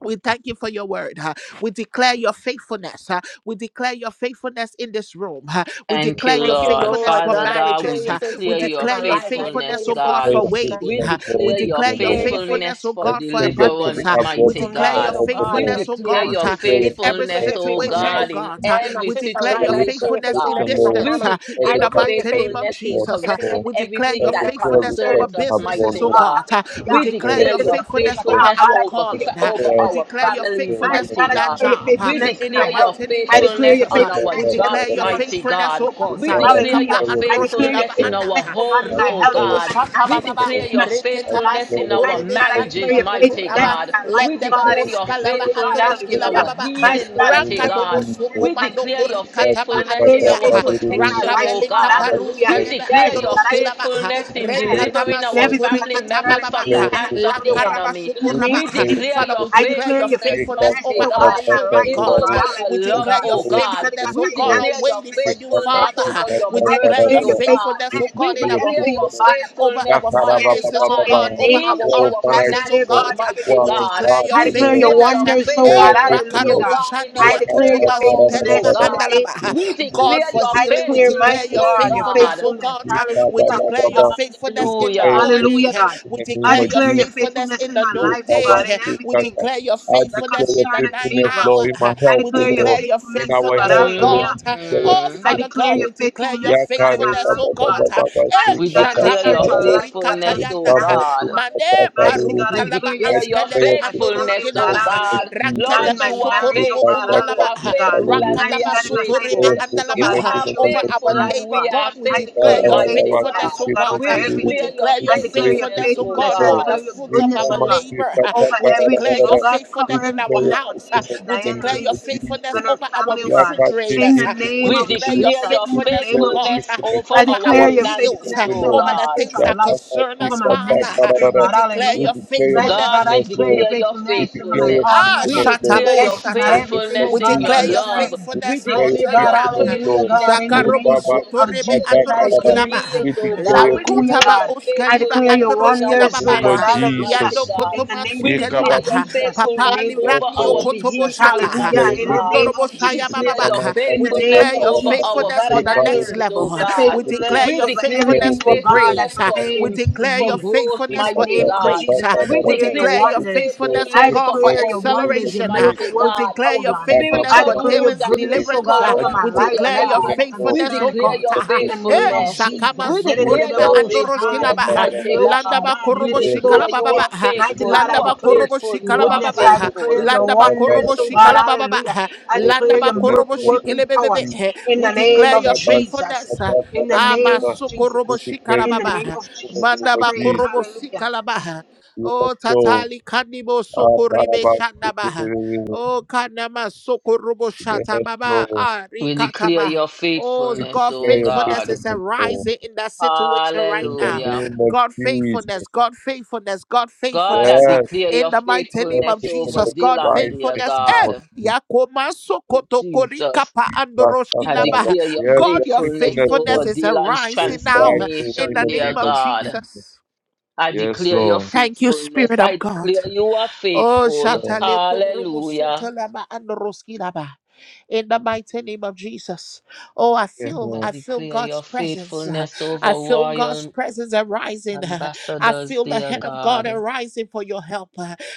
Speaker 1: We thank you for your word. huh. We declare your faithfulness. huh. We declare your faithfulness in this room. huh. We
Speaker 2: Thank you,
Speaker 1: declare your
Speaker 4: Thank
Speaker 3: perform.
Speaker 4: you,
Speaker 2: Lord.
Speaker 1: faithfulness
Speaker 4: Lord.
Speaker 1: for
Speaker 2: Father
Speaker 4: God, I
Speaker 2: God, we
Speaker 4: declare
Speaker 1: marriages.
Speaker 4: your
Speaker 1: huh. We
Speaker 2: declare
Speaker 4: faithfulness in
Speaker 2: your
Speaker 1: declare
Speaker 4: my
Speaker 1: your
Speaker 4: life. I declare
Speaker 1: faithfulness,
Speaker 2: faithfulness,
Speaker 1: oh
Speaker 4: your
Speaker 1: God,
Speaker 3: May
Speaker 2: God.
Speaker 1: for
Speaker 3: your
Speaker 4: faithfulness in my life.
Speaker 1: waiting.
Speaker 2: We
Speaker 3: faithfulness
Speaker 1: huh. We
Speaker 3: burn
Speaker 2: declare
Speaker 3: with
Speaker 2: your
Speaker 1: declare
Speaker 3: you,
Speaker 1: your
Speaker 4: Declare
Speaker 3: Lord.
Speaker 4: your faithfulness.
Speaker 1: faithfulness,
Speaker 2: faithfulness
Speaker 1: oh
Speaker 2: for
Speaker 3: And
Speaker 1: God, for
Speaker 3: bring your
Speaker 1: abundance.
Speaker 3: children
Speaker 2: deliverance,
Speaker 1: huh.
Speaker 3: up for
Speaker 1: We
Speaker 2: mighty
Speaker 1: declare
Speaker 3: the
Speaker 4: faithfulness,
Speaker 1: your
Speaker 2: God.
Speaker 4: oh
Speaker 3: altar,
Speaker 4: God,
Speaker 2: We
Speaker 4: in
Speaker 3: Lord.
Speaker 4: my
Speaker 1: faithfulness, oh
Speaker 2: declare
Speaker 3: We
Speaker 1: God.
Speaker 2: your
Speaker 1: huh
Speaker 4: finances.
Speaker 3: declare
Speaker 1: in
Speaker 3: your
Speaker 4: I
Speaker 1: every
Speaker 4: declare
Speaker 2: faithfulness,
Speaker 3: faithfulness
Speaker 4: your
Speaker 3: in the
Speaker 2: oh
Speaker 1: situation,
Speaker 3: name
Speaker 1: oh
Speaker 3: of
Speaker 2: God,
Speaker 4: faithfulness,
Speaker 2: in
Speaker 1: God.
Speaker 3: Jesus.
Speaker 1: Uh,
Speaker 4: God, in my
Speaker 2: every
Speaker 1: We
Speaker 4: spiritual
Speaker 1: declare
Speaker 4: life.
Speaker 1: your
Speaker 4: I
Speaker 3: Every
Speaker 2: situation,
Speaker 4: declare your
Speaker 1: faithfulness in
Speaker 4: faithfulness
Speaker 2: God.
Speaker 3: situation,
Speaker 4: in my
Speaker 3: Lord.
Speaker 2: We
Speaker 1: distance
Speaker 4: family.
Speaker 1: uh,
Speaker 2: declare
Speaker 1: in
Speaker 4: I
Speaker 3: Every
Speaker 1: the
Speaker 2: your
Speaker 4: declare
Speaker 3: task you
Speaker 4: your
Speaker 1: mighty
Speaker 3: have
Speaker 1: name
Speaker 3: been
Speaker 4: faithfulness
Speaker 1: of
Speaker 2: faithfulness in
Speaker 3: brought,
Speaker 1: Jesus.
Speaker 3: O
Speaker 1: Uh,
Speaker 4: in
Speaker 3: Lord.
Speaker 2: correcting
Speaker 1: We declare
Speaker 2: everything
Speaker 1: your
Speaker 4: everything
Speaker 2: that
Speaker 3: Every
Speaker 4: that
Speaker 3: prayer
Speaker 1: faithfulness
Speaker 4: concerns
Speaker 1: over
Speaker 4: us,
Speaker 3: request
Speaker 2: concerns
Speaker 3: you
Speaker 2: us,
Speaker 3: have
Speaker 4: Yes,
Speaker 3: brought,
Speaker 1: businesses,
Speaker 4: oh
Speaker 2: mighty
Speaker 1: oh
Speaker 3: Lord.
Speaker 4: God.
Speaker 2: God.
Speaker 1: God. Uh,
Speaker 3: We
Speaker 1: We
Speaker 2: We
Speaker 4: Hallelujah.
Speaker 3: declare
Speaker 1: declare
Speaker 4: Get
Speaker 3: your
Speaker 2: declare
Speaker 1: your
Speaker 4: into
Speaker 2: your
Speaker 4: the
Speaker 3: faithfulness,
Speaker 1: faithfulness
Speaker 4: motion
Speaker 1: over
Speaker 3: Lord.
Speaker 4: now,
Speaker 2: faithfulness
Speaker 4: God.
Speaker 1: our
Speaker 4: I
Speaker 2: over,
Speaker 3: We
Speaker 4: declare
Speaker 1: calling.
Speaker 2: fa-
Speaker 4: your
Speaker 1: Uh,
Speaker 2: over
Speaker 3: declare
Speaker 1: We
Speaker 4: faithfulness,
Speaker 2: our
Speaker 1: declare
Speaker 4: God.
Speaker 1: your
Speaker 2: families,
Speaker 3: your
Speaker 4: My
Speaker 1: faithfulness
Speaker 2: mighty
Speaker 4: God,
Speaker 1: on
Speaker 4: I
Speaker 3: faithfulness in the name
Speaker 1: that
Speaker 3: of
Speaker 4: declare
Speaker 2: God.
Speaker 4: your
Speaker 1: job uh,
Speaker 2: We
Speaker 3: Jesus.
Speaker 4: faithfulness in
Speaker 1: in
Speaker 4: my
Speaker 1: the
Speaker 2: declare your
Speaker 4: health.
Speaker 1: mighty name
Speaker 4: I
Speaker 1: of
Speaker 3: Christ
Speaker 4: declare
Speaker 3: is
Speaker 2: faithfulness
Speaker 4: your
Speaker 3: my
Speaker 1: Jesus. Uh,
Speaker 2: on
Speaker 3: God.
Speaker 2: our
Speaker 4: faithfulness
Speaker 1: We
Speaker 4: in
Speaker 3: Father,
Speaker 1: declare
Speaker 2: jobs,
Speaker 3: Father,
Speaker 4: everything
Speaker 1: your
Speaker 4: that
Speaker 3: Father.
Speaker 2: mighty
Speaker 4: concerns us,
Speaker 1: faithfulness,
Speaker 2: God.
Speaker 1: oh
Speaker 4: oh God.
Speaker 3: This
Speaker 1: God.
Speaker 2: We
Speaker 1: Uh,
Speaker 3: God, I
Speaker 2: declare
Speaker 3: could
Speaker 4: Hallelujah.
Speaker 1: Lekapa
Speaker 2: your
Speaker 3: play your
Speaker 4: I
Speaker 3: fruitful
Speaker 4: declare your
Speaker 1: androshkilaba
Speaker 2: faithfulness in
Speaker 3: fulfill.
Speaker 1: anda,
Speaker 2: our
Speaker 4: faithfulness,
Speaker 1: uh,
Speaker 4: oh God, in
Speaker 2: homes,
Speaker 3: I
Speaker 4: my
Speaker 2: oh
Speaker 3: could
Speaker 4: health
Speaker 3: play
Speaker 4: and
Speaker 1: rondolobo
Speaker 3: your
Speaker 2: God.
Speaker 4: my finances
Speaker 2: We
Speaker 3: fruitful
Speaker 1: shatabababa,
Speaker 2: declare
Speaker 3: fulfill.
Speaker 4: my
Speaker 2: your
Speaker 3: I
Speaker 4: spirit
Speaker 3: could
Speaker 1: reketaba
Speaker 4: life.
Speaker 2: faithfulness
Speaker 3: play
Speaker 2: in
Speaker 3: that
Speaker 2: our
Speaker 4: Mighty
Speaker 3: this
Speaker 1: sokorebe
Speaker 4: God, I
Speaker 3: promotion
Speaker 4: declare
Speaker 2: marriages,
Speaker 1: shandiya
Speaker 4: your
Speaker 3: is
Speaker 2: mighty
Speaker 4: faithfulness
Speaker 3: achieved.
Speaker 1: kotoraba,
Speaker 4: in
Speaker 2: God.
Speaker 4: my life,
Speaker 2: We
Speaker 4: oh
Speaker 1: lendeba
Speaker 3: I
Speaker 4: God,
Speaker 2: declare
Speaker 4: and my
Speaker 2: your
Speaker 3: declare your
Speaker 4: family,
Speaker 1: oskalaba
Speaker 4: oh
Speaker 1: and
Speaker 4: God,
Speaker 3: fruitful
Speaker 2: faithfulness in
Speaker 1: roshkila
Speaker 4: hallelujah.
Speaker 3: fulfill.
Speaker 2: our
Speaker 1: baba ba ba,
Speaker 4: Mighty
Speaker 3: In
Speaker 2: healing,
Speaker 3: the
Speaker 4: God, I
Speaker 3: name
Speaker 2: mighty
Speaker 1: ranka
Speaker 3: of
Speaker 4: declare your
Speaker 1: dobo
Speaker 2: God.
Speaker 4: faithfulness
Speaker 3: Jesus.
Speaker 1: soko
Speaker 2: We
Speaker 4: in my
Speaker 1: mando
Speaker 2: declare
Speaker 4: business.
Speaker 2: your
Speaker 3: If
Speaker 1: korika
Speaker 3: I
Speaker 1: taba
Speaker 4: I
Speaker 3: speak by
Speaker 2: faithfulness
Speaker 4: declare
Speaker 2: in
Speaker 4: your
Speaker 1: andidia
Speaker 3: that,
Speaker 2: our
Speaker 3: by the
Speaker 4: faithfulness in
Speaker 3: way,
Speaker 4: my
Speaker 1: ranka
Speaker 2: protection,
Speaker 4: life,
Speaker 2: oh
Speaker 4: oh
Speaker 1: veli
Speaker 4: God,
Speaker 2: God.
Speaker 3: I could
Speaker 1: kaparush
Speaker 4: hallelujah.
Speaker 3: play
Speaker 2: We
Speaker 3: your
Speaker 1: kelebe
Speaker 2: declare
Speaker 4: Yes,
Speaker 2: your
Speaker 3: fruitfulness.
Speaker 4: God, I
Speaker 1: androshkila ba
Speaker 4: declare
Speaker 1: ba.
Speaker 4: your
Speaker 2: faithfulness in
Speaker 4: faithfulness
Speaker 3: Declare
Speaker 1: renka
Speaker 3: your
Speaker 1: tama
Speaker 2: delivering
Speaker 4: in
Speaker 2: our
Speaker 3: fruitfulness.
Speaker 1: soto
Speaker 4: everything that
Speaker 2: family
Speaker 1: reke
Speaker 3: We
Speaker 1: taba
Speaker 2: members
Speaker 4: concerns
Speaker 1: baba
Speaker 2: from
Speaker 3: declare
Speaker 2: the
Speaker 4: me
Speaker 3: your
Speaker 4: and my
Speaker 2: hands of
Speaker 4: family, oh
Speaker 2: the
Speaker 1: lanka
Speaker 3: fruitfulness.
Speaker 4: God.
Speaker 1: raba
Speaker 2: enemy.
Speaker 4: In
Speaker 1: soto
Speaker 4: the
Speaker 3: We
Speaker 1: raba
Speaker 4: name
Speaker 2: We
Speaker 4: of
Speaker 1: ha.
Speaker 3: declare your
Speaker 4: Jesus,
Speaker 2: declare
Speaker 1: Father
Speaker 2: your
Speaker 1: we
Speaker 3: fruitfulness.
Speaker 4: I
Speaker 1: declare
Speaker 4: declare
Speaker 1: your
Speaker 4: your
Speaker 3: We
Speaker 2: faithfulness,
Speaker 3: declare
Speaker 1: faithfulness
Speaker 3: your
Speaker 4: faithfulness,
Speaker 2: mighty
Speaker 1: over
Speaker 4: oh
Speaker 1: our
Speaker 4: God,
Speaker 2: God
Speaker 4: in my
Speaker 1: children
Speaker 3: fruitfulness.
Speaker 4: life,
Speaker 2: it
Speaker 4: oh
Speaker 1: God
Speaker 4: God,
Speaker 2: over
Speaker 1: we
Speaker 2: your
Speaker 4: hallelujah,
Speaker 3: We
Speaker 2: love,
Speaker 1: declare
Speaker 4: God.
Speaker 1: your
Speaker 2: oh
Speaker 3: declare your
Speaker 4: Mighty God,
Speaker 2: God.
Speaker 4: in my
Speaker 1: faithfulness oh
Speaker 2: We
Speaker 3: fruitfulness.
Speaker 1: God I'm
Speaker 2: declare
Speaker 4: finances,
Speaker 2: your
Speaker 4: in
Speaker 1: waiting
Speaker 4: my
Speaker 1: for
Speaker 3: your
Speaker 1: you
Speaker 4: spiritual
Speaker 2: faithfulness
Speaker 4: life,
Speaker 1: Father
Speaker 2: over
Speaker 4: God.
Speaker 2: your
Speaker 1: we
Speaker 4: I
Speaker 1: declare
Speaker 2: mercy,
Speaker 4: declare
Speaker 1: your
Speaker 4: your
Speaker 2: oh God.
Speaker 1: faithfulness oh
Speaker 4: faithfulness
Speaker 2: We
Speaker 1: God
Speaker 4: over
Speaker 1: in our
Speaker 2: declare
Speaker 4: everything, oh
Speaker 2: your
Speaker 1: homes
Speaker 3: faithfulness.
Speaker 1: uh,
Speaker 4: God, that
Speaker 1: over
Speaker 4: pertains to
Speaker 2: faithfulness,
Speaker 1: our
Speaker 4: Diane
Speaker 2: mighty
Speaker 1: finances, oh
Speaker 2: God.
Speaker 4: in the
Speaker 1: God,
Speaker 3: Yakarababababa.
Speaker 1: over
Speaker 4: name
Speaker 2: In
Speaker 4: of
Speaker 1: our
Speaker 4: Jesus.
Speaker 3: Wow,
Speaker 2: our
Speaker 4: I
Speaker 3: Father,
Speaker 1: workplaces, oh
Speaker 4: declare,
Speaker 2: finances,
Speaker 1: God.
Speaker 3: oh,
Speaker 4: God, your
Speaker 1: Uh,
Speaker 2: mighty
Speaker 1: We
Speaker 3: wow,
Speaker 4: faithfulness.
Speaker 2: God,
Speaker 1: declare
Speaker 3: God,
Speaker 1: your
Speaker 4: I
Speaker 2: we
Speaker 3: oh
Speaker 4: declare
Speaker 2: declare
Speaker 4: your
Speaker 3: Lord,
Speaker 1: faithfulness faithfulness.
Speaker 2: your
Speaker 1: uh,
Speaker 4: wonders, oh
Speaker 3: play
Speaker 1: eh,
Speaker 4: God.
Speaker 3: your
Speaker 2: faithfulness,
Speaker 4: Hallelujah,
Speaker 2: oh
Speaker 3: faithfulness.
Speaker 1: rakarobo
Speaker 4: God.
Speaker 2: God, in
Speaker 4: I
Speaker 1: shandia
Speaker 2: our
Speaker 4: declare your
Speaker 1: kotoba
Speaker 2: turnarounds, oh
Speaker 1: liba
Speaker 4: faithfulness in the
Speaker 3: Yakarababababa.
Speaker 2: God.
Speaker 4: name
Speaker 1: andalaba, uh,
Speaker 4: of
Speaker 2: We
Speaker 4: Jesus.
Speaker 3: We
Speaker 1: God,
Speaker 2: declare
Speaker 3: declare
Speaker 1: for
Speaker 2: your
Speaker 3: your
Speaker 4: I
Speaker 3: faithfulness
Speaker 1: healing, we
Speaker 4: declare,
Speaker 3: in
Speaker 1: declare
Speaker 2: faithfulness,
Speaker 3: the name
Speaker 4: mighty
Speaker 3: of
Speaker 1: your
Speaker 2: oh
Speaker 4: God, your
Speaker 3: Jesus.
Speaker 1: faithfulness,
Speaker 2: God.
Speaker 1: oh
Speaker 4: faithfulness.
Speaker 1: God. uh, We
Speaker 4: Hallelujah.
Speaker 1: declare your
Speaker 3: Yakarabababa. We
Speaker 1: faithfulness in the
Speaker 3: declare your
Speaker 2: Hallelujah.
Speaker 1: morning.
Speaker 4: Hallelujah,
Speaker 1: uh,
Speaker 3: faithfulness
Speaker 4: God.
Speaker 3: in
Speaker 1: We
Speaker 3: the name
Speaker 4: I
Speaker 1: declare
Speaker 3: of
Speaker 1: your
Speaker 4: declare your
Speaker 3: Jesus.
Speaker 1: faithfulness
Speaker 4: faithfulness
Speaker 1: in
Speaker 4: in
Speaker 1: the
Speaker 4: my life, oh
Speaker 1: noonday.
Speaker 4: God,
Speaker 1: uh,
Speaker 4: in
Speaker 1: We
Speaker 4: everything
Speaker 3: Yakarabababa.
Speaker 1: declare your
Speaker 3: I
Speaker 4: that
Speaker 3: declare
Speaker 1: faithfulness
Speaker 3: your
Speaker 1: in the
Speaker 4: concerneth
Speaker 1: night
Speaker 4: me, oh
Speaker 3: faithfulness,
Speaker 4: God.
Speaker 1: hour.
Speaker 3: Lord, in my
Speaker 1: uh,
Speaker 4: I
Speaker 3: health,
Speaker 1: We
Speaker 4: declare
Speaker 3: oh
Speaker 4: your
Speaker 1: declare
Speaker 3: Lord,
Speaker 1: your
Speaker 3: in
Speaker 4: faithfulness, oh
Speaker 3: our
Speaker 4: God.
Speaker 1: faithfulness,
Speaker 3: health,
Speaker 1: oh
Speaker 3: oh Lord.
Speaker 4: Hallelujah.
Speaker 1: God.
Speaker 3: We
Speaker 1: uh,
Speaker 3: declare your
Speaker 1: Oh,
Speaker 4: I
Speaker 2: Mm.
Speaker 3: faithfulness,
Speaker 1: Father
Speaker 4: declare
Speaker 1: God,
Speaker 3: Lord.
Speaker 4: your
Speaker 1: we declare your
Speaker 4: faithfulness, oh God, in
Speaker 3: Yakare
Speaker 4: my
Speaker 1: faithfulness,
Speaker 4: life,
Speaker 1: oh
Speaker 3: baba
Speaker 4: oh
Speaker 1: God.
Speaker 3: baba
Speaker 4: God.
Speaker 1: uh,
Speaker 3: baba si
Speaker 1: Eh,
Speaker 4: Mighty
Speaker 2: We
Speaker 4: God, in
Speaker 3: kata
Speaker 4: my
Speaker 2: declare
Speaker 1: shatama
Speaker 3: kara
Speaker 2: your
Speaker 4: spiritual
Speaker 3: rara.
Speaker 4: life,
Speaker 1: kotori
Speaker 4: oh God, in my
Speaker 2: faithfulness, oh
Speaker 1: uh,
Speaker 3: Rintama
Speaker 4: finances, oh
Speaker 3: si
Speaker 2: God.
Speaker 4: God.
Speaker 3: kata
Speaker 1: Mane
Speaker 3: kare
Speaker 4: Mighty God,
Speaker 3: rere.
Speaker 4: I
Speaker 2: We
Speaker 1: paruta
Speaker 4: declare your
Speaker 3: I
Speaker 2: declare your
Speaker 4: faithfulness in
Speaker 3: declare
Speaker 4: my
Speaker 3: to
Speaker 1: lava
Speaker 3: the
Speaker 4: family,
Speaker 2: faithfulness,
Speaker 4: oh
Speaker 3: name
Speaker 4: God,
Speaker 2: oh
Speaker 3: of
Speaker 4: hallelujah.
Speaker 2: God.
Speaker 4: God,
Speaker 3: Jesus.
Speaker 2: Lord,
Speaker 4: in
Speaker 1: rankadaba
Speaker 4: my
Speaker 2: you are
Speaker 3: You
Speaker 4: marriage, oh God,
Speaker 3: kata
Speaker 2: faithful. You are
Speaker 3: kati
Speaker 4: hallelujah,
Speaker 3: kare
Speaker 4: God.
Speaker 2: faithful
Speaker 3: rere.
Speaker 2: and we
Speaker 4: Mighty
Speaker 2: are
Speaker 4: God, in
Speaker 3: We
Speaker 4: my
Speaker 3: declare
Speaker 2: grateful.
Speaker 3: to
Speaker 4: finances, oh
Speaker 2: You
Speaker 4: God, in my
Speaker 2: are
Speaker 3: the name
Speaker 1: over
Speaker 3: of
Speaker 4: children's
Speaker 1: our
Speaker 2: faithful
Speaker 3: Jesus.
Speaker 4: life,
Speaker 2: and
Speaker 4: oh
Speaker 1: labor
Speaker 2: we
Speaker 4: God.
Speaker 2: are
Speaker 1: God we
Speaker 3: We
Speaker 4: I declare
Speaker 1: declare
Speaker 2: faithful,
Speaker 3: kara
Speaker 4: your
Speaker 1: your
Speaker 3: rara
Speaker 2: mighty
Speaker 3: rara si
Speaker 1: faithfulness
Speaker 4: faithfulness,
Speaker 2: God.
Speaker 1: oh
Speaker 4: God,
Speaker 3: kiti
Speaker 1: God
Speaker 4: over
Speaker 2: We
Speaker 3: kiri rere.
Speaker 1: we
Speaker 2: declare
Speaker 4: everything.
Speaker 2: your
Speaker 1: declare
Speaker 3: We
Speaker 1: your
Speaker 4: I declare
Speaker 3: declare
Speaker 4: your
Speaker 3: to
Speaker 2: faithfulness,
Speaker 1: faithfulness
Speaker 3: the
Speaker 1: oh
Speaker 3: name
Speaker 2: oh
Speaker 3: of
Speaker 1: God
Speaker 4: faithfulness. I
Speaker 1: over
Speaker 3: God.
Speaker 1: the
Speaker 4: declare
Speaker 2: God.
Speaker 4: your
Speaker 1: fruits
Speaker 3: We
Speaker 1: of
Speaker 4: goodness,
Speaker 1: our
Speaker 4: oh
Speaker 3: come and
Speaker 4: God
Speaker 3: see
Speaker 1: labor
Speaker 3: kata
Speaker 4: over
Speaker 1: we
Speaker 3: kara rara
Speaker 1: declare
Speaker 4: everything. Oh
Speaker 1: your
Speaker 3: rara.
Speaker 4: God,
Speaker 1: faithfulness
Speaker 4: cover
Speaker 3: We
Speaker 1: in our
Speaker 4: everything
Speaker 3: declare
Speaker 4: that
Speaker 3: to
Speaker 1: house
Speaker 4: pertains
Speaker 3: the
Speaker 4: to
Speaker 1: we
Speaker 3: name
Speaker 4: Diane
Speaker 1: declare your
Speaker 3: of
Speaker 4: Lindsay
Speaker 3: Jesus.
Speaker 1: faithfulness
Speaker 4: and her
Speaker 1: over our
Speaker 4: family, oh God.
Speaker 3: Yakasif
Speaker 4: In
Speaker 1: refrigerators
Speaker 4: the
Speaker 1: we
Speaker 4: name
Speaker 3: getirdiğiniz
Speaker 2: We
Speaker 4: of
Speaker 1: declare your
Speaker 4: Jesus,
Speaker 2: declare your
Speaker 4: in the
Speaker 1: faithfulness oh
Speaker 4: name of
Speaker 3: bilgisayar
Speaker 1: God
Speaker 4: Jesus,
Speaker 2: faithfulness
Speaker 3: kısmı
Speaker 2: over
Speaker 4: I
Speaker 1: over
Speaker 2: our
Speaker 1: our
Speaker 4: declare
Speaker 3: bilgisayar
Speaker 4: your
Speaker 1: bills
Speaker 3: kısmı
Speaker 2: finances,
Speaker 4: faithfulness
Speaker 2: oh
Speaker 3: kısmı
Speaker 4: over
Speaker 1: over
Speaker 4: my
Speaker 1: the
Speaker 2: God.
Speaker 1: things
Speaker 4: spiritual
Speaker 1: that
Speaker 4: life,
Speaker 1: concern
Speaker 3: Yakasif
Speaker 4: over
Speaker 1: us
Speaker 4: my
Speaker 3: satar
Speaker 1: Father
Speaker 4: ministry, oh
Speaker 3: kararara
Speaker 1: we
Speaker 4: God.
Speaker 1: declare
Speaker 4: Hallelujah.
Speaker 1: your
Speaker 3: bilgisayar
Speaker 4: Bless you, God.
Speaker 2: God,
Speaker 1: faithfulness
Speaker 3: kısmı
Speaker 4: I
Speaker 2: we
Speaker 3: kısmı
Speaker 4: declare your
Speaker 2: declare your
Speaker 4: faithfulness over my
Speaker 3: bilgisayar
Speaker 2: faithfulness.
Speaker 3: kısmı
Speaker 4: calling,
Speaker 1: Ah,
Speaker 4: oh
Speaker 2: We
Speaker 3: kısmı
Speaker 4: God.
Speaker 2: declare
Speaker 1: shatabo
Speaker 2: your
Speaker 4: Yes, God,
Speaker 3: Kısmı
Speaker 1: shata.
Speaker 4: everything,
Speaker 3: kısmı
Speaker 4: oh
Speaker 1: We
Speaker 2: faithfulness
Speaker 4: God,
Speaker 2: in
Speaker 4: that
Speaker 2: your
Speaker 1: declare
Speaker 3: bilgisayar
Speaker 1: your
Speaker 2: love.
Speaker 4: concerneth me.
Speaker 2: We
Speaker 1: faithfulness for a
Speaker 4: Mercy,
Speaker 2: declare
Speaker 4: God,
Speaker 2: your
Speaker 3: kısmı
Speaker 1: turnaround.
Speaker 3: kısmı
Speaker 4: hallelujah, God,
Speaker 2: faithfulness
Speaker 4: in the
Speaker 2: over
Speaker 1: Zakarobo
Speaker 4: name
Speaker 2: our
Speaker 1: soto
Speaker 3: Yakasif
Speaker 4: of
Speaker 1: rebe
Speaker 2: over
Speaker 3: satar
Speaker 4: Jesus, I
Speaker 2: our
Speaker 3: kararara
Speaker 4: declare your
Speaker 1: androshkilaba.
Speaker 2: meals, oh
Speaker 4: faithfulness.
Speaker 2: God.
Speaker 3: bilgisayar
Speaker 2: We
Speaker 4: Hallelujah,
Speaker 3: kısmı
Speaker 2: declare
Speaker 1: Lankotaba
Speaker 2: your
Speaker 4: God. I
Speaker 1: oskaliba
Speaker 4: declare
Speaker 2: faithfulness
Speaker 4: your
Speaker 2: in our
Speaker 1: androshkilaba.
Speaker 4: wonders, oh
Speaker 3: kısmı
Speaker 4: God,
Speaker 2: pantries,
Speaker 4: hallelujah,
Speaker 3: Jesus.
Speaker 2: mighty
Speaker 1: Yando
Speaker 3: Yakasif
Speaker 2: God.
Speaker 4: in the
Speaker 1: kotoma
Speaker 3: satar
Speaker 4: name
Speaker 2: We
Speaker 1: sukeliba.
Speaker 2: declare
Speaker 4: of
Speaker 3: kararara
Speaker 2: your
Speaker 4: Jesus, in the
Speaker 1: Papa
Speaker 2: faithfulness
Speaker 4: name
Speaker 2: over
Speaker 1: livrani
Speaker 4: of
Speaker 2: our
Speaker 1: okotobo
Speaker 4: Jesus,
Speaker 2: vehicles,
Speaker 1: shata.
Speaker 4: hallelujah,
Speaker 3: bilgisayar
Speaker 2: mighty
Speaker 4: in the
Speaker 3: kısmı
Speaker 2: God.
Speaker 3: kısmı
Speaker 4: name
Speaker 1: Rondorobo
Speaker 4: of
Speaker 2: We
Speaker 1: shaya
Speaker 2: declare
Speaker 4: Jesus,
Speaker 1: baba.
Speaker 2: your
Speaker 4: in
Speaker 1: We
Speaker 4: the name
Speaker 1: declare
Speaker 2: faithfulness
Speaker 4: of
Speaker 1: your
Speaker 2: over
Speaker 4: Jesus.
Speaker 2: our
Speaker 1: faithfulness
Speaker 4: God, I
Speaker 1: for the next
Speaker 4: declare
Speaker 2: finances, oh
Speaker 1: level.
Speaker 4: your
Speaker 2: God.
Speaker 1: We declare
Speaker 4: faithfulness
Speaker 2: We
Speaker 1: your
Speaker 4: over
Speaker 2: declare your
Speaker 4: everything,
Speaker 1: faithfulness
Speaker 4: oh
Speaker 1: for
Speaker 4: God, that
Speaker 2: faithfulness
Speaker 1: praise.
Speaker 2: for,
Speaker 1: We
Speaker 2: im-
Speaker 4: pertains to
Speaker 1: declare
Speaker 2: for
Speaker 1: your
Speaker 4: me.
Speaker 2: growth,
Speaker 4: In
Speaker 1: faithfulness
Speaker 4: the
Speaker 1: for
Speaker 2: mighty
Speaker 4: name of
Speaker 2: God.
Speaker 1: increase.
Speaker 4: Jesus, I
Speaker 2: We
Speaker 1: We
Speaker 4: declare your
Speaker 2: declare
Speaker 1: declare
Speaker 2: your
Speaker 1: your
Speaker 4: wonders.
Speaker 1: faithfulness, oh
Speaker 4: I
Speaker 2: faithfulness for
Speaker 1: God, for
Speaker 4: declare
Speaker 2: our
Speaker 4: your wonders,
Speaker 2: wombs,
Speaker 4: your
Speaker 1: acceleration. uh,
Speaker 4: miracle
Speaker 2: mighty
Speaker 1: we
Speaker 4: working
Speaker 2: God.
Speaker 1: declare
Speaker 4: power,
Speaker 1: your
Speaker 4: God.
Speaker 1: faithfulness
Speaker 4: I
Speaker 2: Spiritual
Speaker 1: for
Speaker 4: declare your
Speaker 2: wombs
Speaker 1: Dylan's
Speaker 2: and
Speaker 4: goodness, oh
Speaker 1: deliverance.
Speaker 2: physical
Speaker 4: God,
Speaker 1: uh,
Speaker 4: over my
Speaker 1: we
Speaker 2: wombs,
Speaker 4: life
Speaker 2: dear
Speaker 4: and
Speaker 1: declare your
Speaker 4: everything
Speaker 2: God.
Speaker 4: that
Speaker 2: We
Speaker 1: faithfulness, oh
Speaker 4: concerns
Speaker 2: declare
Speaker 4: me.
Speaker 1: God.
Speaker 2: your
Speaker 1: uh,
Speaker 4: In the
Speaker 1: eh,
Speaker 4: name of
Speaker 2: faithfulness.
Speaker 1: Shakama
Speaker 4: Jesus.
Speaker 2: We declare
Speaker 1: Sokoriba
Speaker 2: your faithfulness,
Speaker 1: Andoroshkilaba. uh,
Speaker 2: mighty
Speaker 1: Landaba
Speaker 2: God. We
Speaker 1: Korobo
Speaker 2: declare
Speaker 1: Shikalaba
Speaker 2: you
Speaker 1: Baba.
Speaker 2: are
Speaker 1: uh,
Speaker 4: Mighty
Speaker 2: faithful.
Speaker 4: God,
Speaker 2: You
Speaker 4: I
Speaker 1: Landaba
Speaker 2: are
Speaker 4: declare
Speaker 1: Korobo
Speaker 2: faithful.
Speaker 4: your
Speaker 2: You
Speaker 1: Shikalaba
Speaker 2: are
Speaker 4: goodness.
Speaker 1: Baba.
Speaker 4: I
Speaker 1: uh,
Speaker 4: declare
Speaker 2: faithful.
Speaker 4: your
Speaker 1: Landaba Korobo
Speaker 4: wonders, oh God.
Speaker 1: Shikalaba Baba.
Speaker 4: Hallelujah.
Speaker 1: uh,
Speaker 4: I declare
Speaker 1: Landaba
Speaker 4: your
Speaker 1: Korobo
Speaker 4: miracle working
Speaker 1: Shikelebebebe.
Speaker 3: Jesus.
Speaker 4: powers.
Speaker 1: uh,
Speaker 4: In
Speaker 1: We
Speaker 4: the name
Speaker 1: declare
Speaker 4: of
Speaker 1: your
Speaker 3: We declare
Speaker 4: Jesus.
Speaker 1: faithfulness. uh,
Speaker 4: In the
Speaker 1: Ama
Speaker 4: name of
Speaker 1: Sokorobo
Speaker 4: Jesus.
Speaker 1: Shikalaba.
Speaker 3: it
Speaker 4: In the name
Speaker 3: in
Speaker 1: Baba.
Speaker 4: of
Speaker 3: the
Speaker 4: Jesus,
Speaker 3: name
Speaker 4: I
Speaker 3: of
Speaker 1: Mandaba
Speaker 4: pray.
Speaker 1: Korobo
Speaker 3: Jesus.
Speaker 4: Hallelujah.
Speaker 1: Shikalaba. Uh,
Speaker 3: Yes,
Speaker 1: Oh,
Speaker 3: Lord.
Speaker 1: tatali kanimo
Speaker 3: Ah,
Speaker 1: sokoribe
Speaker 3: Karabas, yes,
Speaker 1: shanaba. Oh, kanama sokorobo shatababa.
Speaker 3: Lord.
Speaker 1: Ah,
Speaker 2: We declare
Speaker 1: rikataba.
Speaker 2: your
Speaker 1: Oh,
Speaker 3: We
Speaker 2: faithfulness,
Speaker 1: God,
Speaker 2: oh
Speaker 3: declare your
Speaker 1: faithfulness
Speaker 2: God.
Speaker 1: is
Speaker 3: faithfulness, Lord.
Speaker 1: arising in that situation right
Speaker 3: In the
Speaker 1: now.
Speaker 2: Hallelujah.
Speaker 3: name of
Speaker 1: God, faithfulness,
Speaker 3: Jesus.
Speaker 1: God, faithfulness, God,
Speaker 2: God, I
Speaker 1: faithfulness. ah,
Speaker 3: Yes.
Speaker 2: declare
Speaker 1: In
Speaker 2: your
Speaker 1: the mighty
Speaker 3: Your
Speaker 1: name of
Speaker 2: faithfulness over
Speaker 1: Jesus,
Speaker 3: faithfulness is
Speaker 1: God,
Speaker 2: Dylan,
Speaker 3: rising in
Speaker 2: dear
Speaker 3: the
Speaker 1: faithfulness.
Speaker 3: name
Speaker 1: Eh,
Speaker 3: of
Speaker 2: God.
Speaker 3: Jesus.
Speaker 1: yakoma
Speaker 2: Jesus.
Speaker 1: sokotokorikapa
Speaker 2: I
Speaker 1: andoroshkilaba.
Speaker 2: declare your
Speaker 3: Yes,
Speaker 1: God,
Speaker 3: your
Speaker 1: your
Speaker 2: faithfulness
Speaker 3: faithfulness,
Speaker 2: over
Speaker 1: faithfulness
Speaker 3: Lord.
Speaker 1: is
Speaker 2: Dylan's
Speaker 3: Is
Speaker 1: arising now uh,
Speaker 3: rising
Speaker 1: in
Speaker 3: in
Speaker 1: the
Speaker 2: transformation,
Speaker 3: the name
Speaker 2: dear
Speaker 1: name of
Speaker 3: of
Speaker 2: God.
Speaker 3: Jesus.
Speaker 1: Jesus.
Speaker 2: I
Speaker 3: Yes,
Speaker 2: declare your
Speaker 3: Lord.
Speaker 1: Thank you,
Speaker 2: faithfulness.
Speaker 1: Spirit
Speaker 2: I
Speaker 1: of God.
Speaker 2: declare you are
Speaker 1: Oh,
Speaker 2: faithful.
Speaker 3: Lord.
Speaker 1: Shatale Korobo
Speaker 2: Hallelujah.
Speaker 1: Sotalaba and Roskilaba. In the mighty name of Jesus. Oh, I
Speaker 3: Yes,
Speaker 1: feel
Speaker 2: I
Speaker 3: Lord.
Speaker 1: I feel
Speaker 2: declare
Speaker 1: God's
Speaker 2: your
Speaker 1: presence.
Speaker 2: faithfulness over
Speaker 1: I feel God's
Speaker 2: royal
Speaker 1: presence arising. I
Speaker 2: ambassadors,
Speaker 1: feel the
Speaker 2: dear
Speaker 1: hand of God
Speaker 2: God.
Speaker 1: arising for your help.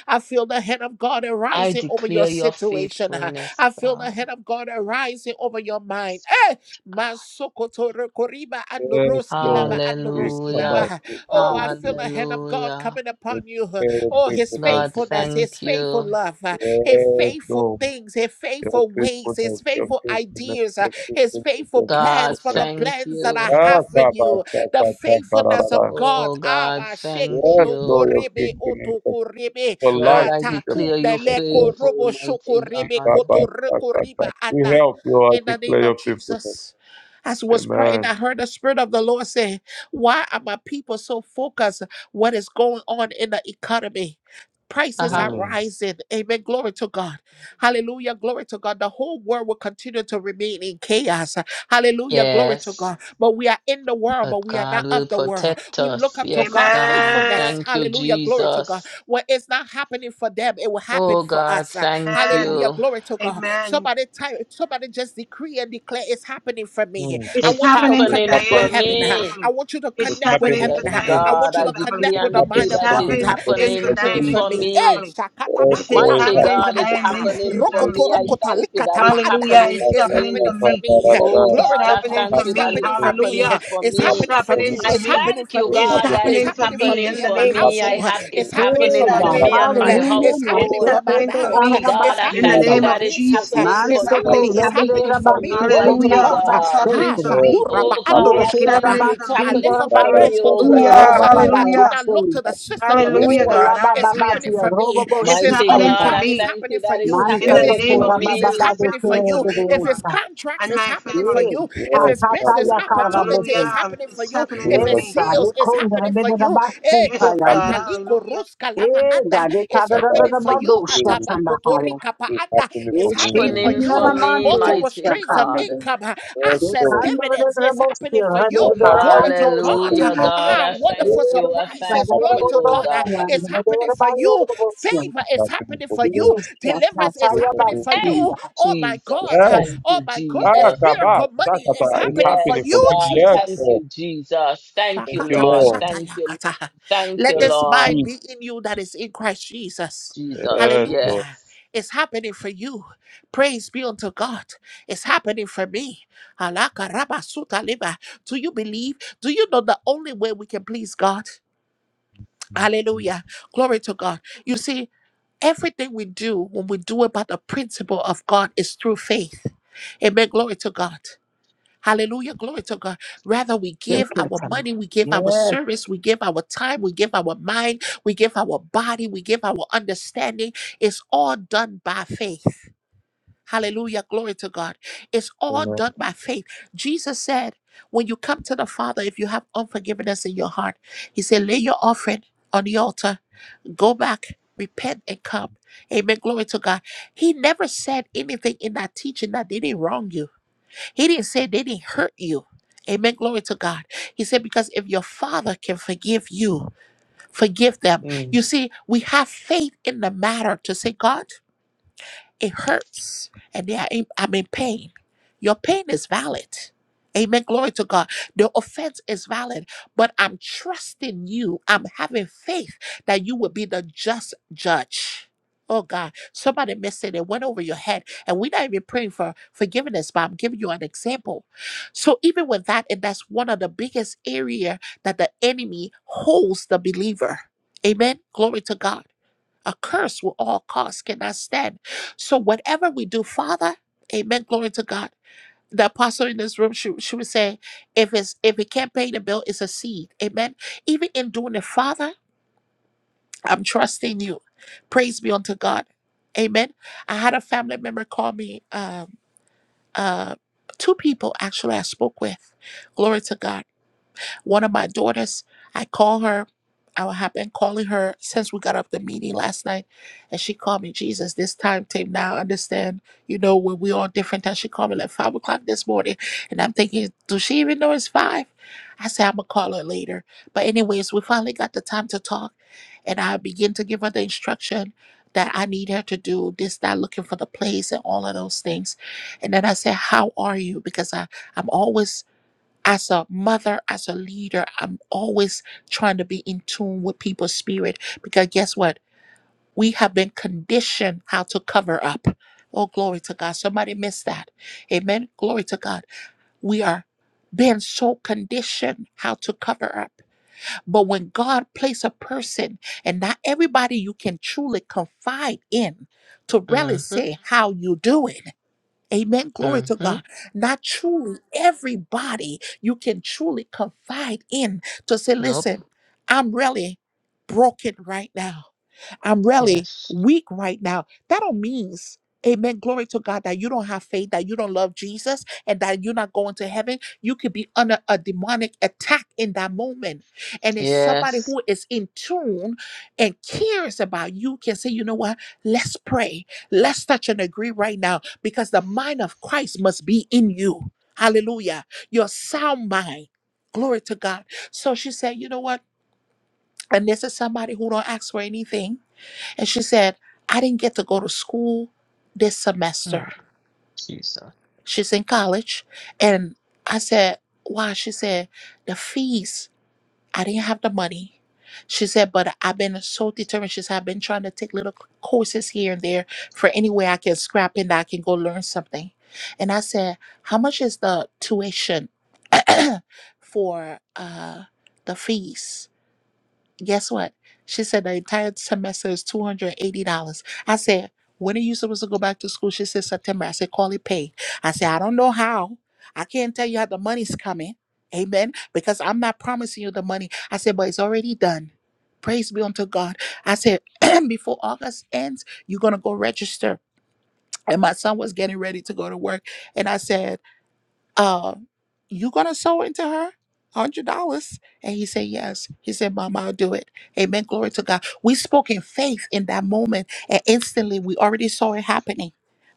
Speaker 1: I feel the hand of God
Speaker 2: I
Speaker 1: arising over your
Speaker 2: declare your
Speaker 1: situation.
Speaker 2: faithfulness,
Speaker 1: I feel the
Speaker 2: God.
Speaker 1: hand of God arising over your mind. Eh, Masokoto Rokoriba and
Speaker 3: Yes,
Speaker 1: Roskilaba
Speaker 3: Lord.
Speaker 1: and
Speaker 3: You come back
Speaker 2: Hallelujah.
Speaker 1: Roskilaba.
Speaker 3: with the
Speaker 1: Oh, I feel
Speaker 3: deliverance.
Speaker 1: the hand of God
Speaker 2: Hallelujah.
Speaker 1: coming
Speaker 3: With
Speaker 1: upon you.
Speaker 3: Your
Speaker 1: Oh, his
Speaker 3: faithfulness,
Speaker 2: God,
Speaker 3: Lord.
Speaker 1: faithfulness, his
Speaker 2: thank
Speaker 1: faithful
Speaker 2: you.
Speaker 1: love, uh, his
Speaker 3: Yes,
Speaker 1: faithful
Speaker 3: Lord.
Speaker 1: things, his
Speaker 3: Your
Speaker 1: faithful ways, his
Speaker 3: faithfulness, your
Speaker 1: faithful
Speaker 3: faithfulness,
Speaker 1: ideas, uh,
Speaker 3: your
Speaker 1: his
Speaker 3: faithfulness,
Speaker 1: faithful
Speaker 3: your
Speaker 2: God,
Speaker 1: plans for
Speaker 3: faithfulness.
Speaker 1: the
Speaker 2: thank
Speaker 1: plans that I
Speaker 2: you.
Speaker 3: Ah,
Speaker 1: have for
Speaker 3: Baba,
Speaker 1: you. The
Speaker 3: Saka, Saka, ra, ra,
Speaker 1: faithfulness
Speaker 3: ra.
Speaker 1: of God.
Speaker 2: Oh,
Speaker 1: Ah,
Speaker 2: God,
Speaker 1: ba sheko
Speaker 2: thank
Speaker 3: Yes,
Speaker 1: to
Speaker 2: you.
Speaker 3: Lord, your
Speaker 1: korebe
Speaker 3: faithfulness.
Speaker 1: oto korebe.
Speaker 3: For
Speaker 2: Lord,
Speaker 3: life
Speaker 1: Ah,
Speaker 2: I
Speaker 3: is
Speaker 1: ta
Speaker 3: your
Speaker 2: declare you
Speaker 3: faithfulness,
Speaker 1: kundele
Speaker 3: Lord.
Speaker 1: korobo
Speaker 2: faithful,
Speaker 1: shoko
Speaker 2: mighty
Speaker 3: Di,
Speaker 1: rebe
Speaker 2: God.
Speaker 1: koto
Speaker 3: Baba,
Speaker 1: reko
Speaker 3: Saka,
Speaker 1: riba
Speaker 3: Saka. We
Speaker 1: ana.
Speaker 3: help you all
Speaker 1: In the name
Speaker 3: declare
Speaker 1: of
Speaker 3: your faithfulness.
Speaker 1: Jesus. As he was praying,
Speaker 3: Amen.
Speaker 1: I heard the Spirit of the Lord say, why are my people so focused what is going on in the economy? Prices
Speaker 2: Uh-huh.
Speaker 1: are
Speaker 3: Hmm.
Speaker 1: rising. Amen. Glory to God. Hallelujah. Glory to God. The whole world will continue to remain in chaos. Hallelujah. Glory to
Speaker 2: Yes,
Speaker 1: God. But we are in the world,
Speaker 2: but
Speaker 1: but we are
Speaker 2: God
Speaker 1: not
Speaker 2: will
Speaker 1: of the world.
Speaker 2: protect
Speaker 1: We look
Speaker 2: us.
Speaker 1: up to
Speaker 2: Yes,
Speaker 1: God
Speaker 2: God.
Speaker 4: Amen.
Speaker 1: faithfulness.
Speaker 2: Thank you,
Speaker 1: Hallelujah. Glory to God.
Speaker 2: Jesus.
Speaker 1: What is not happening for them, it will happen
Speaker 2: Oh,
Speaker 1: for
Speaker 2: God,
Speaker 1: us.
Speaker 2: thank
Speaker 1: Hallelujah.
Speaker 2: you.
Speaker 1: Glory to God.
Speaker 4: Amen.
Speaker 1: Somebody type, somebody just decree and declare it's happening for me.
Speaker 3: Hmm.
Speaker 1: I
Speaker 4: It's
Speaker 2: It's
Speaker 1: want you to
Speaker 4: happening for
Speaker 3: It's
Speaker 2: happening
Speaker 1: connect with
Speaker 2: for
Speaker 3: happening
Speaker 4: Diane
Speaker 3: to
Speaker 1: heaven.
Speaker 4: and
Speaker 3: me.
Speaker 2: me.
Speaker 1: I
Speaker 4: family.
Speaker 1: want you to
Speaker 3: It's
Speaker 4: It's
Speaker 1: connect with
Speaker 3: happening
Speaker 4: happening for
Speaker 1: heaven.
Speaker 3: to
Speaker 2: Yes,
Speaker 3: me.
Speaker 4: Diane
Speaker 1: I
Speaker 2: God,
Speaker 1: want you
Speaker 4: Livingston
Speaker 2: I
Speaker 1: to
Speaker 4: family.
Speaker 1: connect
Speaker 3: It's
Speaker 2: declare
Speaker 1: with
Speaker 2: and
Speaker 1: the
Speaker 3: happy
Speaker 2: decree
Speaker 1: mind
Speaker 4: It's
Speaker 3: with
Speaker 1: of
Speaker 2: that
Speaker 3: the
Speaker 1: God.
Speaker 2: it's
Speaker 3: meeting
Speaker 4: happening
Speaker 3: of
Speaker 1: It's
Speaker 4: for
Speaker 3: the
Speaker 2: happening
Speaker 1: happening
Speaker 2: to,
Speaker 4: Diane
Speaker 1: for
Speaker 2: for
Speaker 3: Jesus.
Speaker 1: me.
Speaker 4: Livingston
Speaker 1: Eh,
Speaker 2: me.
Speaker 4: family.
Speaker 3: All
Speaker 4: It's, it's
Speaker 1: shakatabakuta
Speaker 3: glory is
Speaker 2: Mighty
Speaker 4: happening
Speaker 3: happy with
Speaker 4: for
Speaker 2: God, it's
Speaker 3: the
Speaker 4: Diane
Speaker 1: rikapaanda.
Speaker 3: meeting of
Speaker 2: happening
Speaker 4: Livingston
Speaker 2: for
Speaker 3: the
Speaker 4: family.
Speaker 2: me. I
Speaker 1: Rokotorokota
Speaker 3: Jesus.
Speaker 2: thank you that it's
Speaker 3: Jesus,
Speaker 1: likatabaanda.
Speaker 4: Hallelujah.
Speaker 2: happening
Speaker 3: da,
Speaker 4: It's
Speaker 2: for
Speaker 1: It's
Speaker 3: da,
Speaker 4: happening
Speaker 2: me.
Speaker 3: da,
Speaker 4: for
Speaker 1: happening
Speaker 3: da,
Speaker 1: for
Speaker 4: me.
Speaker 3: da,
Speaker 1: me.
Speaker 3: da, da,
Speaker 2: Oh
Speaker 3: da.
Speaker 4: It's
Speaker 1: Glory
Speaker 2: God,
Speaker 1: to
Speaker 2: I
Speaker 4: happening
Speaker 1: God.
Speaker 4: for
Speaker 2: thank
Speaker 1: It's
Speaker 3: Happy
Speaker 2: you that
Speaker 3: with
Speaker 4: me.
Speaker 3: the
Speaker 2: it's
Speaker 1: happening for
Speaker 3: meeting,
Speaker 1: me.
Speaker 2: happening
Speaker 4: Hallelujah.
Speaker 2: for
Speaker 1: It's
Speaker 4: It's
Speaker 3: happy
Speaker 2: me.
Speaker 1: happening
Speaker 3: with
Speaker 1: for
Speaker 3: the
Speaker 4: happening
Speaker 1: me.
Speaker 4: for
Speaker 2: I
Speaker 3: meeting.
Speaker 1: It's
Speaker 4: me.
Speaker 1: happening
Speaker 2: thank
Speaker 1: for
Speaker 2: you,
Speaker 3: It's
Speaker 4: It's
Speaker 1: me.
Speaker 3: happy
Speaker 2: God, that
Speaker 3: with
Speaker 1: It's
Speaker 4: happening
Speaker 3: the
Speaker 2: it's
Speaker 4: for
Speaker 1: happening
Speaker 3: meeting,
Speaker 1: for
Speaker 4: me
Speaker 2: happening
Speaker 1: me
Speaker 4: in the
Speaker 1: in
Speaker 2: for
Speaker 1: my
Speaker 3: it's
Speaker 4: name of
Speaker 3: happy
Speaker 2: me.
Speaker 3: with
Speaker 2: I
Speaker 1: household.
Speaker 2: have
Speaker 3: the
Speaker 4: Jesus.
Speaker 1: It's
Speaker 3: meeting.
Speaker 2: it's
Speaker 1: happening
Speaker 4: It's
Speaker 5: Hey
Speaker 1: for
Speaker 2: happening
Speaker 1: my
Speaker 3: It's
Speaker 2: for
Speaker 5: God,
Speaker 4: happening
Speaker 3: happy
Speaker 2: me
Speaker 4: for
Speaker 2: and
Speaker 1: children.
Speaker 2: my
Speaker 4: me.
Speaker 5: hallelujah.
Speaker 3: with
Speaker 1: It's
Speaker 3: the meeting, it's
Speaker 4: It's
Speaker 1: happening
Speaker 2: household.
Speaker 1: for my
Speaker 4: happening
Speaker 5: Masekete
Speaker 4: for
Speaker 1: marriage.
Speaker 2: Oh
Speaker 4: me
Speaker 2: God,
Speaker 1: It's
Speaker 2: I
Speaker 4: in the
Speaker 1: happening
Speaker 2: thank
Speaker 5: karabasenda.
Speaker 1: for
Speaker 3: happy
Speaker 2: you
Speaker 4: name
Speaker 1: my
Speaker 3: with
Speaker 2: that
Speaker 4: of
Speaker 3: the
Speaker 2: it's
Speaker 3: meeting.
Speaker 1: business.
Speaker 4: Jesus.
Speaker 2: happening
Speaker 4: It's
Speaker 1: It's
Speaker 2: for
Speaker 3: It's
Speaker 1: it's
Speaker 5: Mansoko
Speaker 2: me.
Speaker 4: happening
Speaker 1: happening.
Speaker 3: happy with the meeting, it's happy
Speaker 2: It's
Speaker 4: for
Speaker 3: with
Speaker 1: It's
Speaker 4: me.
Speaker 2: happening
Speaker 1: happening
Speaker 5: lebere
Speaker 1: for
Speaker 2: for
Speaker 1: me.
Speaker 5: basi
Speaker 2: me,
Speaker 1: Glory
Speaker 3: the
Speaker 1: to
Speaker 5: komna
Speaker 3: meeting.
Speaker 2: mighty
Speaker 4: Hallelujah.
Speaker 1: God.
Speaker 4: It's
Speaker 2: God.
Speaker 4: happening
Speaker 1: Ah,
Speaker 4: for
Speaker 5: basekela.
Speaker 3: All
Speaker 4: me.
Speaker 1: Shakura ba
Speaker 3: is
Speaker 2: Oh
Speaker 3: happy
Speaker 2: God, I
Speaker 3: with
Speaker 5: Yeke
Speaker 4: It's
Speaker 3: the
Speaker 1: androshkila
Speaker 3: meeting.
Speaker 2: thank
Speaker 1: ba.
Speaker 2: you.
Speaker 4: happening
Speaker 2: It's
Speaker 4: for
Speaker 1: For I
Speaker 4: me.
Speaker 5: rabasunda
Speaker 3: It's
Speaker 1: lift up
Speaker 2: happening
Speaker 3: da,
Speaker 1: my
Speaker 2: for
Speaker 3: da,
Speaker 2: me,
Speaker 1: eyes
Speaker 3: da,
Speaker 5: rabayete
Speaker 2: oh
Speaker 1: unto
Speaker 5: se
Speaker 3: da,
Speaker 1: the
Speaker 3: da,
Speaker 4: Hallelujah.
Speaker 1: hills.
Speaker 3: da,
Speaker 5: roba
Speaker 3: da,
Speaker 2: God.
Speaker 3: da,
Speaker 1: I
Speaker 5: baba
Speaker 3: da.
Speaker 1: do
Speaker 4: Hallelujah.
Speaker 1: not look
Speaker 3: It's
Speaker 5: yase.
Speaker 1: to the
Speaker 3: happy with
Speaker 1: system
Speaker 3: the
Speaker 1: of this
Speaker 4: Hallelujah,
Speaker 5: Oh
Speaker 3: meeting,
Speaker 1: world.
Speaker 5: la
Speaker 4: God.
Speaker 1: It's
Speaker 5: baba
Speaker 4: Hallelujah.
Speaker 5: bati
Speaker 1: happening for
Speaker 5: roba
Speaker 1: me. If
Speaker 4: It's
Speaker 3: it's
Speaker 5: boshi
Speaker 1: it's
Speaker 2: Mighty
Speaker 3: happy
Speaker 4: happening
Speaker 3: with the
Speaker 4: for
Speaker 5: kanda.
Speaker 2: God,
Speaker 1: overtime,
Speaker 3: meeting.
Speaker 2: I
Speaker 1: it's
Speaker 4: me
Speaker 2: thank
Speaker 1: happening
Speaker 2: you
Speaker 1: for
Speaker 2: that it's
Speaker 1: you.
Speaker 4: in
Speaker 5: Manta
Speaker 1: If
Speaker 4: the
Speaker 3: Yes,
Speaker 1: it's
Speaker 2: happening
Speaker 4: name
Speaker 5: toko
Speaker 2: for
Speaker 4: of
Speaker 3: Lord.
Speaker 5: raba
Speaker 1: increase, it's
Speaker 4: Jesus.
Speaker 5: baba
Speaker 2: me.
Speaker 4: It's
Speaker 5: de
Speaker 1: happening for
Speaker 4: happening
Speaker 3: Thank
Speaker 5: tere
Speaker 4: for
Speaker 1: you.
Speaker 3: you,
Speaker 4: me, oh
Speaker 1: If it's
Speaker 4: God,
Speaker 5: bebeota.
Speaker 1: contracts,
Speaker 4: and
Speaker 1: it's
Speaker 4: my
Speaker 1: happening for
Speaker 4: family.
Speaker 5: Ye
Speaker 1: you. If
Speaker 3: Yes,
Speaker 1: it's
Speaker 5: akata
Speaker 1: business
Speaker 3: happy
Speaker 5: ya
Speaker 3: with the meeting.
Speaker 1: opportunity,
Speaker 5: karabete.
Speaker 1: it's
Speaker 4: Hallelujah. Um,
Speaker 1: happening for
Speaker 4: It's
Speaker 1: you.
Speaker 3: In the
Speaker 4: happening
Speaker 1: If
Speaker 4: for
Speaker 3: name of
Speaker 1: it's
Speaker 5: Yes,
Speaker 4: me.
Speaker 3: Jesus.
Speaker 5: God,
Speaker 1: sales,
Speaker 5: it
Speaker 1: it's
Speaker 5: comes
Speaker 1: happening for
Speaker 5: to the
Speaker 1: you. Eh,
Speaker 5: basu
Speaker 4: Yes,
Speaker 5: payam.
Speaker 4: God.
Speaker 1: korata
Speaker 3: happening
Speaker 1: liko
Speaker 4: Hallelujah.
Speaker 1: ruska Kama
Speaker 5: Eh,
Speaker 1: Anda.
Speaker 5: God, it
Speaker 1: It's
Speaker 5: comes to
Speaker 3: in my life
Speaker 1: happening
Speaker 5: the
Speaker 1: for
Speaker 3: this
Speaker 1: you.
Speaker 3: day.
Speaker 5: basu
Speaker 3: This is
Speaker 5: shatanda
Speaker 1: Atabakotorika Pa
Speaker 3: really
Speaker 1: Anda.
Speaker 3: happening
Speaker 1: It's
Speaker 3: for me
Speaker 1: happening
Speaker 3: in the
Speaker 1: for
Speaker 2: Happening
Speaker 3: name
Speaker 2: for
Speaker 1: you.
Speaker 3: of
Speaker 2: me,
Speaker 1: Multiple
Speaker 2: mighty
Speaker 1: streams of
Speaker 2: God.
Speaker 5: Yeshikinamandiosakale.
Speaker 1: income, uh,
Speaker 3: Jesus.
Speaker 1: access,
Speaker 3: So,
Speaker 1: dividends. It's happening
Speaker 5: Yekandorebosia,
Speaker 1: for you.
Speaker 3: Baba,
Speaker 1: Glory to
Speaker 3: Baba,
Speaker 1: God. Uh,
Speaker 2: Hallelujah,
Speaker 5: radebidorabandiosamina.
Speaker 3: Baba, Baba,
Speaker 2: God.
Speaker 1: Ah,
Speaker 2: I
Speaker 3: Baba,
Speaker 2: thank
Speaker 1: wonderful
Speaker 2: you. I thank
Speaker 1: surprises.
Speaker 3: happening
Speaker 1: Glory
Speaker 2: you,
Speaker 1: to
Speaker 2: oh
Speaker 1: God. Uh,
Speaker 5: Yekadabodorosia,
Speaker 2: God.
Speaker 1: It's happening for you.
Speaker 5: radebidorabandiosia.
Speaker 1: Favor is
Speaker 3: happening
Speaker 1: happening
Speaker 3: for
Speaker 1: for
Speaker 3: me
Speaker 1: you.
Speaker 5: Yes,
Speaker 1: Deliverance is
Speaker 3: in the
Speaker 1: happening
Speaker 3: name of
Speaker 1: for
Speaker 2: Hey,
Speaker 1: you.
Speaker 5: Nachayabatsinda.
Speaker 1: Oh my God.
Speaker 2: Jesus.
Speaker 1: Uh,
Speaker 3: Yes.
Speaker 2: Thank
Speaker 1: Oh
Speaker 2: you,
Speaker 1: my
Speaker 3: Ah,
Speaker 1: goodness.
Speaker 2: Jesus.
Speaker 3: Kaba,
Speaker 1: Miracle money is
Speaker 3: Sakata, it's
Speaker 1: happening for
Speaker 3: happening
Speaker 2: Yes,
Speaker 3: for
Speaker 1: you,
Speaker 3: me.
Speaker 2: God.
Speaker 3: Yes,
Speaker 2: Thank
Speaker 1: Jesus.
Speaker 3: Lord.
Speaker 2: you, Jesus. Thank
Speaker 3: Thank
Speaker 2: you,
Speaker 3: you,
Speaker 1: Shakata
Speaker 2: Lord.
Speaker 3: Lord.
Speaker 1: bashata
Speaker 2: Thank you. Lord.
Speaker 1: yakata.
Speaker 2: Thank
Speaker 1: Let
Speaker 2: you,
Speaker 3: Thank
Speaker 1: this
Speaker 3: you,
Speaker 2: Lord.
Speaker 1: mind
Speaker 3: Jesus.
Speaker 1: be in you that is in Christ Jesus.
Speaker 2: Jesus.
Speaker 3: Yes, Lord.
Speaker 1: Hallelujah.
Speaker 2: Yes.
Speaker 1: It's happening for you. Praise be unto God. It's happening for me. Halaka raba suta liba. Do you believe? Do you know the only way we can please God? Hallelujah. Glory to God. You see, everything we do when we do about the principle of God is through faith. Amen. Glory to God. Hallelujah. Glory to God. Rather, we give our
Speaker 5: Yeketami.
Speaker 1: money, we give our
Speaker 5: Yes.
Speaker 1: service, we give our time, we give our mind, we give our body, we give our understanding. It's all done by faith. Hallelujah. Glory to God. It's
Speaker 3: Yes,
Speaker 1: all
Speaker 3: Lord.
Speaker 1: done by faith. Jesus said, when you come to the Father, if you have unforgiveness in your heart, He said, lay your offering on the altar, go back, repent, and come. Amen. Glory to God. He never said anything in that teaching that did it wrong you. He didn't say they didn't hurt you. Amen. Glory to God. He said, because if your father can forgive you, forgive them.
Speaker 3: Mm.
Speaker 1: You see, we have faith in the matter to say, God it hurts and they are in, I'm in pain. Your pain is valid. Amen. Glory to God. The offense is valid, but I'm trusting you. I'm having faith that you will be the just judge. Oh God, somebody missed it. It went over your head. And we're not even praying for forgiveness, but I'm giving you an example. So even with that, and that's one of the biggest area that the enemy holds the believer. Amen. Glory to God. A curse will all costs cannot stand. So whatever we do, Father, amen, glory to God. The apostle in this room, she, she would say, if it's if it can't pay the bill, it's a seed. Amen. Even in doing it, Father, I'm trusting you. Praise be unto God. Amen. I had a family member call me, um, uh, two people actually I spoke with. Glory to God. One of my daughters, I call her. I have been calling her since we got up the meeting last night, and she called me, Jesus, this time tape now. I understand, you know, when we all different times. She called me like five o'clock this morning, and I'm thinking, does she even know it's five? I said, I'm gonna call her later. But anyways, we finally got the time to talk, and I begin to give her the instruction that I need her to do this, that, looking for the place and all of those things. And then I said, How are you? Because I, I'm always as a mother, as a leader, I'm always trying to be in tune with people's spirit because guess what? We have been conditioned how to cover up. Oh, glory to God. Somebody missed that. Amen. Glory to God. We are been so conditioned how to cover up. But when God placed a person and not everybody you can truly confide in to really
Speaker 2: Mm-hmm.
Speaker 1: say how you doing. Amen. Glory to
Speaker 2: Mm-hmm.
Speaker 1: God. Not truly everybody you can truly confide in to say,
Speaker 2: Nope.
Speaker 1: listen, I'm really broken right now. I'm really
Speaker 2: Yes.
Speaker 1: weak right now. That don't means, amen, glory to God, that you don't have faith, that you don't love Jesus, and that you're not going to heaven. You could be under a demonic attack in that moment. And if somebody
Speaker 2: Yes.
Speaker 1: who is in tune and cares about you can say, you know what, let's pray. Let's touch and agree right now because the mind of Christ must be in you. Hallelujah. Your sound mind. Glory to God. So she said, you know what? And this is somebody who don't ask for anything and she said, I didn't get to go to school this semester.
Speaker 2: Mm, Jesus.
Speaker 1: She's in college. And I said, Why? She said, The fees, I didn't have the money. She said, But I've been so determined. She said, I've been trying to take little courses here and there for any way I can scrap in that I can go learn something. And I said, How much is the tuition for uh, the fees? guess what? She said the entire semester is two hundred and eighty dollars. I said, when are you supposed to go back to school? She said September. I said, call it paid. I said, I don't know how. I can't tell you how the money's coming. Amen. Because I'm not promising you the money. I said, but it's already done. Praise be unto God. I said, before August ends, you're gonna go register. And my son was getting ready to go to work. And I said, uh, you gonna sow into her? Hundred dollars. And he said, Yes. He said, Mama, I'll do it. Amen. Glory to God. We spoke in faith in that moment, and instantly we already saw it happening.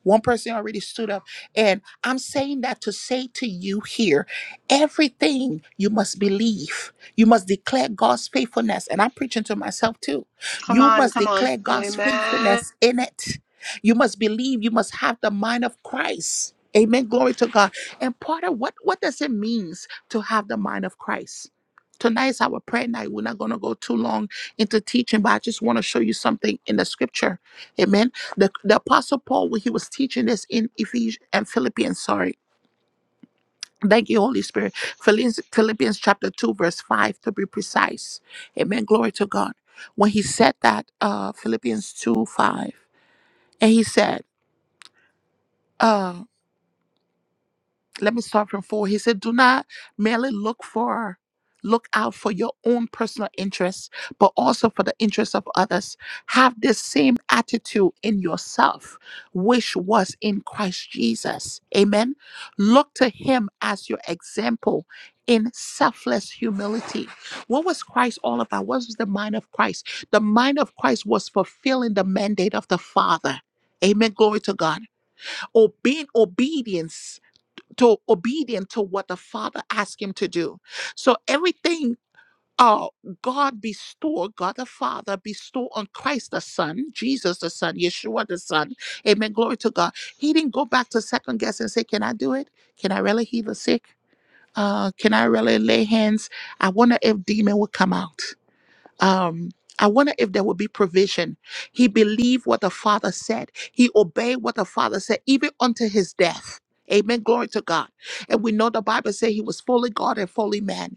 Speaker 1: One person already stood up. And I'm saying that to say to you here everything you must believe. You must declare God's faithfulness. And I'm preaching to myself too.
Speaker 4: Come
Speaker 1: You
Speaker 4: on,
Speaker 1: must
Speaker 4: come on.
Speaker 1: declare God's
Speaker 4: Amen.
Speaker 1: faithfulness in it. You must believe. You must have the mind of Christ. Amen. Glory to God. And part of what what does it means to have the mind of Christ? Tonight is our prayer night. We're not going to go too long into teaching, but I just want to show you something in the scripture. Amen. The, the Apostle Paul, when he was teaching this in Ephesians and Philippians, sorry. Thank you, Holy Spirit. Philippians, Philippians chapter 2, verse 5, to be precise. Amen. Glory to God. When he said that, uh, Philippians 2, 5, and he said, uh, let me start from four. He said, Do not merely look for, look out for your own personal interests, but also for the interests of others. Have this same attitude in yourself, which was in Christ Jesus. Amen. Look to him as your example in selfless humility. What was Christ all about? What was the mind of Christ? The mind of Christ was fulfilling the mandate of the Father. Amen. Glory to God. Obeying obedience to obedient to what the Father asked him to do. So everything uh God bestow, God the Father bestow on Christ the Son, Jesus the Son, Yeshua the Son. Amen. Glory to God. He didn't go back to second guess and say, Can I do it? Can I really heal the sick? Uh, can I really lay hands? I wonder if demon will come out um I wonder if there would be provision. He believed what the Father said. He obeyed what the Father said, even unto his death. Amen. Glory to God. And we know the Bible says he was fully God and fully man.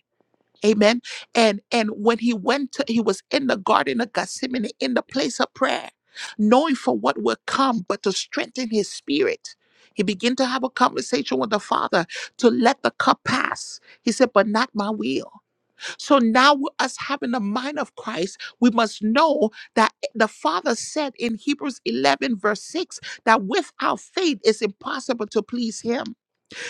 Speaker 1: Amen. And and when he went to, he was in the garden of Gethsemane in the place of prayer, knowing for what will come, but to strengthen his spirit. He began to have a conversation with the Father to let the cup pass. He said, But not my will. So now, with us having the mind of Christ, we must know that eh, the Father said in Hebrews 11, verse 6, that without faith it's impossible to please Him.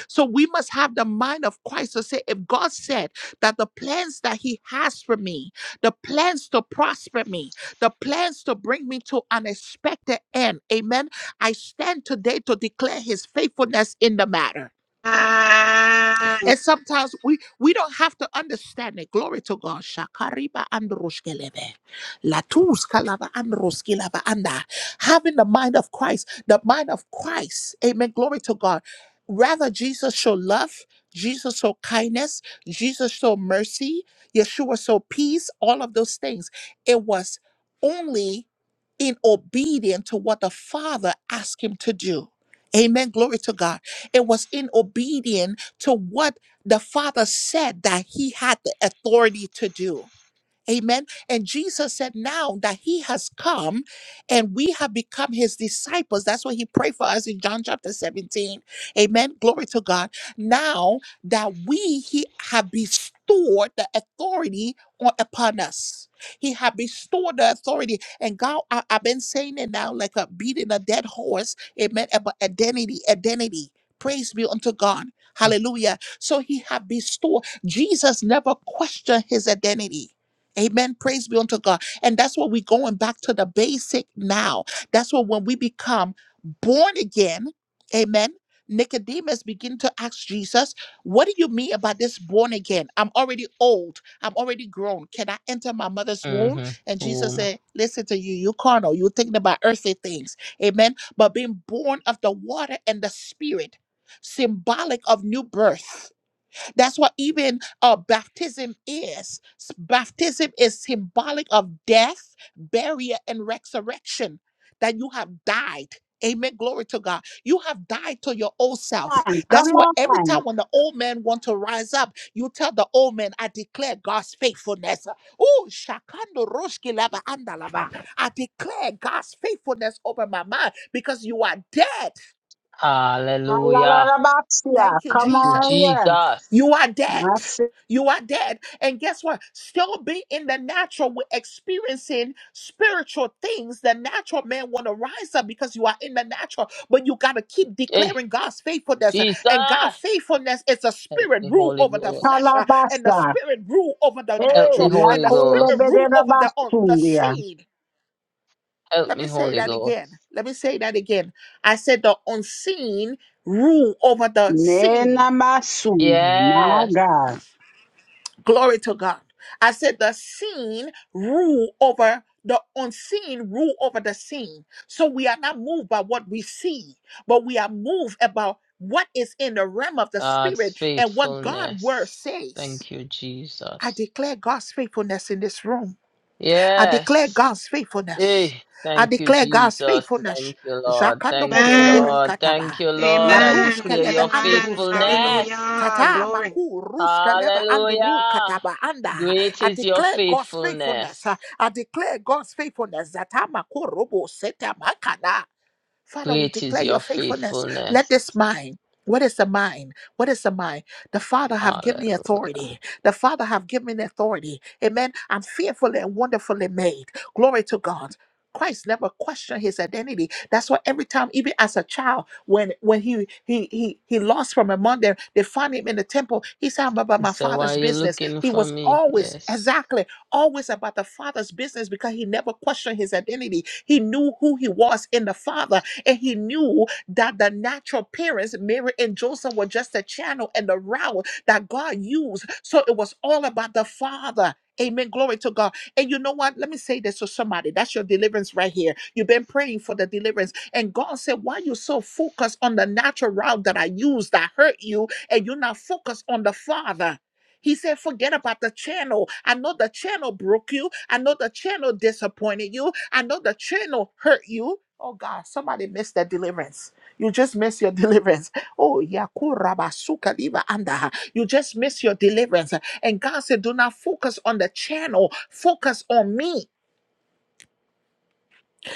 Speaker 1: So we must have the mind of Christ to say, if God said that the plans that He has for me, the plans to prosper me, the plans to bring me to an expected end, amen. I stand today to declare His faithfulness in the matter.
Speaker 4: Amen.
Speaker 1: And sometimes we we don't have to understand it. Glory to God. Shakariba and Roshkeleve. Latus kalava and roskilava anda. Having the mind of Christ, the mind of Christ. Amen. Glory to God. Rather, Jesus show love, Jesus show kindness, Jesus show mercy, Yeshua show peace, all of those things. It was only in obedience to what the Father asked him to do. Amen. Glory to God. It was in obedience to what the Father said that he had the authority to do. Amen. And Jesus said now that he has come and we have become his disciples. That's what he prayed for us in John chapter 17. Amen. Glory to God. Now that we he have bestowed the authority on, upon us. He have bestowed the authority. And God, I, have been saying it now like a beating a dead horse. Amen. About identity, identity. Praise be unto God. Hallelujah. So he have bestowed. Jesus never questioned his identity. Amen. Praise be unto God. And that's what we're going back to the basic now. That's what when we become born again, amen. Nicodemus begin to ask Jesus, What do you mean about this born again? I'm already old. I'm already grown. Can I enter my mother's womb?
Speaker 2: Mm-hmm.
Speaker 1: And Jesus
Speaker 2: Boom.
Speaker 1: said, Listen to you, you carnal. You're thinking about earthly things. Amen. But being born of the water and the spirit, symbolic of new birth that's what even uh, baptism is. S- Baptism is symbolic of death, burial, and resurrection, that you have died. Amen. Glory to God. You have died to your old self.
Speaker 5: And come
Speaker 1: That's why every
Speaker 5: on.
Speaker 1: time when the old man want to rise up, you tell the old man, I declare God's faithfulness. Oh, shakando roshki lava andalava. I declare God's faithfulness over my mind because you are dead.
Speaker 2: Hallelujah.
Speaker 5: Alalabasia,
Speaker 1: Thank you,
Speaker 5: come
Speaker 2: Thank you,
Speaker 5: on
Speaker 1: Jesus.
Speaker 5: here.
Speaker 2: Jesus.
Speaker 1: You are dead. You are dead. And guess what? Still be in the natural, we're experiencing spiritual things. The natural man want to rise up because you are in the natural, but you got to keep
Speaker 2: Hey,
Speaker 1: declaring God's faithfulness. And God's
Speaker 2: Jesus.
Speaker 1: faithfulness is a
Speaker 2: Help
Speaker 1: spirit
Speaker 2: me,
Speaker 1: rule
Speaker 2: Holy
Speaker 1: over the flesh,
Speaker 2: Ghost.
Speaker 1: uh, and the
Speaker 5: Masitalabasa.
Speaker 1: spirit rule over the
Speaker 2: Help
Speaker 5: Hey,
Speaker 2: me,
Speaker 1: natural, and
Speaker 2: Holy
Speaker 1: the
Speaker 5: Nakolo
Speaker 1: spirit
Speaker 2: Ghost.
Speaker 1: rule over the, un- the
Speaker 5: Bederabasundia.
Speaker 1: seed.
Speaker 2: Help
Speaker 1: Let me
Speaker 2: me,
Speaker 1: say
Speaker 2: Holy
Speaker 1: that
Speaker 2: Ghost.
Speaker 1: again. Let me say that again. I said the unseen rule over the seen
Speaker 5: Nena Masu.
Speaker 2: Yes.
Speaker 1: Glory to God. I said the seen rule over the unseen, rule over the seen. So we are not moved by what we see, but we are moved about what is in the realm of the
Speaker 2: God's
Speaker 1: spirit and what God word
Speaker 2: faithfulness.
Speaker 1: says.
Speaker 2: Thank you,
Speaker 1: I
Speaker 2: Jesus.
Speaker 1: declare God's faithfulness in this room. I declare
Speaker 2: Yes.
Speaker 1: God's faithfulness.
Speaker 2: Hey,
Speaker 1: I
Speaker 2: thank you,
Speaker 1: declare God's
Speaker 2: Jesus.
Speaker 1: faithfulness.
Speaker 2: Thank you, Lord.
Speaker 1: Jakando
Speaker 2: Thank you,
Speaker 1: boshokorika
Speaker 2: Lord.
Speaker 1: taba.
Speaker 2: Thank you, Lord. I
Speaker 4: Amen.
Speaker 1: Labrunske
Speaker 2: declare
Speaker 1: leve
Speaker 2: your
Speaker 1: and
Speaker 4: Amen.
Speaker 1: ruske leve.
Speaker 2: faithfulness.
Speaker 4: Hallelujah.
Speaker 1: Tata
Speaker 4: Glory.
Speaker 1: maku ruske leve and
Speaker 2: Hallelujah.
Speaker 1: rukataba anda.
Speaker 2: Great
Speaker 1: I
Speaker 2: is your
Speaker 1: declare God's faithfulness.
Speaker 2: faithfulness.
Speaker 1: I declare God's faithfulness. Zata maku robo seta makana. Father, we
Speaker 2: Great is
Speaker 1: declare your
Speaker 2: your
Speaker 1: faithfulness. Let
Speaker 2: faithfulness.
Speaker 1: this mind what is the mind? What is the mind? The Father have given me
Speaker 2: Hallelujah.
Speaker 1: authority. The Father have given me authority. Amen. I'm fearfully and wonderfully made. Glory to God. Christ never questioned his identity. That's why every time, even as a child, when when he he he he lost from among them, they found him in the temple. He said, "I'm about my
Speaker 2: So why
Speaker 1: father's
Speaker 2: you
Speaker 1: business."
Speaker 2: looking
Speaker 1: He
Speaker 2: for
Speaker 1: was
Speaker 2: me?
Speaker 1: always
Speaker 2: Yes.
Speaker 1: exactly always about the father's business because he never questioned his identity. He knew who he was in the Father and he knew that the natural parents, Mary and Joseph, were just the channel and the route that God used. So it was all about the Father. Amen. Glory to God. And you know what? Let me say this to somebody. That's your deliverance right here. You've been praying for the deliverance. And God said, Why you so focused on the natural route that I used that hurt you? And you're not focused on the Father. He said, forget about the channel. I know the channel broke you. I know the channel disappointed you. I know the channel hurt you. Oh God, somebody missed their deliverance. You just missed your deliverance. Oh yakurabasuka liva anda. You just missed your deliverance. And God said, Do not focus on the channel. Focus on me.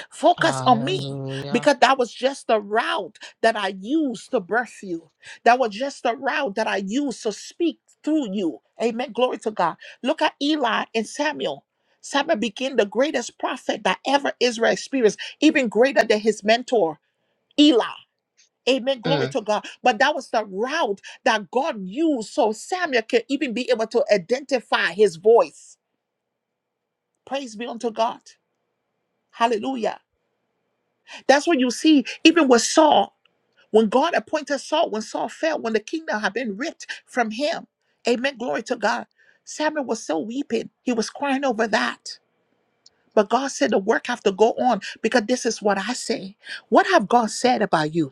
Speaker 1: Focus on me.
Speaker 2: Hallelujah.
Speaker 1: Because that was just the route that I used to birth you. That was just the route that I used to speak through you. Amen. Glory to God. Look at Eli and Samuel. Samuel became the greatest prophet that ever Israel experienced, even greater than his mentor, Eli. Amen. Glory
Speaker 2: Mm.
Speaker 1: to God. But that was the route that God used so Samuel can even be able to identify his voice. Praise be unto God. Hallelujah. That's what you see, even with Saul, when God appointed Saul, when Saul fell, when the kingdom had been ripped from him. Amen. Glory to God. Samuel was still weeping. He was crying over that. But God said the work have to go on because this is what I say. What have God said about you?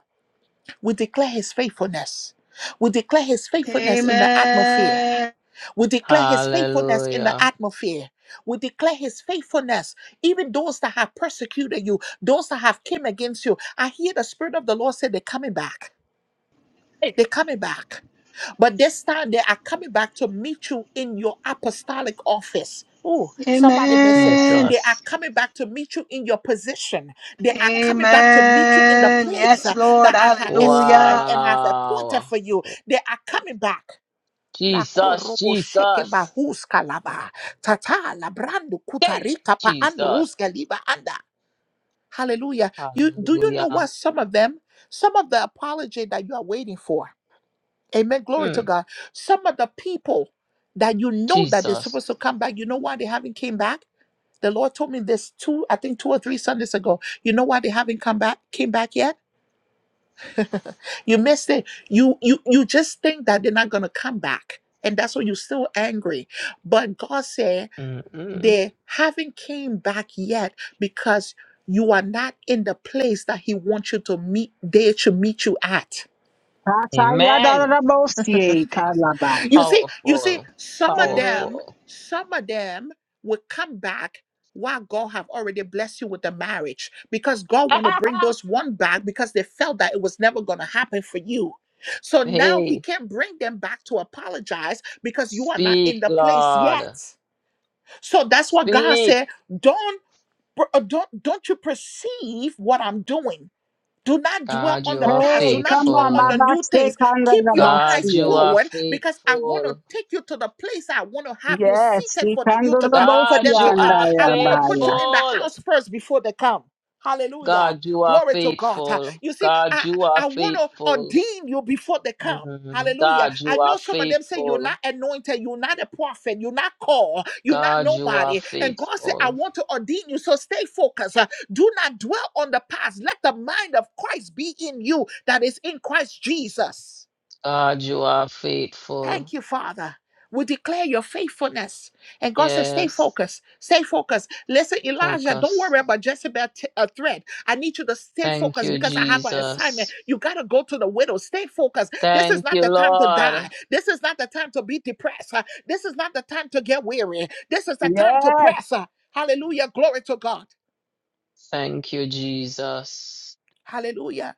Speaker 1: We declare his faithfulness. We declare his faithfulness in the atmosphere.
Speaker 4: Amen.
Speaker 1: We declare his faithfulness in the
Speaker 2: Hallelujah.
Speaker 1: atmosphere. We declare his faithfulness. Even those that have persecuted you, those that have came against you, I hear the Spirit of the Lord say they're coming back.
Speaker 2: Hey.
Speaker 1: They're coming back. But this time they are coming back to meet you in your apostolic office. Oh, somebody may say,
Speaker 4: Amen.
Speaker 1: they are
Speaker 2: Jesus.
Speaker 1: coming back to meet you in your position. They are coming back to meet you in the
Speaker 4: Amen.
Speaker 1: place
Speaker 4: Yes,
Speaker 1: uh,
Speaker 4: Lord.
Speaker 1: that I have assigned
Speaker 4: Hallelujah.
Speaker 1: and have appointed
Speaker 2: Wow.
Speaker 1: for you. They are coming back. La
Speaker 2: Jesus,
Speaker 1: korobo sheke
Speaker 2: Jesus.
Speaker 1: bahus kalaba. Tata la brando
Speaker 2: Hey.
Speaker 1: kutarika pa
Speaker 2: Jesus.
Speaker 1: andrus galiba anda. Hallelujah. You do you know
Speaker 2: Hallelujah.
Speaker 1: what some of them, some of the apology that you are waiting for? Amen. Glory to
Speaker 2: Mm.
Speaker 1: God. Some of the people that you know that they're
Speaker 2: Jesus.
Speaker 1: supposed to come back, you know why they haven't came back? The Lord told me this two, I think two or three Sundays ago. You know why they haven't come back, came back yet? You missed it. You you you just think that they're not gonna come back. And that's why you're still angry. But God said
Speaker 2: Mm-mm.
Speaker 1: they haven't came back yet because you are not in the place that He wants you to meet, they to meet you at.
Speaker 2: Amen.
Speaker 5: Atayadarabosie kalabaya.
Speaker 1: You see, you see,
Speaker 2: Powerful.
Speaker 1: some of
Speaker 4: Amen.
Speaker 1: them,
Speaker 2: Powerful.
Speaker 1: some of them will come back while God have already blessed you with the marriage because God want to bring those one back because they felt that it was never going to happen for you. So now he
Speaker 2: hey.
Speaker 1: can't bring them back to apologize because you are not in
Speaker 2: Speak,
Speaker 1: the place
Speaker 2: Lord.
Speaker 1: yet. So that's what God
Speaker 2: Speak.
Speaker 1: said, don't uh, don't don't you perceive what I'm doing? Do not dwell
Speaker 2: God,
Speaker 1: on
Speaker 2: you
Speaker 1: the
Speaker 2: are
Speaker 1: past.
Speaker 5: Hey,
Speaker 1: Do not
Speaker 5: come
Speaker 1: dwell
Speaker 5: on,
Speaker 1: on the
Speaker 2: faithful.
Speaker 1: new
Speaker 5: Mabaste
Speaker 1: things. Keep your
Speaker 2: God,
Speaker 1: eyes
Speaker 2: you
Speaker 5: Kandarabasie.
Speaker 2: are
Speaker 1: forward because I want to
Speaker 2: faithful.
Speaker 1: take you to the place I want to have you
Speaker 5: Yes,
Speaker 1: seated
Speaker 5: the
Speaker 1: for you to come, for
Speaker 5: Kandarabosie
Speaker 2: God,
Speaker 1: them to
Speaker 2: you
Speaker 1: come.
Speaker 2: are
Speaker 1: I want to put you
Speaker 5: andayabaya.
Speaker 1: in the
Speaker 2: faithful.
Speaker 1: house first before they come. Hallelujah.
Speaker 2: God, you are
Speaker 1: Glory to God. Uh,
Speaker 2: faithful.
Speaker 1: You see,
Speaker 2: God,
Speaker 1: I,
Speaker 2: you are
Speaker 1: I want to
Speaker 2: faithful.
Speaker 1: ordain you before they come.
Speaker 2: Mhm.
Speaker 1: Hallelujah.
Speaker 2: God,
Speaker 1: I
Speaker 2: you are
Speaker 1: know some of them say you're
Speaker 2: faithful.
Speaker 1: not anointed, you're not a prophet, you're not called, you're not
Speaker 2: God, you are
Speaker 1: nobody. And God said, I
Speaker 2: faithful.
Speaker 1: want to ordain you. So stay focused. Uh, Do not dwell on the past. Let the mind of Christ be in you that is in Christ Jesus.
Speaker 2: God, you are faithful.
Speaker 1: Thank you, Father. We declare your faithfulness. And God says, stay
Speaker 2: Yes.
Speaker 1: focused. Stay focused. Listen, Elijah, don't
Speaker 2: Focus.
Speaker 1: worry about Jezebel t- a threat. I need you to stay
Speaker 2: Thank
Speaker 1: focused
Speaker 2: you,
Speaker 1: because I have an assignment.
Speaker 2: Jesus.
Speaker 1: You got to go to the widow. Stay focused. This is
Speaker 2: Thank
Speaker 1: not
Speaker 2: you,
Speaker 1: the time to die.
Speaker 2: Lord.
Speaker 1: This is not the time to be depressed. Uh, This is not the time to get weary. This is the time to
Speaker 5: Yes,
Speaker 1: press. Uh, Hallelujah. Glory to God.
Speaker 2: Thank you, Jesus.
Speaker 1: Hallelujah.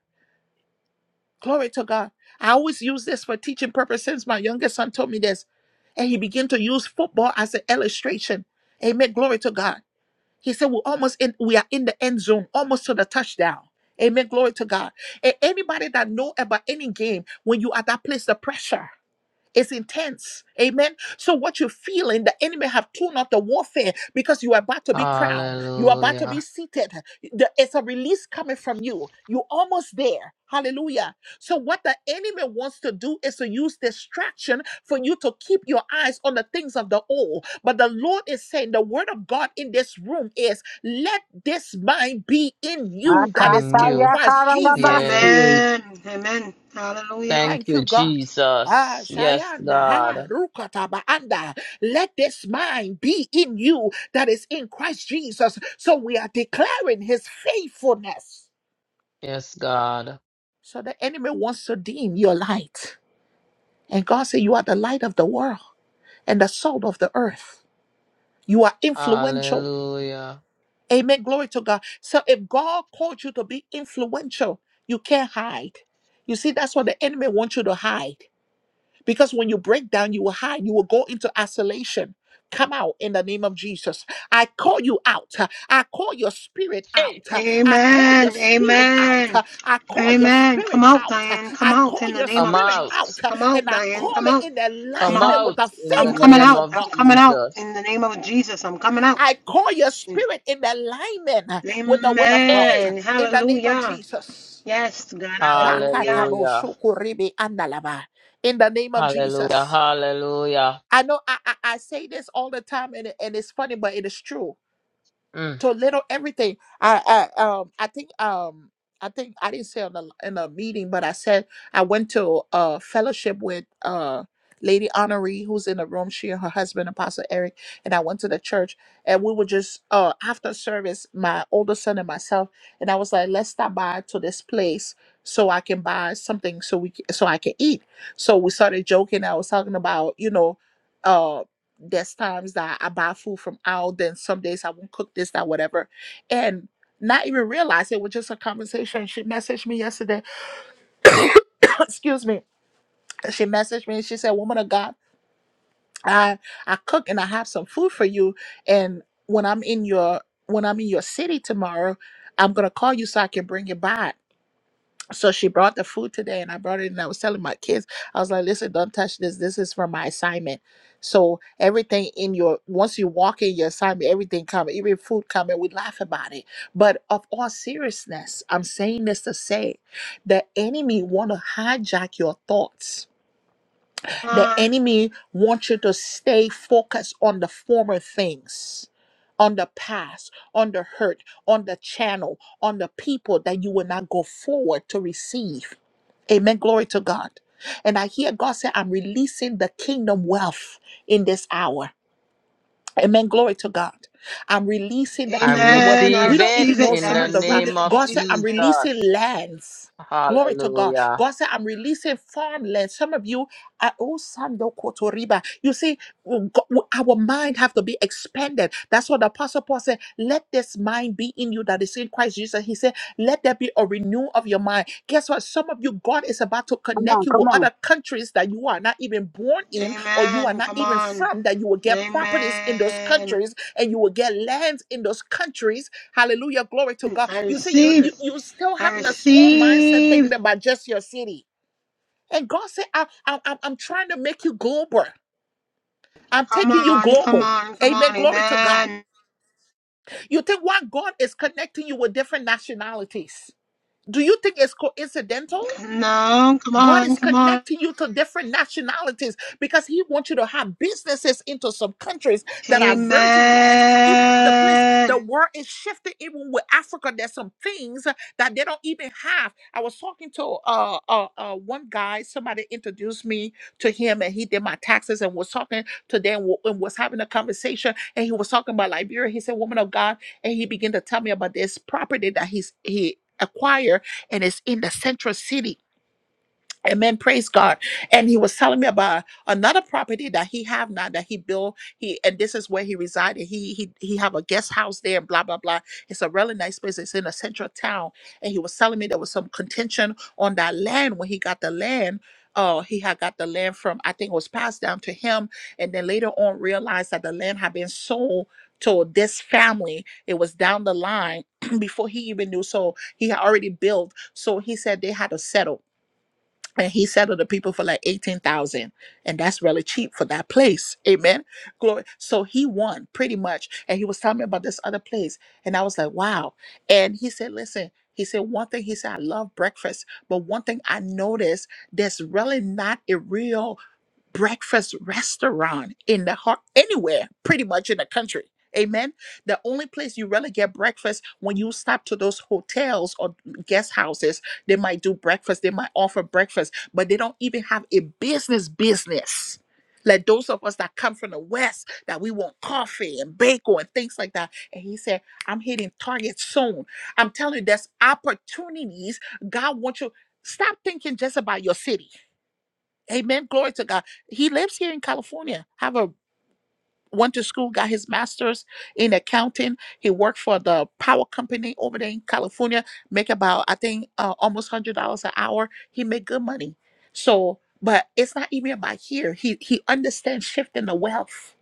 Speaker 1: Glory to God. I always use this for teaching purpose since my youngest son told me this. And he began to use football as an illustration. Amen. Glory to God. He said, We're almost in, we are in the end zone, almost to the touchdown. Amen. Glory to God. And anybody that know about any game, when you are that place, the pressure. It's intense. Amen. So what you're feeling, the enemy have tuned up the warfare because you are about to be crowned. You are about to be
Speaker 2: Hallelujah.
Speaker 1: seated. The- It's a release coming from you. You're almost there. Hallelujah. So what the enemy wants to do is to use distraction for you to keep your eyes on the things of the old. But the Lord is saying the word of God in this room is let this mind be in you that is
Speaker 2: In
Speaker 1: in
Speaker 2: you.
Speaker 5: Akataya
Speaker 1: Christ Jesus.
Speaker 5: Karalabasie.
Speaker 2: Yes.
Speaker 4: Amen. Amen. Hallelujah.
Speaker 2: Thank
Speaker 1: Thank you,
Speaker 2: you,
Speaker 1: God. Ah,
Speaker 2: Jesus. Yes,
Speaker 1: Shayanda, ha,
Speaker 2: God.
Speaker 1: Rukataba, anda. Let this mind be in you that is in Christ Jesus. So we are declaring his faithfulness.
Speaker 2: Yes, God.
Speaker 1: So the enemy wants to dim your light. And God said, You are the light of the world and the salt of the earth. You are influential.
Speaker 2: Hallelujah.
Speaker 1: Amen. Glory to God. So if God called you to be influential, you can't hide. You see, that's what the enemy wants you to hide. Because when you break down, you will hide, you will go into isolation. Come out in the name of Jesus. I call you out. I call your spirit
Speaker 2: Hey,
Speaker 1: out. I call your
Speaker 4: Amen.
Speaker 1: spirit
Speaker 4: Amen.
Speaker 1: out. I call your
Speaker 4: Amen.
Speaker 1: spirit
Speaker 4: Come out,
Speaker 1: out.
Speaker 4: Diane. Come
Speaker 1: I
Speaker 4: out
Speaker 1: call
Speaker 4: in the
Speaker 1: your
Speaker 4: name
Speaker 2: come
Speaker 4: of
Speaker 1: spirit
Speaker 2: out.
Speaker 1: out.
Speaker 4: Jesus. Come out,
Speaker 1: And I call
Speaker 4: Diane. Come
Speaker 1: it
Speaker 4: out.
Speaker 1: in
Speaker 4: Come
Speaker 2: Come
Speaker 4: out.
Speaker 1: alignment with
Speaker 2: out
Speaker 1: the
Speaker 2: in the
Speaker 4: I'm coming
Speaker 1: faithfulness
Speaker 2: name
Speaker 4: out.
Speaker 1: of
Speaker 2: of
Speaker 4: I'm
Speaker 1: God.
Speaker 4: coming out in the
Speaker 2: Jesus.
Speaker 4: name of Jesus. I'm coming out.
Speaker 1: I call your spirit in alignment with the will of God.
Speaker 2: Hey,
Speaker 4: Amen.
Speaker 1: In the name of
Speaker 4: Hallelujah.
Speaker 1: Jesus.
Speaker 4: Yes, God. Hallelujah.
Speaker 1: Jakatabo
Speaker 2: hallelujah.
Speaker 1: shokoribe andalaba. In the name of
Speaker 2: Hallelujah.
Speaker 1: Jesus.
Speaker 2: Hallelujah.
Speaker 1: I know I, I, I say this all the time and, it- and it's funny, but it is true.
Speaker 2: Mm.
Speaker 1: To little everything. I, I um I think um I think I didn't say on the in a meeting, but I said I went to a fellowship with uh Lady Honoree, who's in the room, she and her husband, Apostle Eric, and I went to the church and we were just uh after service, my older son and myself, and I was like, let's stop by to this place so I can buy something so we c- so I can eat. So we started joking. I was talking about, you know, uh, there's times that I buy food from out, then some days I won't cook this, that, whatever. And not even realize it was just a conversation. She messaged me yesterday. Excuse me. She messaged me and she said, Woman of God, I I cook and I have some food for you. And when I'm in your when I'm in your city tomorrow, I'm gonna call you so I can bring it by. so she brought the food today and I brought it and I was telling my kids, I was like, listen, don't touch this. This is for my assignment. So everything in your once you walk in your assignment, everything come, even food come and we laugh about it. But of all seriousness, I'm saying this to say the enemy wanna hijack your thoughts the
Speaker 4: Um,
Speaker 1: enemy wants you to stay focused on the former things, on the past, on the hurt, on the channel, on the people that you will not go forward to receive. Amen. Glory to God. And I hear God say, I'm releasing the kingdom wealth in this hour. Amen. Glory to God. I'm releasing the
Speaker 2: I
Speaker 1: kingdom where
Speaker 4: amen. I
Speaker 1: we
Speaker 2: receive
Speaker 1: don't
Speaker 4: receive
Speaker 1: even
Speaker 2: it
Speaker 4: it.
Speaker 1: know
Speaker 2: in
Speaker 1: some
Speaker 4: I
Speaker 2: the
Speaker 1: of the right.
Speaker 4: receive
Speaker 2: name
Speaker 4: it in
Speaker 2: of
Speaker 1: God said, I'm
Speaker 4: Jesus' name.
Speaker 1: releasing
Speaker 2: Jesus.
Speaker 1: lands. Glory to God.
Speaker 2: Hallelujah.
Speaker 1: God said, I'm releasing farmland. Some of you are oh Sando Kotoriba. You see, w- g- our mind have to be expanded. That's what the apostle Paul said. Let this mind be in you that is in Christ Jesus. He said, Let there be a renewal of your mind. Guess what? Some of you you God is about to
Speaker 5: Come on,
Speaker 1: connect you
Speaker 5: come
Speaker 1: with
Speaker 5: on.
Speaker 1: other countries that you are not even born in or you are
Speaker 4: Amen.
Speaker 1: not
Speaker 4: Come
Speaker 1: even
Speaker 4: on.
Speaker 1: from, that you will get properties in those
Speaker 4: Amen.
Speaker 1: countries and you will get lands in those countries. Hallelujah. Glory to God.
Speaker 4: I
Speaker 1: You see, you you
Speaker 4: receive.
Speaker 1: you still
Speaker 4: I
Speaker 1: having a small mindset
Speaker 4: receive.
Speaker 1: thinking about just your city. And God said, I, I, I'm I'm trying to make you global. I'm
Speaker 4: Come
Speaker 1: taking you
Speaker 4: on. Come
Speaker 1: global.
Speaker 4: on. Come
Speaker 1: Amen.
Speaker 4: on.
Speaker 1: Glory to God.
Speaker 4: Amen.
Speaker 1: You think why God is connecting you with different nationalities? Do you think it's coincidental?
Speaker 4: No, come
Speaker 1: God
Speaker 4: on,
Speaker 1: is
Speaker 4: come on.
Speaker 1: connecting you to different nationalities because He wants you to have businesses into some countries that are virgin lands. Even if the place,
Speaker 4: Amen.
Speaker 1: the world is shifting. Even with Africa, there's some things that they don't even have. I was talking to uh, uh, uh, one guy. Somebody introduced me to him, and he did my taxes, and was talking to them, w- and was having a conversation. And he was talking about Liberia. He said, "Woman of God," and he began to tell me about this property that he's he acquired, and it's in the central city Amen. Praise God. And he was telling me about another property that he have now that he built. He and this is where he resided. He he he have a guest house there and blah blah blah. It's a really nice place. It's in a central town. And he was telling me there was some contention on that land when he got the land. Uh, he had got the land from I think it was passed down to him, and then later on realized that the land had been sold to this family. It was down the line before he even knew. So he had already built. So he said they had to settle and he settled the people for like 18,000 and that's really cheap for that place amen glory so he won pretty much and he was telling me about this other place and I was like wow and he said listen he said one thing he said I love breakfast but one thing I noticed there's really not a real breakfast restaurant in the heart anywhere pretty much in the country amen the only place you really get breakfast when you stop to those hotels or guest houses they might do breakfast they might offer breakfast but they don't even have a business business like those of us that come from the west that we want coffee and bagel and things like that and he said i'm hitting target soon i'm telling you there's opportunities god wants you stop thinking just about your city Amen. Glory to God. He lives here in California. Have a went to school, got his master's in accounting. He worked for the power company over there in California. Make about I think uh, almost hundred dollars an hour. He made good money. So, but it's not even about here. He he understands shifting the wealth,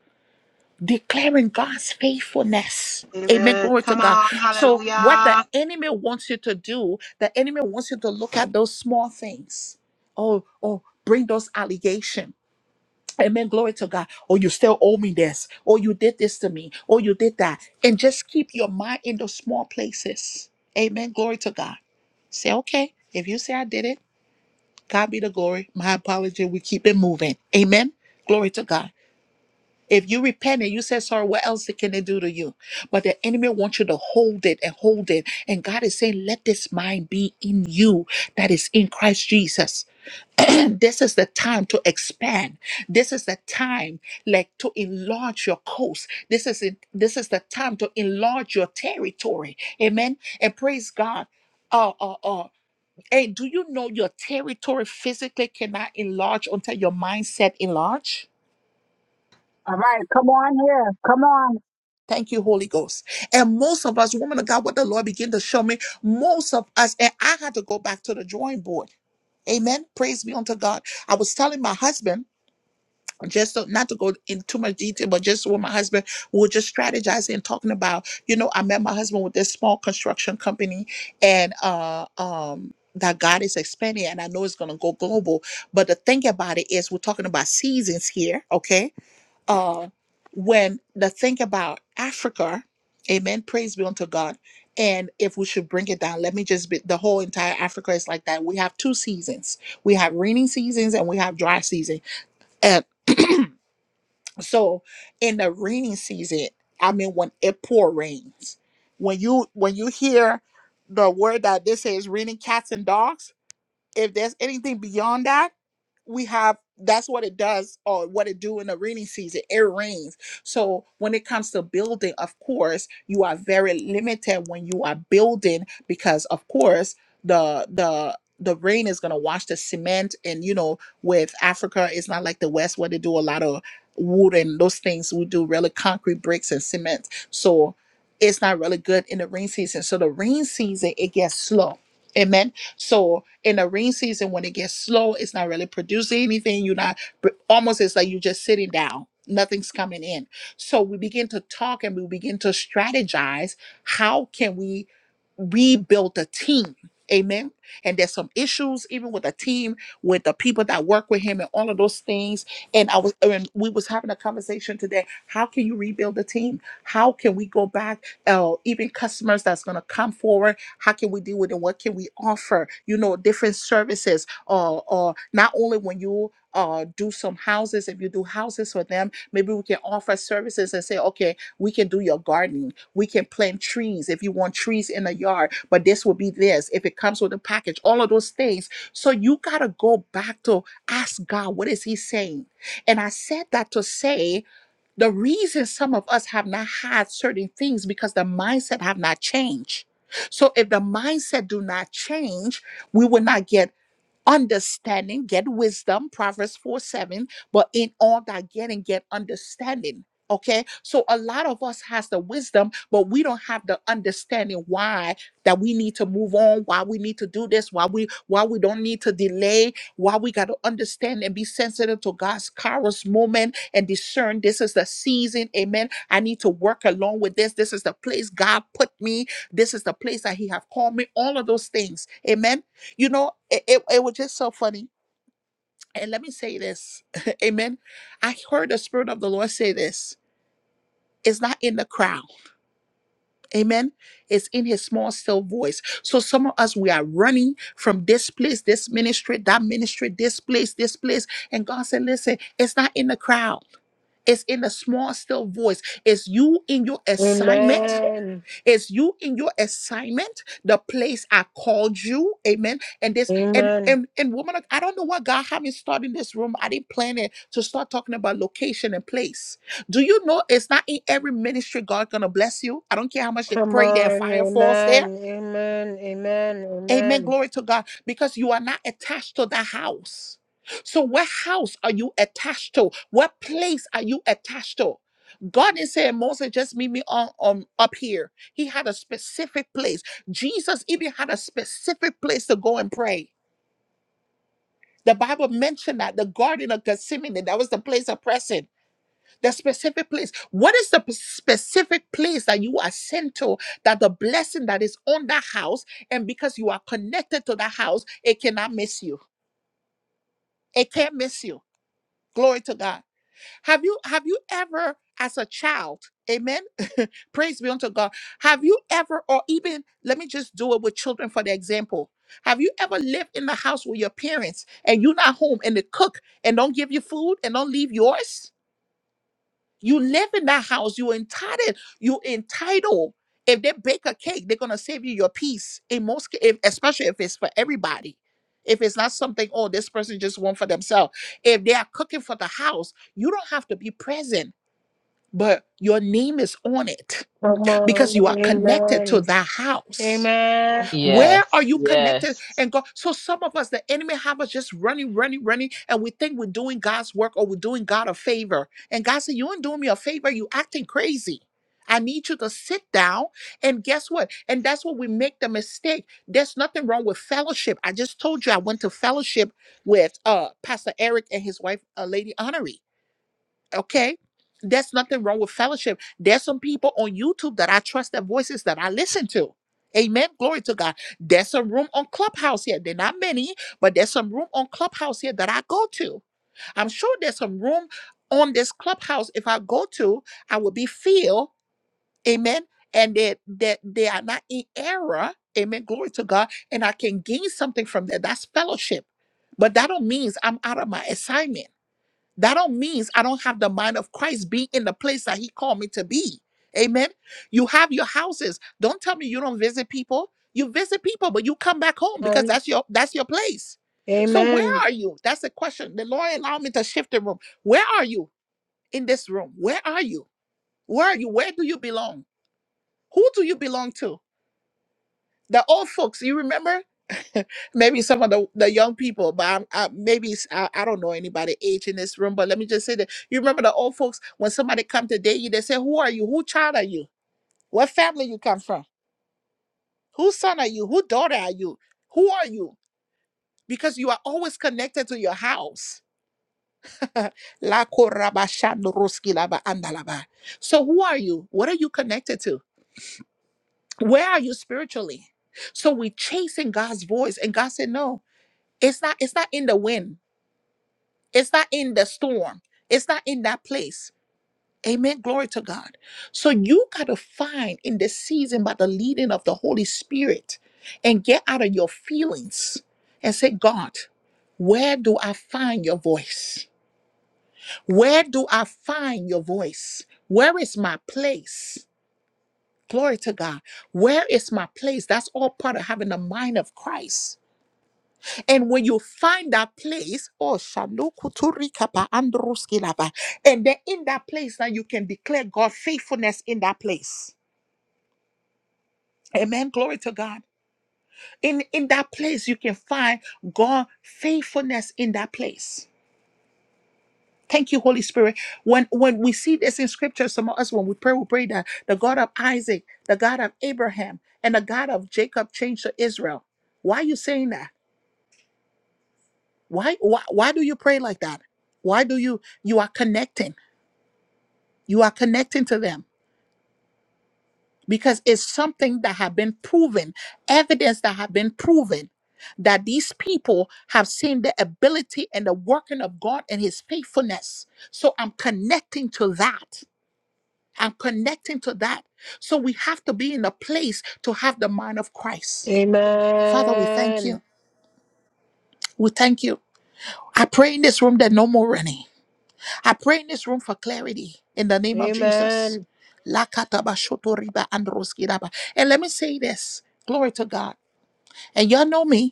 Speaker 1: declaring God's faithfulness. Amen.
Speaker 4: Amen.
Speaker 1: Glory to
Speaker 4: Come
Speaker 1: God.
Speaker 4: on,
Speaker 1: So, what the
Speaker 4: hallelujah.
Speaker 1: enemy wants you to do, the enemy wants you to look at those small things. Oh, oh, bring those allegations Amen. Glory to God. Oh, you still owe me this. Oh, you did this to me. Oh, you did that. And just keep your mind in those small places. Amen. Glory to God. Say, okay, if you say I did it, God be the glory. My apology. We keep it moving. Amen. Glory to God. If you repent and you say sorry, what else can they do to you? But the enemy wants you to hold it and hold it. And God is saying, let this mind be in you that is in Christ Jesus. And this is the time to expand this is the time like to enlarge your coast this is it this is the time to enlarge your territory amen and praise god oh oh oh hey do you know your territory physically cannot enlarge until your mindset enlarge
Speaker 5: All right, come on here. Come on.
Speaker 1: Thank you, Holy Ghost. And most of us, woman of God, what the Lord began to show me, most of us, and I had to go back to the drawing board. Amen. Praise be unto God. I was telling my husband just so, not to go in too much detail, but just with my husband, we were just strategizing and talking about, you know, I met my husband with this small construction company and uh um that God is expanding and I know it's gonna go global. But the thing about it is we're talking about seasons here, okay? Uh when the thing about Africa, amen, praise be unto God. And if we should bring it down, let me just be the whole entire Africa is like that. We have two seasons. We have raining seasons and we have dry season so in the rainy season, I mean when it pour rains, when you when you hear the word that this is raining cats and dogs, if there's anything beyond that we have that's what it does or what it do in the rainy season it rains so when it comes to building of course you are very limited when you are building because of course the the the rain is going to wash the cement and you know with africa it's not like the west where they do a lot of wood and those things we do really concrete bricks and cement so it's not really good in the rain season so the rain season it gets slow amen so in the rain season when it gets slow it's not really producing anything you're not but almost it's like you're just sitting down nothing's coming in so we begin to talk and we begin to strategize how can we rebuild a team amen and there's some issues even with the team with the people that work with him and all of those things and i was and we was having a conversation today how can you rebuild the team how can we go back uh, even customers that's going to come forward how can we deal with it what can we offer you know different services or or not only when you uh, do some houses if you do houses for them maybe we can offer services and say okay we can do your gardening we can plant trees if you want trees in the yard but this will be this if it comes with a package all of those things so you got to go back to ask god what is he saying and i said that to say the reason some of us have not had certain things because the mindset have not changed. So if the mindset do not change, we will not get understanding, get wisdom, Proverbs 4 7. But in all that getting, get understanding. Okay. So a lot of us has the wisdom, but we don't have the understanding why that we need to move on, why we need to do this, why we why we don't need to delay, why we got to understand and be sensitive to God's kairos moment and discern this is the season. Amen. I need to work along with this. This is the place God put me. This is the place that He have called me. All of those things. Amen. You know, it, it, it was just so funny. And let me say this. Amen. I heard the Spirit of the Lord say this. It's not in the crowd. Amen. It's in his small, still voice. So some of us, we are running from this place, this ministry, that ministry, this place, this place. And God said, listen, it's not in the crowd. It's in the small, still voice. It's you in your assignment.
Speaker 4: Amen.
Speaker 1: It's you in your assignment, the place I called you. Amen. And this and
Speaker 4: Amen.
Speaker 1: and and woman, of- I don't know what God had me start in this room. I didn't plan it to start talking about location and place. Do you know it's not in every ministry God gonna bless you? I don't care how much they
Speaker 4: Come
Speaker 1: pray their
Speaker 4: on,
Speaker 1: fire falls there.
Speaker 4: amen. Amen. Amen.
Speaker 1: Amen.
Speaker 4: Amen.
Speaker 1: Glory to God. Because you are not attached to the house. So, what house are you attached to? What place are you attached to? God is saying, Moses, just meet me on, on up here. He had a specific place. Jesus even had a specific place to go and pray. The Bible mentioned that the Garden of Gethsemane, that was the place of pressing. The specific place. What is the p- specific place that you are sent to that the blessing that is on that house, and because you are connected to that house, it cannot miss you. It can't miss you. Glory to God. Have you have you ever as a child, amen? Praise be unto God. Have you ever, or even let me just do it with children for the example. Have you ever lived in the house with your parents and you're not home and they cook and don't give you food and don't leave yours? You live in that house. You entitled. You entitled. If they bake a cake, they're gonna save you your piece. In most, ca- if, especially if it's for everybody, if it's not something, oh, this person just want for themselves. If they are cooking for the house, you don't have to be present, but your name is on it
Speaker 4: Come
Speaker 1: because
Speaker 4: on,
Speaker 1: you are connected to
Speaker 4: amen.
Speaker 1: that house.
Speaker 4: Amen.
Speaker 1: Where are
Speaker 2: Yes,
Speaker 1: you connected
Speaker 2: yes.
Speaker 1: and God? So some of us, the enemy have us just running, running, running, and we think we're doing God's work or we're doing God a favor. And God said, You ain't doing me a favor, you acting crazy. I need you to sit down and guess what? And that's what we make the mistake. There's nothing wrong with fellowship. I just told you I went to fellowship with uh Pastor Eric and his wife, uh, Lady Honoree. Okay. There's nothing wrong with fellowship. There's some people on YouTube that I trust their voices that I listen to. Amen. Glory to God. There's some room on Clubhouse here. they are not many, but there's some room on Clubhouse here that I go to. I'm sure there's some room on this Clubhouse. If I go to, I will be filled. Amen. And that that they are not in error. Amen. Glory to God. And I can gain something from that. That's fellowship. But that don't means I'm out of my assignment. That don't means I don't have the mind of Christ being in the place that He called me to be. Amen. You have your houses. Don't tell me you don't visit people. You visit people, but you come back home because
Speaker 4: Um,
Speaker 1: that's your that's your place. So where
Speaker 4: Amen.
Speaker 1: are you? That's the question. The Lord allowed me to shift the room. Where are you in this room? Where are you? Where are you? Where do you belong? Who do you belong to? The old folks, you remember? maybe some of the, the young people, but I'm, I, maybe it's- I, I don't know anybody age in this room. But let me just say that you remember the old folks when somebody come to date you, they say, "Who are you? Who child are you? What family you come from? Whose son are you? Who daughter are you? Who are you?" Because you are always connected to your house. La koraba shandoroski laba andalaba. So who are you? What are you connected to? Where are you spiritually? So we chasing God's voice, and God said no. It's not, it's not in the wind. It's not in the storm. It's not in that place. Amen. Glory to God. So you got to find in this season by the leading of the Holy Spirit and get out of your feelings and say, God, where do I find your voice? Where do I find your voice? Where is my place? Glory to God. Where is my place? That's all part of having the mind of Christ. And when you find that place, oh Shandukuturikapa Andruskilaba, and then in that place now you can declare God's faithfulness in that place. Amen. Glory to God. In in that place you can find God faithfulness in that place. Thank you, Holy Spirit. When when we see this in scripture, some of us when we pray, we pray that the God of Isaac, the God of Abraham, and the God of Jacob changed to Israel. Why are you saying that? Why why why do you pray like that? Why do you you are connecting? you are connecting to them because it's something that have been proven evidence that have been proven that these people have seen the ability and the working of god and his faithfulness so i'm connecting to that i'm connecting to that so we have to be in a place to have the mind of christ father we thank you
Speaker 4: Amen.
Speaker 1: we thank you i pray in this room that no more running I pray in this room for clarity in the name of Jesus.
Speaker 4: Amen.
Speaker 1: Lakatabashotoriba androskiraba. And let me say this glory to God. And y'all know me.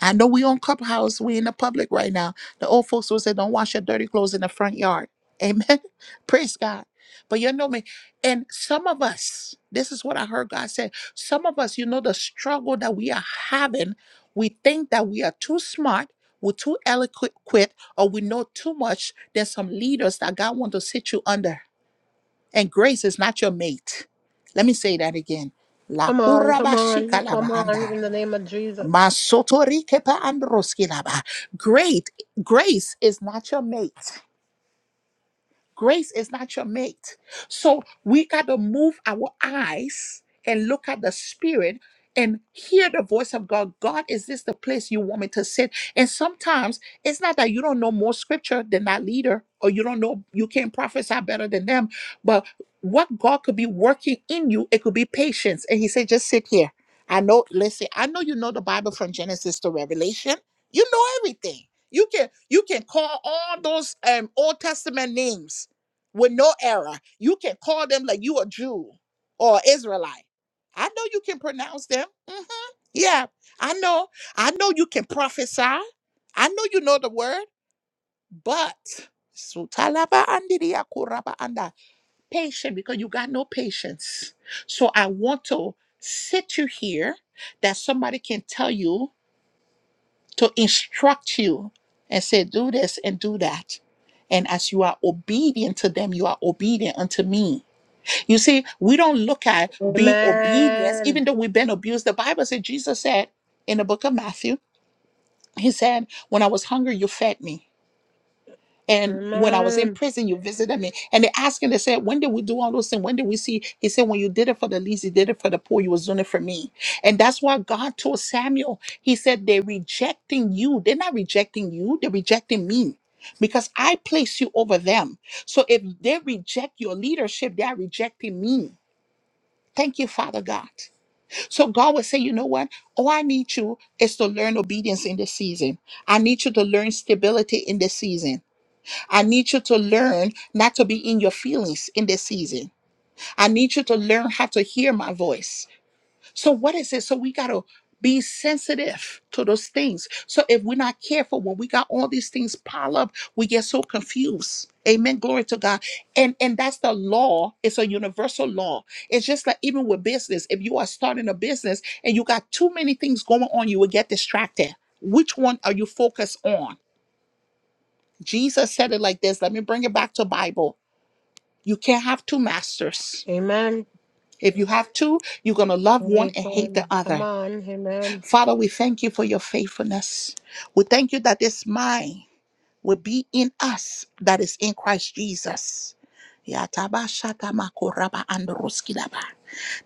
Speaker 1: I know we on Clubhouse, we in the public right now. The old folks will say, don't wash your dirty clothes in the front yard. Amen. Praise God. But you know me. And some of us, this is what I heard God say: Some of us, you know, the struggle that we are having, we think that we are too smart, we're too eloquent, or we know too much. There's some leaders that God wants to sit you under. And grace is not your mate. Let me say that again. La
Speaker 4: Come on,
Speaker 1: kuraba
Speaker 4: come on,
Speaker 1: shika lava
Speaker 4: come on,
Speaker 1: anda.
Speaker 4: in the name of Jesus.
Speaker 1: Masotorikepa androskilaba. Great grace is not your mate. Grace is not your mate. So we got to move our eyes and look at the spirit and hear the voice of God. God, is this the place you want me to sit? And sometimes it's not that you don't know more scripture than that leader or you don't know, you can't prophesy better than them, but what God could be working in you, it could be patience. And He said, just sit here. I know, listen, I know you know the Bible from Genesis to Revelation. You know everything. You can you can call all those um Old Testament names with no error. You can call them like you a Jew or Israelite. I know you can pronounce them. hmm Yeah, I know. I know you can prophesy. I know you know the word, but Sutalaba andiria kuraba anda. patient because you got no patience. So I want to sit you here that somebody can tell you to instruct you and say, do this and do that. And as you are obedient to them, you are obedient unto me. You see, we don't look at being obedience,
Speaker 4: Amen.
Speaker 1: even though we've been abused. The Bible said, Jesus said in the book of Matthew, He said, When I was hungry, you fed me. And when I was in
Speaker 4: Amen.
Speaker 1: prison, you visited me. And they asked him, they said, When did we do all those things? When did we see? He said, When you did it for the least, you did it for the poor, you was doing it for me. And that's why God told Samuel, He said, They're rejecting you. They're not rejecting you, they're rejecting me. Because I place you over them. So if they reject your leadership, they are rejecting me. Thank you, Father God. So God will say, you know what? All I need you is to learn obedience in this season. I need you to learn stability in this season. I need you to learn not to be in your feelings in this season. I need you to learn how to hear my voice. So what is it? So we gotta be sensitive to those things. So if we're not careful, when we got all these things pile up, we get so confused. Amen. Glory to God. And and that's the law. It's a universal law. It's just like even with business. If you are starting a business and you got too many things going on, you will get distracted. Which one are you focused on? Jesus said it like this. Let me bring it back to Bible. You can't have two masters.
Speaker 4: Amen.
Speaker 1: If you have two, you're gonna love one and hate the
Speaker 4: Amen. Come
Speaker 1: other.
Speaker 4: on. Amen.
Speaker 1: Father, we thank you for your faithfulness. We thank you that this mind will be in us that is in Christ Jesus. Yataba shatama koraba androskilaba.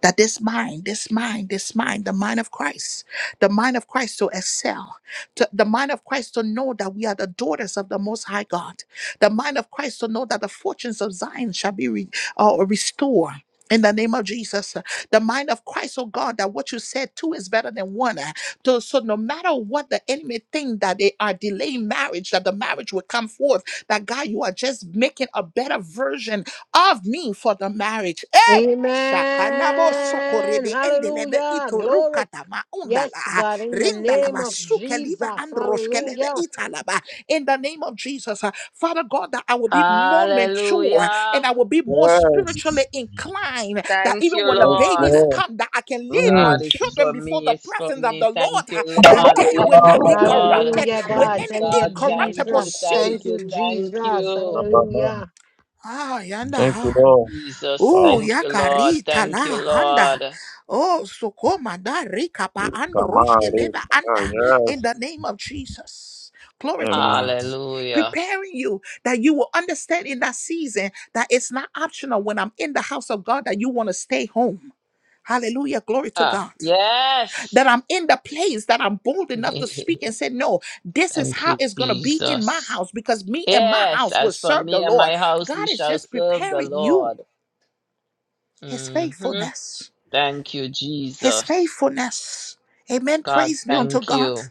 Speaker 1: That this mind, this mind, this mind, the mind of Christ, the mind of Christ to excel to the mind of Christ to know that we are the daughters of the Most High God, the mind of Christ to know that the fortunes of Zion shall be re, uh, restored. In the name of Jesus, the mind of Christ, oh God, that what you said two is better than one. So, so no matter what the enemy think that they are delaying marriage, that the marriage will come forth, that God, you are just making a better version of me for the marriage. Eh? Shakanabo
Speaker 4: Amen.
Speaker 1: sokorebe endelebe
Speaker 4: Hallelujah. Glory.
Speaker 1: itorukatama
Speaker 4: Yes,
Speaker 1: undala
Speaker 4: God, in the
Speaker 1: rindala
Speaker 4: name of
Speaker 1: basukeliba
Speaker 4: Jesus.
Speaker 1: androshkelebe
Speaker 4: Hallelujah.
Speaker 1: italaba. In the name of Jesus, uh, Father God, that I will be more mature and
Speaker 2: Hallelujah.
Speaker 1: I will be more
Speaker 3: Yes,
Speaker 1: spiritually inclined. That
Speaker 2: Thank
Speaker 1: even
Speaker 2: you,
Speaker 1: when the
Speaker 3: yes,
Speaker 1: babies
Speaker 2: Lord.
Speaker 3: Lord.
Speaker 1: come, that I can lead my
Speaker 2: God,
Speaker 3: Mm.
Speaker 2: is
Speaker 1: children
Speaker 2: for
Speaker 1: before
Speaker 2: me.
Speaker 1: the
Speaker 2: It's for
Speaker 1: presence of the
Speaker 2: me.
Speaker 1: Lord.
Speaker 2: Thank you,
Speaker 1: uh, That
Speaker 2: Lord.
Speaker 1: they will
Speaker 2: Thank you,
Speaker 1: not be
Speaker 2: Lord.
Speaker 1: corrupted
Speaker 4: Hallelujah,
Speaker 1: with
Speaker 4: God.
Speaker 1: any
Speaker 4: Thank you,
Speaker 2: God, thank
Speaker 1: incorruptible
Speaker 2: you,
Speaker 4: Jesus.
Speaker 2: thank
Speaker 4: Thank
Speaker 2: you,
Speaker 1: seed.
Speaker 4: you,
Speaker 2: thank
Speaker 4: Jesus.
Speaker 2: you.
Speaker 3: Baba,
Speaker 4: Hallelujah.
Speaker 1: Ah, yanda.
Speaker 3: Thank you,
Speaker 1: ah.
Speaker 3: Lord.
Speaker 2: Jesus,
Speaker 1: Ooh,
Speaker 3: Wow.
Speaker 2: thank you, Lord.
Speaker 1: yakarita
Speaker 2: Thank you,
Speaker 1: la handa.
Speaker 2: Lord.
Speaker 1: Oh, sukoma da rika pa
Speaker 3: Yes,
Speaker 1: and roshke
Speaker 3: Kama, Re,
Speaker 1: leva
Speaker 3: Kama.
Speaker 1: anda. In
Speaker 3: Yes.
Speaker 1: the name of Jesus. Glory to
Speaker 3: Amen.
Speaker 1: God.
Speaker 2: Hallelujah.
Speaker 1: Preparing you that you will understand in that season that it's not optional when I'm in the house of God that you want to stay home. Hallelujah. Glory to
Speaker 2: Ah,
Speaker 1: God.
Speaker 2: yes.
Speaker 1: That I'm in the place that I'm bold enough to speak and
Speaker 2: thank
Speaker 1: say, No, this is how
Speaker 2: you,
Speaker 1: it's going to be in my
Speaker 2: Jesus.
Speaker 1: house because me and my
Speaker 2: Yes,
Speaker 1: house will
Speaker 2: as for
Speaker 1: serve the
Speaker 2: me and
Speaker 1: Lord.
Speaker 2: my house, we
Speaker 1: God is
Speaker 2: shall
Speaker 1: just
Speaker 2: serve the
Speaker 1: preparing you
Speaker 2: Lord.
Speaker 1: his
Speaker 2: hmm
Speaker 1: faithfulness.
Speaker 2: Thank you,
Speaker 1: His
Speaker 2: Jesus.
Speaker 1: faithfulness. Amen.
Speaker 2: God,
Speaker 1: Praise be unto
Speaker 2: thank
Speaker 1: God.
Speaker 2: you.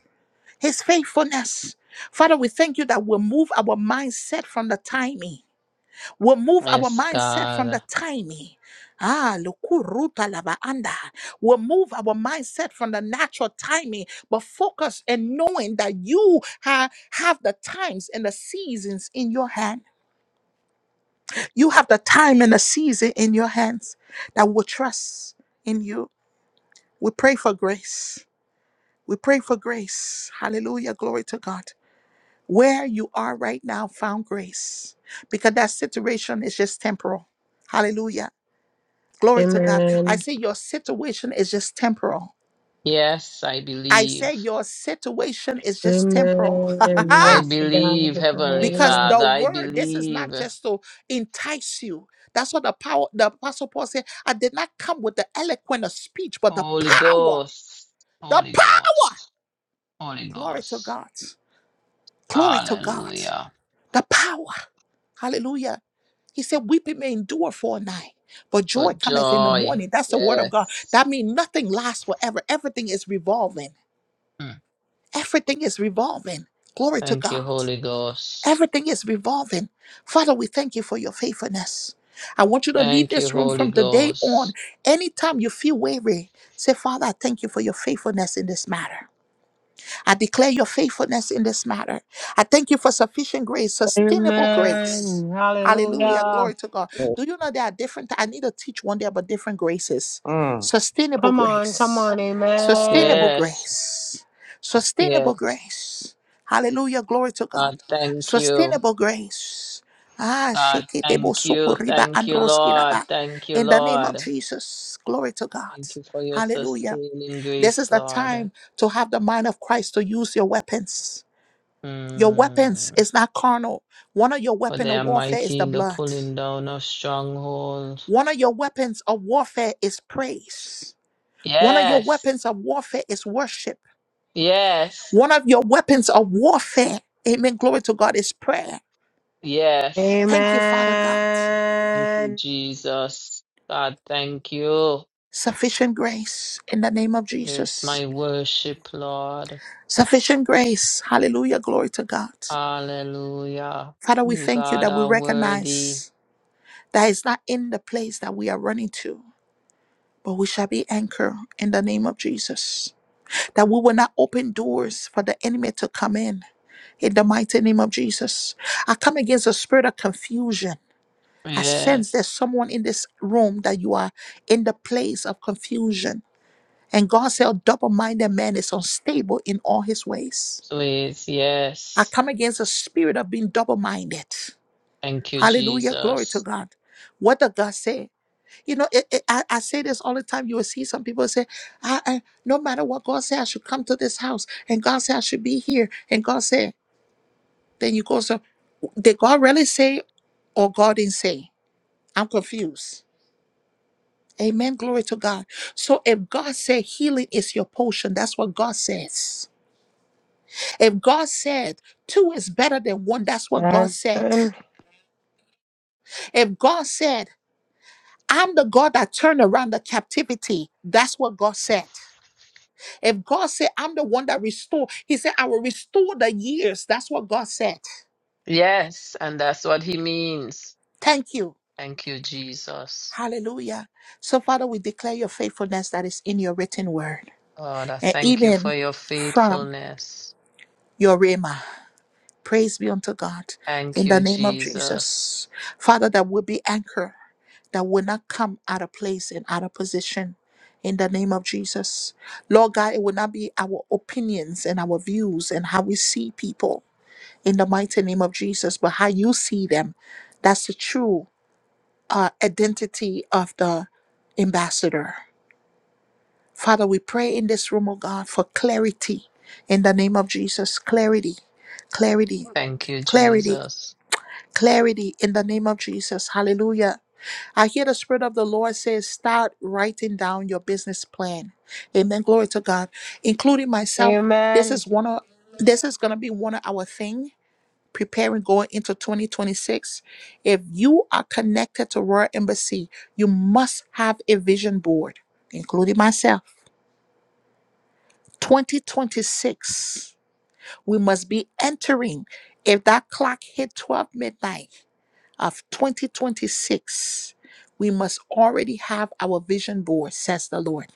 Speaker 1: His faithfulness. Father, we thank you that we'll move our mindset from the timing. We'll move our
Speaker 2: Yes,
Speaker 1: mindset from the
Speaker 2: God.
Speaker 1: timing. Ah, lukuruta labaanda. We'll move our mindset from the natural timing, but focus in knowing that you ha- have the times and the seasons in your hand. You have the time and the season in your hands that we will trust in you. We pray for grace. We pray for grace. Hallelujah. Glory to God. Where you are right now, found grace because that situation is just temporal. Hallelujah. Glory to God. I
Speaker 4: Amen.
Speaker 1: say your situation is just temporal.
Speaker 2: Yes, I
Speaker 1: I say
Speaker 2: believe.
Speaker 1: your situation is just temporal.
Speaker 4: Amen.
Speaker 2: I
Speaker 4: Yes,
Speaker 2: believe,
Speaker 4: God.
Speaker 2: Heavenly
Speaker 1: because
Speaker 4: Hallelujah.
Speaker 1: the
Speaker 2: Father, I
Speaker 1: word, this is
Speaker 2: believe.
Speaker 1: not just to entice you. That's what the power, the apostle Paul said, I did not come with the eloquent of speech, but the
Speaker 2: Holy
Speaker 1: power,
Speaker 2: Ghost,
Speaker 1: the
Speaker 2: Holy
Speaker 1: power.
Speaker 2: Ghost, Holy
Speaker 1: Glory to
Speaker 2: Ghost.
Speaker 1: God. Glory to God.
Speaker 2: Hallelujah.
Speaker 1: The power. Hallelujah. He said, Weeping may endure for a night, but
Speaker 2: For
Speaker 1: joy cometh in the
Speaker 2: joy.
Speaker 1: morning. That's the word of God.
Speaker 2: Yes.
Speaker 1: That means nothing lasts forever. Everything is revolving.
Speaker 2: Mm.
Speaker 1: Everything is revolving. Glory to
Speaker 2: Thank you,
Speaker 1: God.
Speaker 2: Holy Ghost.
Speaker 1: Everything is revolving. Father, we thank you for your faithfulness. I want you to leave
Speaker 2: Thank you,
Speaker 1: this room
Speaker 2: Holy
Speaker 1: from today on.
Speaker 2: Ghost.
Speaker 1: Anytime you feel weary, say, Father, I thank you for your faithfulness in this matter. I declare your faithfulness in this matter. I thank you for sufficient grace, sustainable grace.
Speaker 4: Amen.
Speaker 1: Hallelujah.
Speaker 4: Hallelujah.
Speaker 1: Glory to God.
Speaker 3: Yes.
Speaker 1: Do you know there are different? I need to teach one day about different graces.
Speaker 3: Mm.
Speaker 1: Sustainable
Speaker 4: Come on, come
Speaker 1: grace.
Speaker 4: on.
Speaker 1: Sustainable
Speaker 4: Amen.
Speaker 2: Yes.
Speaker 1: grace. Sustainable
Speaker 2: Yes.
Speaker 1: grace. Hallelujah. Glory to God.
Speaker 2: God, thank you.
Speaker 1: Sustainable grace. Ah,
Speaker 2: God,
Speaker 1: shake it. debo
Speaker 2: thank you.
Speaker 1: sokoriba
Speaker 2: Thank you, Lord.
Speaker 1: androskiraba.
Speaker 2: Thank you,
Speaker 1: In the name of
Speaker 2: Lord.
Speaker 1: Jesus. Glory to God.
Speaker 2: Thank you for your
Speaker 1: Hallelujah.
Speaker 2: sustaining
Speaker 1: This is
Speaker 2: grace,
Speaker 1: the
Speaker 2: Lord.
Speaker 1: time to have the mind of Christ to use your weapons. Your
Speaker 2: Mm.
Speaker 1: weapons is not carnal. One of your
Speaker 2: For
Speaker 1: weapons
Speaker 2: they
Speaker 1: of
Speaker 2: are
Speaker 1: warfare is
Speaker 2: mighty
Speaker 1: the
Speaker 2: in the
Speaker 1: blood.
Speaker 2: pulling down of strongholds.
Speaker 1: One of your weapons of warfare is praise. One of your
Speaker 2: Yes,
Speaker 1: weapons of warfare is worship.
Speaker 2: yes,
Speaker 1: One of your weapons of warfare, amen, glory to God, is prayer.
Speaker 2: yes.
Speaker 1: Thank you, Father God.
Speaker 2: Thank you,
Speaker 4: Amen.
Speaker 2: Jesus. God, thank you.
Speaker 1: Sufficient grace in the name of
Speaker 2: Here's
Speaker 1: Jesus.
Speaker 2: my worship, Lord.
Speaker 1: Sufficient grace. Hallelujah. Glory to God.
Speaker 2: Hallelujah.
Speaker 1: Father, we
Speaker 2: You,
Speaker 1: thank you
Speaker 2: God,
Speaker 1: that we
Speaker 2: are worthy.
Speaker 1: recognize. That is not in the place that we are running to, but we shall be anchored in the name of Jesus. That we will not open doors for the enemy to come in. In the mighty name of Jesus, I come against the spirit of confusion. I sense
Speaker 2: Yes,
Speaker 1: there's someone in this room that you are in the place of confusion. And God said, a double minded man is unstable in all his ways.
Speaker 2: please,
Speaker 1: I
Speaker 2: yes.
Speaker 1: come against the spirit of being double minded.
Speaker 2: Thank you,
Speaker 1: Hallelujah. Glory to
Speaker 2: Jesus.
Speaker 1: God. What did God say? You know, it, it, I, I say this all the time. You will see some people say, I, I, no matter what God said, I should come to this house. And God said, I should be here. And God said, then you go, so did God really say or God didn't say? I'm confused. Amen. Glory to God. So if God said healing is your potion, that's what God says. If God said two is better than one, that's what God said.
Speaker 4: Amen.
Speaker 1: If God said, I'm the God that turned around the captivity, that's what God said. If God said, I'm the one that restore, He said, I will restore the years. That's what God said.
Speaker 2: Yes, and that's what he means.
Speaker 1: Thank you.
Speaker 2: Thank you, Jesus.
Speaker 1: Hallelujah. So, Father, we declare your faithfulness that is in your written word
Speaker 2: Lord, I
Speaker 1: and
Speaker 2: thank you
Speaker 1: even
Speaker 2: for your
Speaker 1: from
Speaker 2: faithfulness.
Speaker 1: your Rhema. Praise be unto God
Speaker 2: Thank
Speaker 1: in the
Speaker 2: you,
Speaker 1: name of
Speaker 2: Jesus.
Speaker 1: Jesus. Father, that will be anchor that will not come out of place and out of position. In the name of Jesus. Lord God, it will not be our opinions and our views and how we see people. in the mighty name of Jesus, but how you see them, that's the true uh, identity of the ambassador. Father, we pray in this room, oh God, for clarity in the name of Jesus. Clarity, clarity,
Speaker 2: Thank you,
Speaker 1: clarity,
Speaker 2: Jesus.
Speaker 1: clarity in the name of Jesus. Hallelujah. I hear the Spirit of the Lord says, start writing down your business plan. Amen. Glory to God. Including myself, this
Speaker 4: Amen.
Speaker 1: is one of this is gonna be one of our thing. preparing going into 2026. If you are connected to Royal Embassy, you must have a vision board, including myself. 2026, we must be entering. If that clock hit 12 midnight of 2026, we must already have our vision board, says the Lord.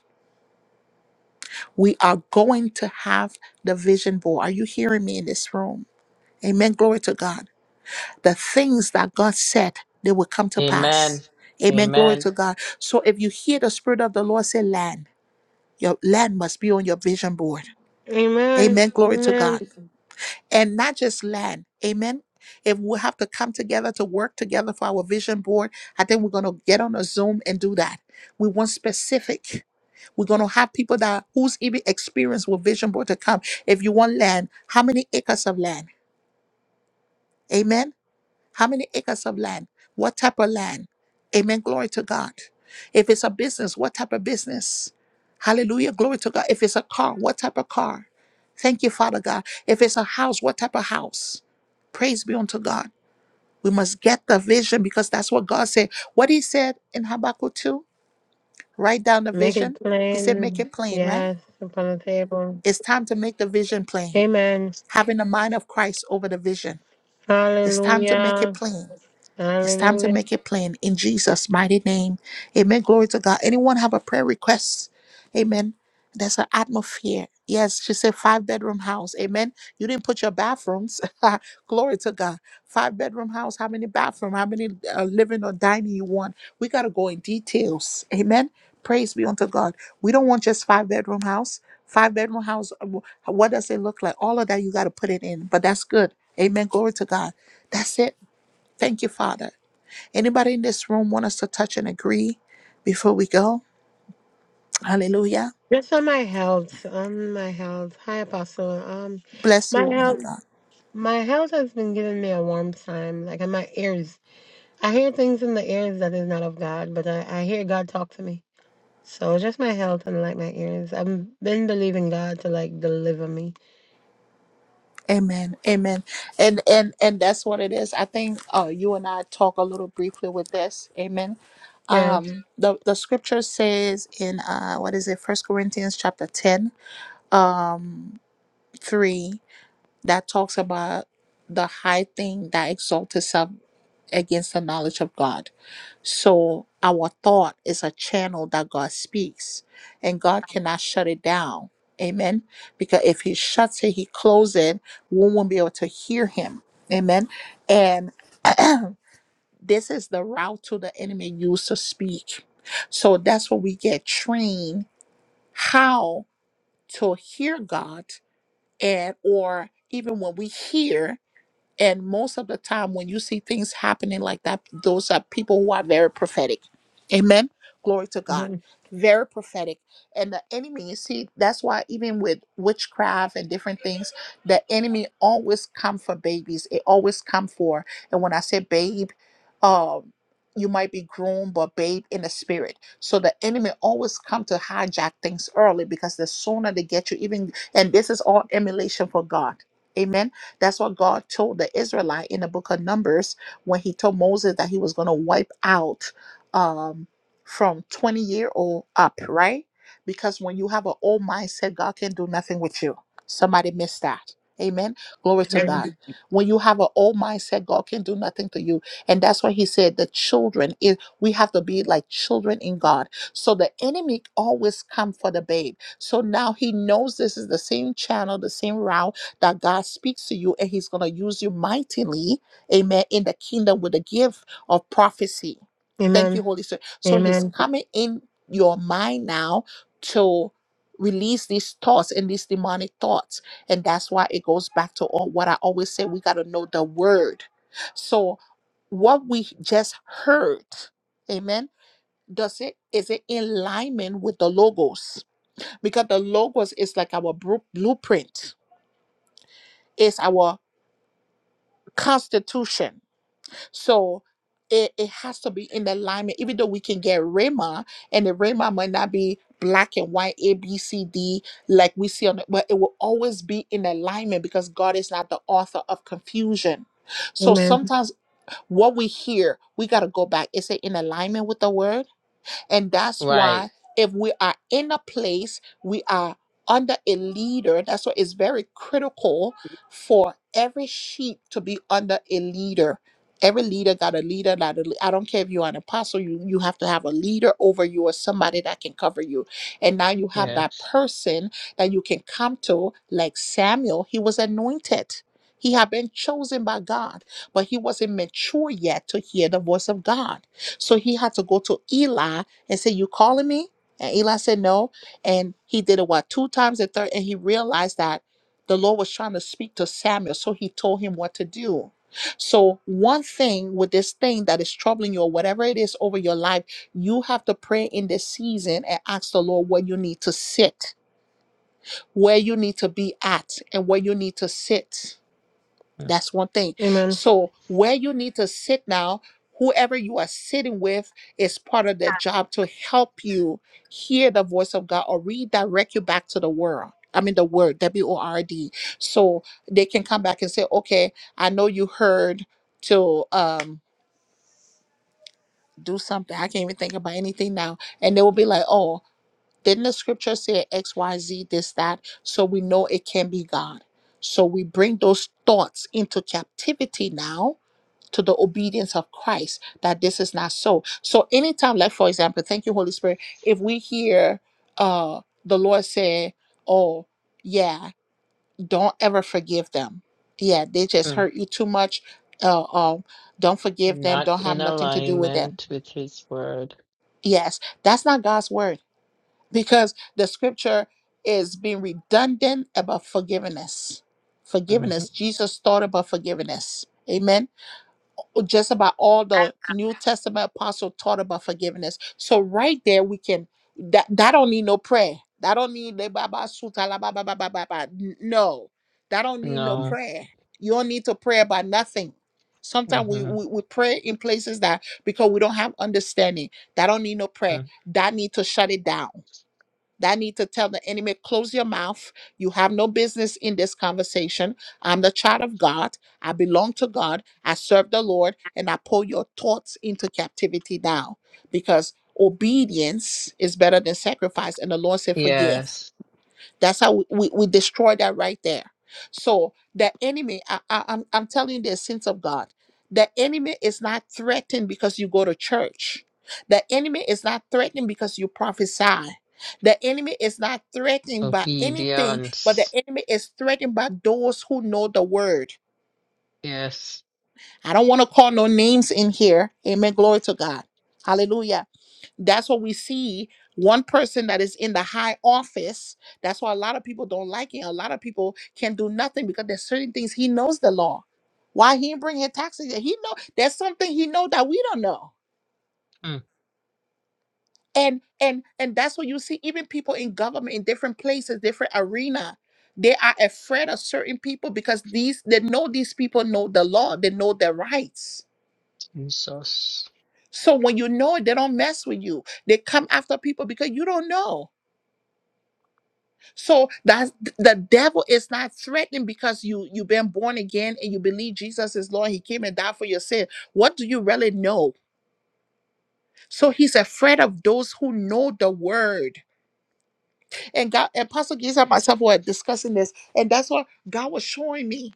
Speaker 1: We are going to have the vision board. Are you hearing me in this room? Amen. Glory to God. the things that God said they will come to pass.
Speaker 2: Amen.
Speaker 1: Amen. Glory to
Speaker 2: Amen.
Speaker 1: God. So if you hear the Spirit of the Lord say land, your land must be on your vision board.
Speaker 4: Amen.
Speaker 1: Amen. Glory to
Speaker 4: Amen.
Speaker 1: God. And not just land. Amen. If we have to come together to work together for our vision board, I think we're going to get on a Zoom and do that. We want specific. We're going to have people that who's even experienced with vision board to come. If you want land, how many acres of land? Amen. How many acres of land? What type of land? Amen. Glory to God. If it's a business, what type of business? Hallelujah. Glory to God. If it's a car, what type of car? Thank you, Father God. If it's a house, what type of house? Praise be unto God. We must get the vision because that's what God said. What He said in Habakkuk 2, write down the
Speaker 4: Make it
Speaker 1: vision. He said, make
Speaker 4: plain.
Speaker 1: it plain, right?
Speaker 4: Yes, upon the table.
Speaker 1: It's time to make the vision plain.
Speaker 4: Amen.
Speaker 1: Having the mind of Christ over the vision. It's time to make it
Speaker 4: Hallelujah.
Speaker 1: plain. It's time to
Speaker 4: Hallelujah.
Speaker 1: make it plain in Jesus' mighty name. Amen. Glory to God. Anyone have a prayer request? Amen. There's an atmosphere. Yes, she said five bedroom house. Amen. You didn't put your bathrooms. Glory to God. Five bedroom house. How many bathroom? How many uh, living or dining you want? We got to go in details. Amen. Praise be unto God. We don't want just five bedroom house. Five bedroom house. uh, wh- What does it look like? All of that you got to put it in. But that's good. Amen. Glory to God. That's it. Thank you, Father. Anybody in this room want us to touch and agree before we go? Hallelujah.
Speaker 4: Just on my health. On my health. Hi, Apostle. Um,
Speaker 1: Bless you,
Speaker 4: my
Speaker 1: woman
Speaker 4: health.
Speaker 1: of God.
Speaker 4: My health has been giving me a warm time. Like in my ears, I hear things in the ears that is not of God, but I, I hear God talk to me. So just my health and like my ears. I've been believing God to like deliver me.
Speaker 1: Amen. Amen. And and and that's what it is. I think uh, you and I talk a little briefly with this. Amen.
Speaker 4: Yeah.
Speaker 1: Um, the the scripture says in uh, what is it? First Corinthians chapter 10, 3. that talks about the high thing that exalts itself against the knowledge of God. So our thought is a channel that God speaks, and God cannot shut it down. Amen. Because if He shuts it, He closes it, we won't be able to hear Him. Amen. And this is the route to the enemy used to speak. So that's what we get trained how to hear God and or even when we hear and most of the time, when you see things happening like that, those are people who are very prophetic. Amen. Glory to God.
Speaker 4: Amen.
Speaker 1: Very prophetic. And the enemy, you see, that's why even with witchcraft and different things, the enemy always come for babies. It always come for. And when I say babe, um, you might be groomed, but babe in the spirit. So the enemy always come to hijack things early because the sooner they get you, even and this is all emulation for God. Amen that's what God told the Israelite in the book of Numbers when he told Moses that he was going to wipe out um, from 20 year old up, right? Because when you have an old mindset, God can do nothing with you. Somebody missed that. Amen. Glory to God. When you have an old mindset, God can do nothing to you. And that's why he said the children is we have to be like children in God. So the enemy always come for the babe. So now he knows this is the same channel, the same route that God speaks to you and he's going to use you mightily, amen, in the kingdom with the gift of prophecy. Thank
Speaker 4: Amen.
Speaker 1: you, Holy Spirit. So he's
Speaker 4: Amen.
Speaker 1: coming in your mind now to release these thoughts and these demonic thoughts. And that's why it goes back to all what I always say we got to know the word. So what we just heard, amen. Does it is it in alignment with the logos? Because the logos is like our bru- blueprint. is our constitution. So it, it has to be in alignment, even though we can get Rhema, and the Rhema might not be black and white, A, B, C, D, like we see on the, but it will always be in alignment because God is not the author of confusion. So
Speaker 4: Amen.
Speaker 1: sometimes what we hear, we got to go back. Is it in alignment with the word? And that's
Speaker 2: Right.
Speaker 1: why if we are in a place, we are under a leader. That's why it's very critical for every sheep to be under a leader. Every leader got a leader. Not a, lea- I don't care if you're an apostle, you, you have to have a leader over you or somebody that can cover you. And now you have that
Speaker 2: Yes.
Speaker 1: person that you can come to, like Samuel. He was anointed, he had been chosen by God, but he wasn't mature yet to hear the voice of God. So he had to go to Eli and said, You calling me? And Eli said, No. And he did it what two times and third, and he realized that the Lord was trying to speak to Samuel, so he told him what to do. So, one thing with this thing that is troubling you, or whatever it is over your life, you have to pray in this season and ask the Lord where you need to sit, where you need to be at, and where you need to sit. That's one thing.
Speaker 4: Amen.
Speaker 1: So where you need to sit now, whoever you are sitting with is part of their job to help you hear the voice of God or redirect you back to the world. I mean the word W O R D. So they can come back and say, okay, I know you heard to um do something. I can't even think about anything now. And they will be like, oh, didn't the scripture say X, Y, Z, this, that? So we know it can be God. So we bring those thoughts into captivity now to the obedience of Christ that this is not so. So anytime, like for example, thank you, Holy Spirit, if we hear uh the Lord say, Oh, yeah, don't ever forgive them. Yeah, they just
Speaker 2: Mhm.
Speaker 1: hurt you too much. Uh, um, don't forgive them,
Speaker 2: Not
Speaker 1: don't have
Speaker 2: in
Speaker 1: nothing to do with them.
Speaker 2: alignment with his word.
Speaker 1: Yes, that's not God's word because the scripture is being redundant about forgiveness.
Speaker 2: hmm
Speaker 1: Forgiveness. Jesus thought about forgiveness. Amen just about all the New Testament apostle taught about forgiveness. So right there we can that that don't need no prayer. That don't need the baba suta la ba ba ba ba ba ba. N- No, that don't need no
Speaker 2: No.
Speaker 1: prayer. You don't need to pray about nothing. Sometimes we,
Speaker 2: hmm
Speaker 1: we we pray in places that because we don't have understanding. That don't need no prayer. That need to shut it down that need to tell the enemy, close your mouth. You have no business in this conversation. I'm the child of God. I belong to God. I serve the Lord, and I pull your thoughts into captivity now because obedience is better than sacrifice. And the Lord said, forgive.
Speaker 2: Yes.
Speaker 1: That's how we, we, we destroy that right there. So the enemy, I, I, I'm, I'm telling you the sins of God. The enemy is not threatened because you go to church. The enemy is not threatened because you prophesy. The enemy is not threatened by anything, but the
Speaker 2: Obedience.
Speaker 1: enemy is threatened by those who know the word.
Speaker 2: Yes.
Speaker 1: I don't want to call no names in here. Amen. Glory to God. Hallelujah that's what we see one person that is in the high office that's why a lot of people don't like him a lot of people can do nothing because there's certain things he knows the law why he didn't bring his taxes he know there's something he know that we don't know
Speaker 2: Mm.
Speaker 1: and and and that's what you see even people in government in different places different arena they are afraid of certain people because these they know these people know the law they know their rights
Speaker 2: Jesus.
Speaker 1: so when you know it they don't mess with you they come after people because you don't know So that's the devil is not threatening because you you've been born again and you believe Jesus is Lord. He came and died for your sin. What do you really know? So he's afraid of those who know the word and God and Pastor Giza and myself were discussing this. And that's what God was showing me.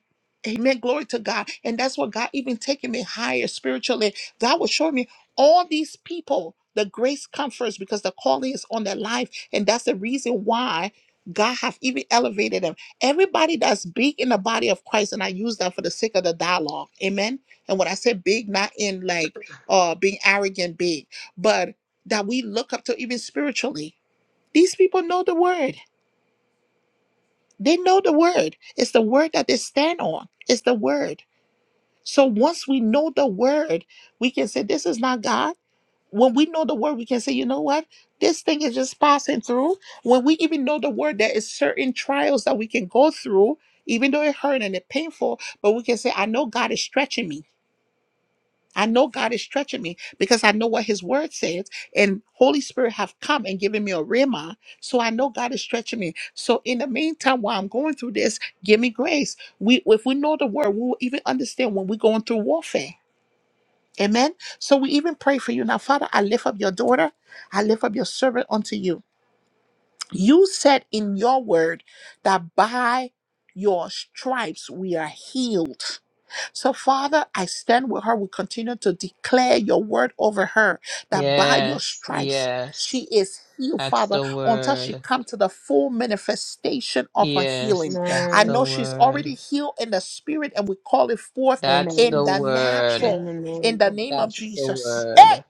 Speaker 1: Amen. Glory to God. And that's what God even taking me higher spiritually. God was showing me all these people, the grace comforts because the calling is on their life. And that's the reason why God have even elevated them. Everybody that's big in the body of Christ, and I use that for the sake of the dialogue. Amen. And when I say big, not in like uh being arrogant big, but that we look up to even spiritually. These people know the word. They know the word. It's the word that they stand on. It's the word. So once we know the word, we can say, This is not God. When we know the word, we can say, You know what? This thing is just passing through. When we even know the word, there is certain trials that we can go through, even though it hurt and it painful, but we can say, I know God is stretching me. I know God is stretching me because I know what His Word says, and Holy Spirit have come and given me a rema. So I know God is stretching me. So in the meantime, while I'm going through this, give me grace. We, if we know the Word, we will even understand when we're going through warfare. Amen. So we even pray for you now, Father. I lift up your daughter. I lift up your servant unto you. You said in your Word that by your stripes we are healed. So, Father, I stand with her. We continue to declare your word over her that by your
Speaker 2: Yes.
Speaker 1: stripes, she
Speaker 2: Yes.
Speaker 1: is healed,
Speaker 2: That's
Speaker 1: Father,
Speaker 2: the
Speaker 1: until she
Speaker 2: word.
Speaker 1: come to the full manifestation of her healing.
Speaker 2: Yes. That's
Speaker 1: I
Speaker 4: Amen.
Speaker 2: the
Speaker 1: know she's already
Speaker 2: word.
Speaker 1: healed in the spirit, and we call it forth
Speaker 2: That's the
Speaker 4: Amen.
Speaker 1: in the
Speaker 2: word.
Speaker 4: In
Speaker 1: natural,
Speaker 4: the
Speaker 1: in
Speaker 4: name
Speaker 1: the
Speaker 4: of
Speaker 1: name of
Speaker 4: Jesus.
Speaker 2: That's the
Speaker 1: Jesus.
Speaker 2: word.
Speaker 1: Hey!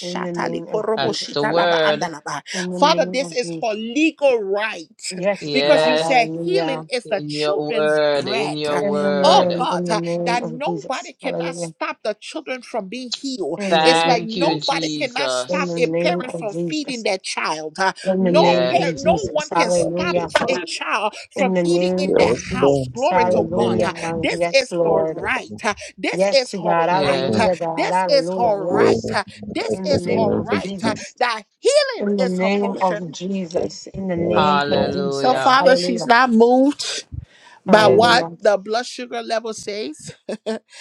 Speaker 4: In the name of
Speaker 1: korobo
Speaker 2: That's the
Speaker 4: Jesus.
Speaker 1: shitalaba
Speaker 2: word.
Speaker 1: andalaba.
Speaker 4: In the
Speaker 1: Father,
Speaker 4: name
Speaker 1: this
Speaker 4: of
Speaker 1: is
Speaker 4: Jesus.
Speaker 1: her legal right
Speaker 4: Yes,
Speaker 1: because you
Speaker 4: God.
Speaker 2: Yes,
Speaker 1: said healing
Speaker 4: Hallelujah.
Speaker 1: is the
Speaker 2: in your
Speaker 1: children's
Speaker 2: word, in
Speaker 1: bread.
Speaker 2: your
Speaker 1: Oh
Speaker 4: Amen.
Speaker 2: word.
Speaker 1: God,
Speaker 4: In the
Speaker 1: uh,
Speaker 4: name
Speaker 1: that
Speaker 4: of
Speaker 1: nobody
Speaker 4: Jesus.
Speaker 1: cannot
Speaker 4: Hallelujah.
Speaker 1: stop the children from being healed.
Speaker 4: In the
Speaker 1: It's
Speaker 4: name of
Speaker 1: like
Speaker 2: Thank you,
Speaker 1: nobody
Speaker 4: Jesus.
Speaker 1: cannot
Speaker 4: In
Speaker 1: stop
Speaker 4: the
Speaker 1: a
Speaker 2: Jesus.
Speaker 4: name
Speaker 1: parent
Speaker 4: of
Speaker 1: from feeding
Speaker 4: Jesus.
Speaker 1: their child. uh,
Speaker 4: In the
Speaker 1: No
Speaker 4: name of
Speaker 2: Yes,
Speaker 1: parent, no
Speaker 4: Jesus.
Speaker 1: one can
Speaker 3: about
Speaker 1: stop
Speaker 4: Hallelujah.
Speaker 3: Jesus.
Speaker 1: a child
Speaker 4: In
Speaker 1: from
Speaker 4: the
Speaker 1: eating
Speaker 4: name
Speaker 1: in their
Speaker 3: Yes,
Speaker 4: of
Speaker 1: house.
Speaker 3: Lord.
Speaker 4: Jesus.
Speaker 1: Glory
Speaker 3: In the
Speaker 1: to
Speaker 3: name
Speaker 1: God.
Speaker 4: Hallelujah.
Speaker 1: uh, This
Speaker 4: Yes,
Speaker 1: is her
Speaker 3: of
Speaker 4: Lord.
Speaker 1: right.
Speaker 3: Jesus.
Speaker 1: uh, This
Speaker 4: Yes,
Speaker 1: is her
Speaker 4: God.
Speaker 1: right. uh,
Speaker 3: Mm,
Speaker 2: yes.
Speaker 4: Hallelujah, God.
Speaker 1: This is
Speaker 4: Hallelujah.
Speaker 1: her
Speaker 3: Lord,
Speaker 1: right.
Speaker 4: Yes.
Speaker 1: uh,
Speaker 3: in
Speaker 1: This
Speaker 4: In the
Speaker 3: the
Speaker 1: is
Speaker 4: name
Speaker 1: her
Speaker 3: name
Speaker 4: of
Speaker 3: of
Speaker 1: right. uh,
Speaker 3: Jesus.
Speaker 4: Jesus.
Speaker 1: That healing
Speaker 4: In the
Speaker 1: is her
Speaker 4: name
Speaker 1: potion.
Speaker 4: of Jesus, in the name
Speaker 3: Yes,
Speaker 4: of
Speaker 3: Lord.
Speaker 1: So,
Speaker 4: Jesus,
Speaker 2: Hallelujah.
Speaker 1: Father, she's
Speaker 4: hallelujah,
Speaker 1: not moved by
Speaker 3: Mm,
Speaker 1: what
Speaker 4: hallelujah.
Speaker 1: the blood sugar level says.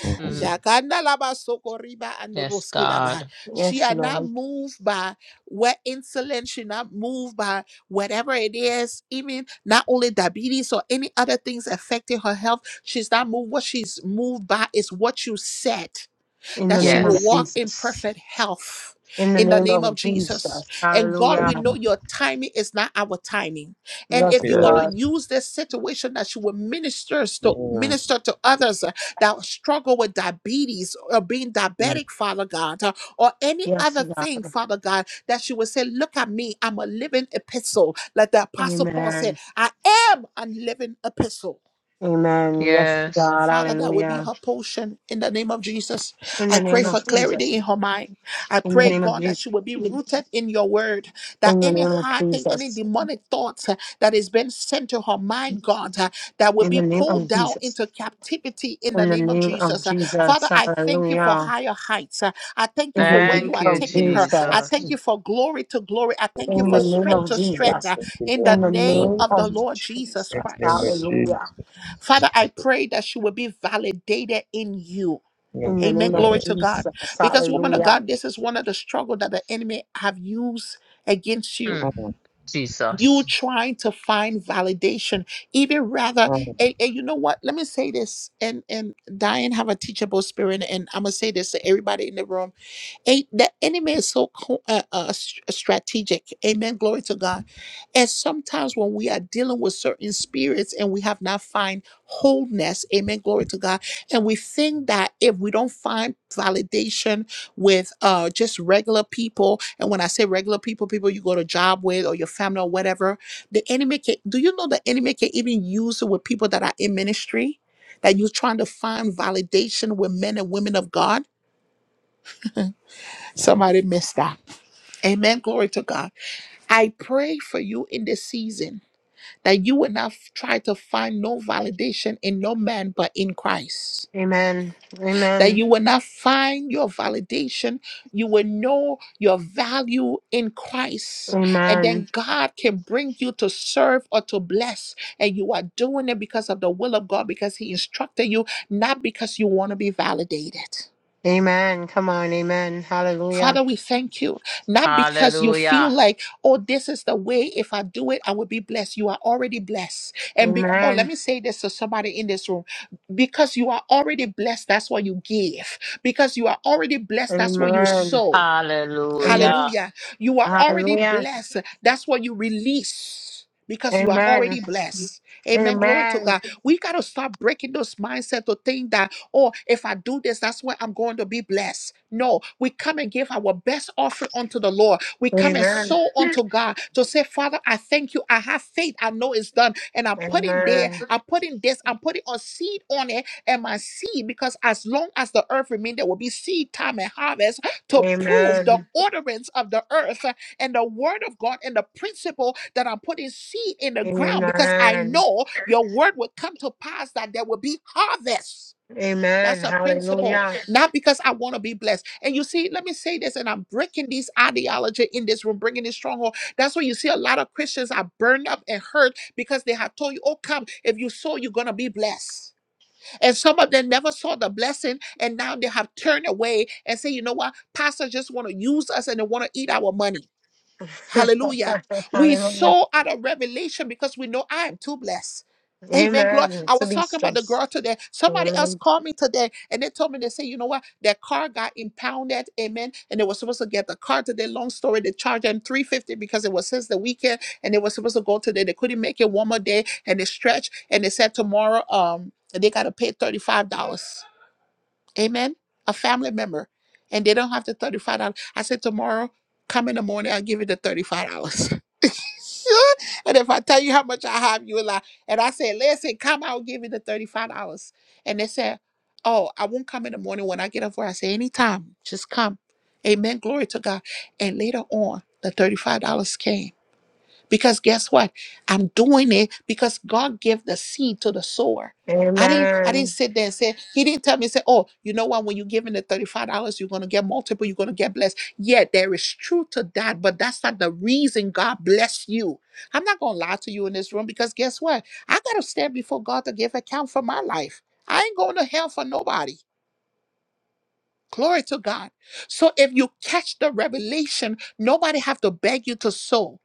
Speaker 3: mhm.
Speaker 2: Mhm.
Speaker 1: Jakanda laba sokoriba and
Speaker 2: Yes,
Speaker 1: roski laba.
Speaker 2: God.
Speaker 1: She
Speaker 4: Yes,
Speaker 1: are not
Speaker 4: Lord,
Speaker 1: moved by what insulin, she not moved by whatever it is, even not only diabetes or any other things affecting her health. She's not moved. What she's moved by is what you said
Speaker 4: in
Speaker 1: that
Speaker 4: the
Speaker 1: she
Speaker 4: name of
Speaker 1: will
Speaker 2: Yes,
Speaker 1: walk in
Speaker 4: Jesus,
Speaker 1: perfect health
Speaker 4: in the
Speaker 1: in the
Speaker 4: name
Speaker 1: name of
Speaker 4: of Jesus,
Speaker 1: Jesus. And God, we
Speaker 4: hallelujah.
Speaker 1: know
Speaker 3: Amen.
Speaker 1: your timing is not our timing. And if
Speaker 4: Yes,
Speaker 1: you're gonna
Speaker 3: Yes.
Speaker 4: Lord,
Speaker 1: use this situation that you will minister to
Speaker 3: Mm,
Speaker 1: minister to others uh, that struggle with diabetes or being
Speaker 3: mm.
Speaker 1: diabetic, Father God, uh, or any
Speaker 4: yes,
Speaker 1: other thing,
Speaker 4: God,
Speaker 1: Father God, that you will say, Look at me, I'm a living epistle. Like the apostle Paul said,
Speaker 4: amen,
Speaker 1: I am a living epistle.
Speaker 4: amen. Yes,
Speaker 2: yes.
Speaker 4: God,
Speaker 1: Father, that will be
Speaker 4: hallelujah.
Speaker 1: her portion in the name of Jesus.
Speaker 4: In
Speaker 1: I
Speaker 4: the
Speaker 1: pray
Speaker 4: name
Speaker 1: for
Speaker 4: of Jesus,
Speaker 1: clarity in her mind. I
Speaker 4: in the
Speaker 1: pray,
Speaker 4: name of
Speaker 1: God, that
Speaker 4: Jesus,
Speaker 1: she will be rooted in your word. That
Speaker 4: in the
Speaker 1: any
Speaker 4: name of
Speaker 1: hard thing, any
Speaker 4: Jesus,
Speaker 1: demonic thoughts uh, that is being sent to her mind, God, uh, that will
Speaker 4: in the
Speaker 1: be
Speaker 4: name
Speaker 1: pulled
Speaker 4: of
Speaker 1: down
Speaker 4: Jesus,
Speaker 1: into captivity in the
Speaker 4: in the
Speaker 1: name of
Speaker 4: name of
Speaker 1: Jesus. Uh,
Speaker 4: Jesus,
Speaker 1: Father, I thank you for
Speaker 4: hallelujah.
Speaker 1: higher heights. Uh, I thank you
Speaker 4: In the
Speaker 1: for where you
Speaker 4: name
Speaker 2: Thank
Speaker 1: are
Speaker 2: you,
Speaker 4: of
Speaker 1: taking her. I
Speaker 4: Jesus,
Speaker 1: thank
Speaker 2: Jesus.
Speaker 1: you for glory to glory. I
Speaker 3: Thank
Speaker 1: thank you
Speaker 3: you,
Speaker 4: In
Speaker 1: for
Speaker 4: the
Speaker 3: Lord.
Speaker 4: name
Speaker 1: strength
Speaker 3: Thank
Speaker 4: of
Speaker 1: to
Speaker 3: you, Lord.
Speaker 1: strength
Speaker 4: Jesus.
Speaker 1: uh,
Speaker 3: Thank you,
Speaker 1: in
Speaker 3: Lord.
Speaker 1: the
Speaker 4: In the
Speaker 1: name
Speaker 4: name
Speaker 3: Lord,
Speaker 1: of the
Speaker 4: of
Speaker 1: Lord
Speaker 4: Jesus.
Speaker 1: Jesus
Speaker 3: In the name of
Speaker 1: Christ.
Speaker 4: Hallelujah.
Speaker 3: Jesus.
Speaker 1: Father, I pray that she will be validated in you.
Speaker 3: Mm,
Speaker 4: In the
Speaker 1: Amen.
Speaker 4: name of
Speaker 3: Yes.
Speaker 1: Glory to God.
Speaker 4: Jesus.
Speaker 1: Because, woman of
Speaker 4: Hallelujah.
Speaker 1: God, this is one of the struggle that the enemy have used against you.
Speaker 2: Mm,
Speaker 3: Mm,
Speaker 1: You
Speaker 2: Jesus.
Speaker 1: trying to find validation, even rather,
Speaker 3: mm.
Speaker 1: and, and you know what? Let me say this, and and Diane have a teachable spirit, and I'm gonna say this to everybody in the room a- the enemy is so co- uh, uh, s- strategic. Amen. Glory to God. And sometimes when we are dealing with certain spirits and we have not find wholeness, amen. Glory to God. And we think that if we don't find validation with uh, just regular people, and when I say regular people, people you go to job with or your family or whatever, the enemy can. Do you know the enemy can even use it with people that are in ministry? That you're trying to find validation with men and women of God. Somebody missed that. Amen. Glory to God. I pray for you in this season that you will not f- try to find no validation in no man but in Christ.
Speaker 4: Amen.
Speaker 1: That
Speaker 4: Amen.
Speaker 1: you will not find your validation. You will know your value in Christ. And
Speaker 4: Amen.
Speaker 1: then God can bring you to serve or to bless. And you are doing it because of the will of God, because He instructed you, not because you want to be validated.
Speaker 4: Amen. Come on. Amen.
Speaker 1: Father,
Speaker 4: Hallelujah.
Speaker 1: we thank you. Not because you feel
Speaker 2: Hallelujah.
Speaker 1: like, oh, this is the way. If I do it, I will be blessed. You are already blessed. And be- oh, let
Speaker 4: Amen.
Speaker 1: me say this to somebody in this room. Because you are already blessed, that's what you give. Because you are already blessed, that's what you
Speaker 4: Amen.
Speaker 1: sow.
Speaker 4: Amen.
Speaker 2: Hallelujah.
Speaker 1: Hallelujah. You are already
Speaker 4: Hallelujah.
Speaker 1: blessed. That's what you release because you are
Speaker 4: Amen.
Speaker 1: already blessed.
Speaker 4: Amen.
Speaker 1: Amen. Glory to God. We got to stop breaking those mindset to think that, oh, if I do this, that's where I'm going to be blessed. No, we come and give our best offering unto the Lord. We come and
Speaker 4: Amen.
Speaker 1: sow unto God to say, Father, I thank you. I have faith. I know it's done. And I'm putting there,
Speaker 4: Amen.
Speaker 1: I'm putting this, I'm putting a seed on it and my seed, because as long as the earth remains, there will be seed time and harvest to prove the
Speaker 4: Amen.
Speaker 1: ordinance of the earth uh, and the word of God and the principle that I'm putting seed in the ground because I
Speaker 4: Amen.
Speaker 1: know your word would come to pass that there will be harvest.
Speaker 4: Amen.
Speaker 1: That's a principle,
Speaker 4: Hallelujah.
Speaker 1: not because I want to be blessed. And you see, let me say this, and I'm breaking this ideology in this room, bringing this stronghold. That's why you see a lot of Christians are burned up and hurt because they have told you, oh, come, if you sow, you're going to be blessed. And some of them never saw the blessing, and now they have turned away and say, you know what, pastor just want to use us and they want to eat our money. Hallelujah. We
Speaker 4: Hallelujah.
Speaker 1: so out of revelation because we know I am too blessed. Amen. Glory.
Speaker 4: Amen.
Speaker 1: I
Speaker 4: To
Speaker 1: was
Speaker 4: be
Speaker 1: talking about
Speaker 4: strong.
Speaker 1: the girl today. Somebody else
Speaker 4: Amen.
Speaker 1: called me today and they told me they say, you know what? Their car got impounded. Amen. And they were supposed to get the car today. Long story. They charged them 350 because it was since the weekend and they were supposed to go today. They couldn't make it one more day and they stretched and they said tomorrow um they gotta pay $35. Amen. A family member. And they don't have the $35. I said, tomorrow, come in the morning, I'll give you the $35. and if I tell you how much I have, you will lie. And I said, listen, come, I'll give you the $35. And they said, oh, I won't come in the morning when I get up work. I say, anytime, just come. Amen. Glory to God. And later on, the $35 came. Because guess what? I'm doing it because God gave the seed to the sower. I didn't I didn't
Speaker 4: Amen.
Speaker 1: sit there and say, he didn't tell me, say, oh, you know what, when you give in the $35, you're gonna get multiple, you're gonna get blessed. Yeah, there is truth to that, but that's not the reason God bless you. I'm not gonna lie to you in this room because guess what? I gotta stand before God to give account for my life. I ain't going to hell for nobody. Glory to God. So if you catch the revelation, nobody have to beg you to sow.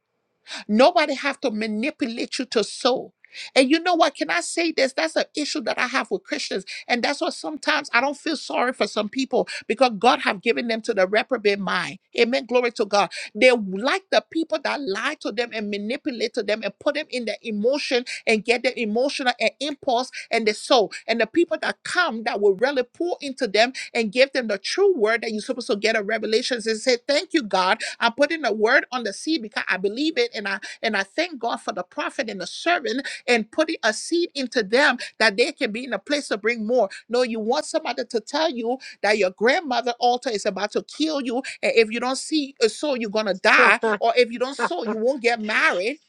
Speaker 1: Nobody have to manipulate you to sow. And you know what? Can I say this? That's an issue that I have with Christians. And that's why sometimes I don't feel sorry for some people because God have given them to the reprobate mind. Amen. Glory to God. They like the people that lie to them and manipulate to them and put them in their emotion and get their emotional and impulse and the soul. And the people that come that will really pour into them and give them the true word that you're supposed to get a revelations and say, Thank you, God. I'm putting a word on the seed because I believe it and I and I thank God for the prophet and the servant and putting a seed into them that they can be in a place to bring more. No, you want somebody to tell you that your grandmother altar is about to kill you, and if you don't see a soul, you're gonna die, or if you don't sow, you won't get married.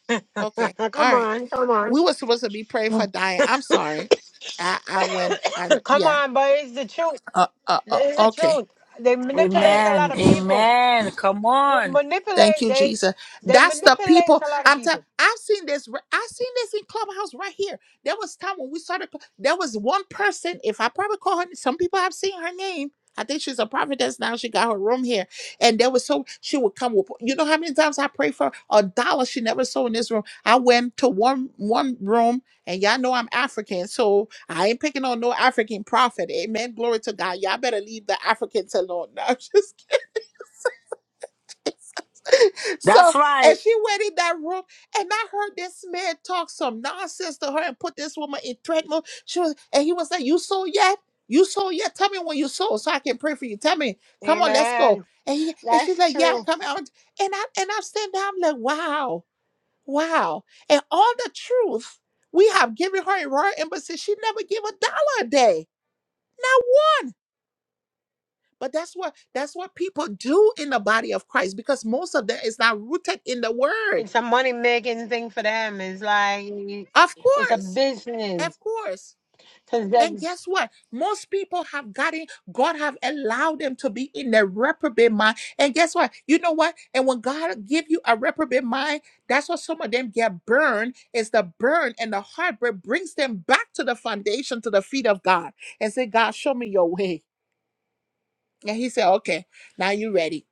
Speaker 1: Okay, all
Speaker 4: come
Speaker 1: right.
Speaker 4: on, come on.
Speaker 1: We were supposed to be praying for Diane. I'm sorry. I I went. I don't-
Speaker 4: Come
Speaker 1: yeah.
Speaker 4: on, but it's the truth.
Speaker 1: Uh, uh, uh,
Speaker 4: It's the
Speaker 1: okay.
Speaker 4: truth. They
Speaker 1: All right.
Speaker 4: manipulate a lot
Speaker 6: Amen.
Speaker 4: of people.
Speaker 6: Amen. Come on.
Speaker 1: Thank
Speaker 4: Manipulate
Speaker 1: you,
Speaker 4: they
Speaker 1: Jesus.
Speaker 4: they
Speaker 1: That's the
Speaker 4: manipulate
Speaker 1: people.
Speaker 4: a lot of
Speaker 1: I'm telling.
Speaker 4: people.
Speaker 1: I've seen this. r- I've seen this in Clubhouse right here. There was time when we started. cl- There was one person. If I probably call her, some people have seen her name. I think she's a prophetess now. She got her room here, and there was so she would come with. You know how many times I prayed for a dollar she never sold in this room. I went to one one room, and y'all know I'm African, so I ain't picking on no African prophet. Amen. Glory to God. Y'all better leave the Africans alone now. So,
Speaker 6: That's
Speaker 1: and
Speaker 6: right.
Speaker 1: she went in that room, and I heard this man talk some nonsense to her and put this woman in threat mode. She was, and he was like, "You sold yet? You sold yet? Tell me when you sold, so I can pray for you. Tell me, come on, let's go."
Speaker 4: Amen.
Speaker 1: And he and she's
Speaker 4: That's
Speaker 1: like, "Yeah, I'm
Speaker 4: true.
Speaker 1: coming." out." And I and I'm standing there, I'm like, "Wow, wow!" And all the truth we have given her in royal embassy, she never gave a dollar a day, not one. But that's what that's what people do in the body of Christ because most of them is not rooted in the word.
Speaker 4: It's a money making thing for them. It's like
Speaker 1: Of
Speaker 4: it's a
Speaker 1: course.
Speaker 4: business.
Speaker 1: Of course.
Speaker 4: Cause
Speaker 1: And
Speaker 4: that's
Speaker 1: guess what? Most people have gotten, God have allowed them to be in their reprobate mind. And guess what? You know what? And when God give you a reprobate mind, that's what some of them get burned. Is the burn and the heartbreak brings them back to the foundation, to the feet of God. And say, God, show me your way. And he said, okay, now you ready.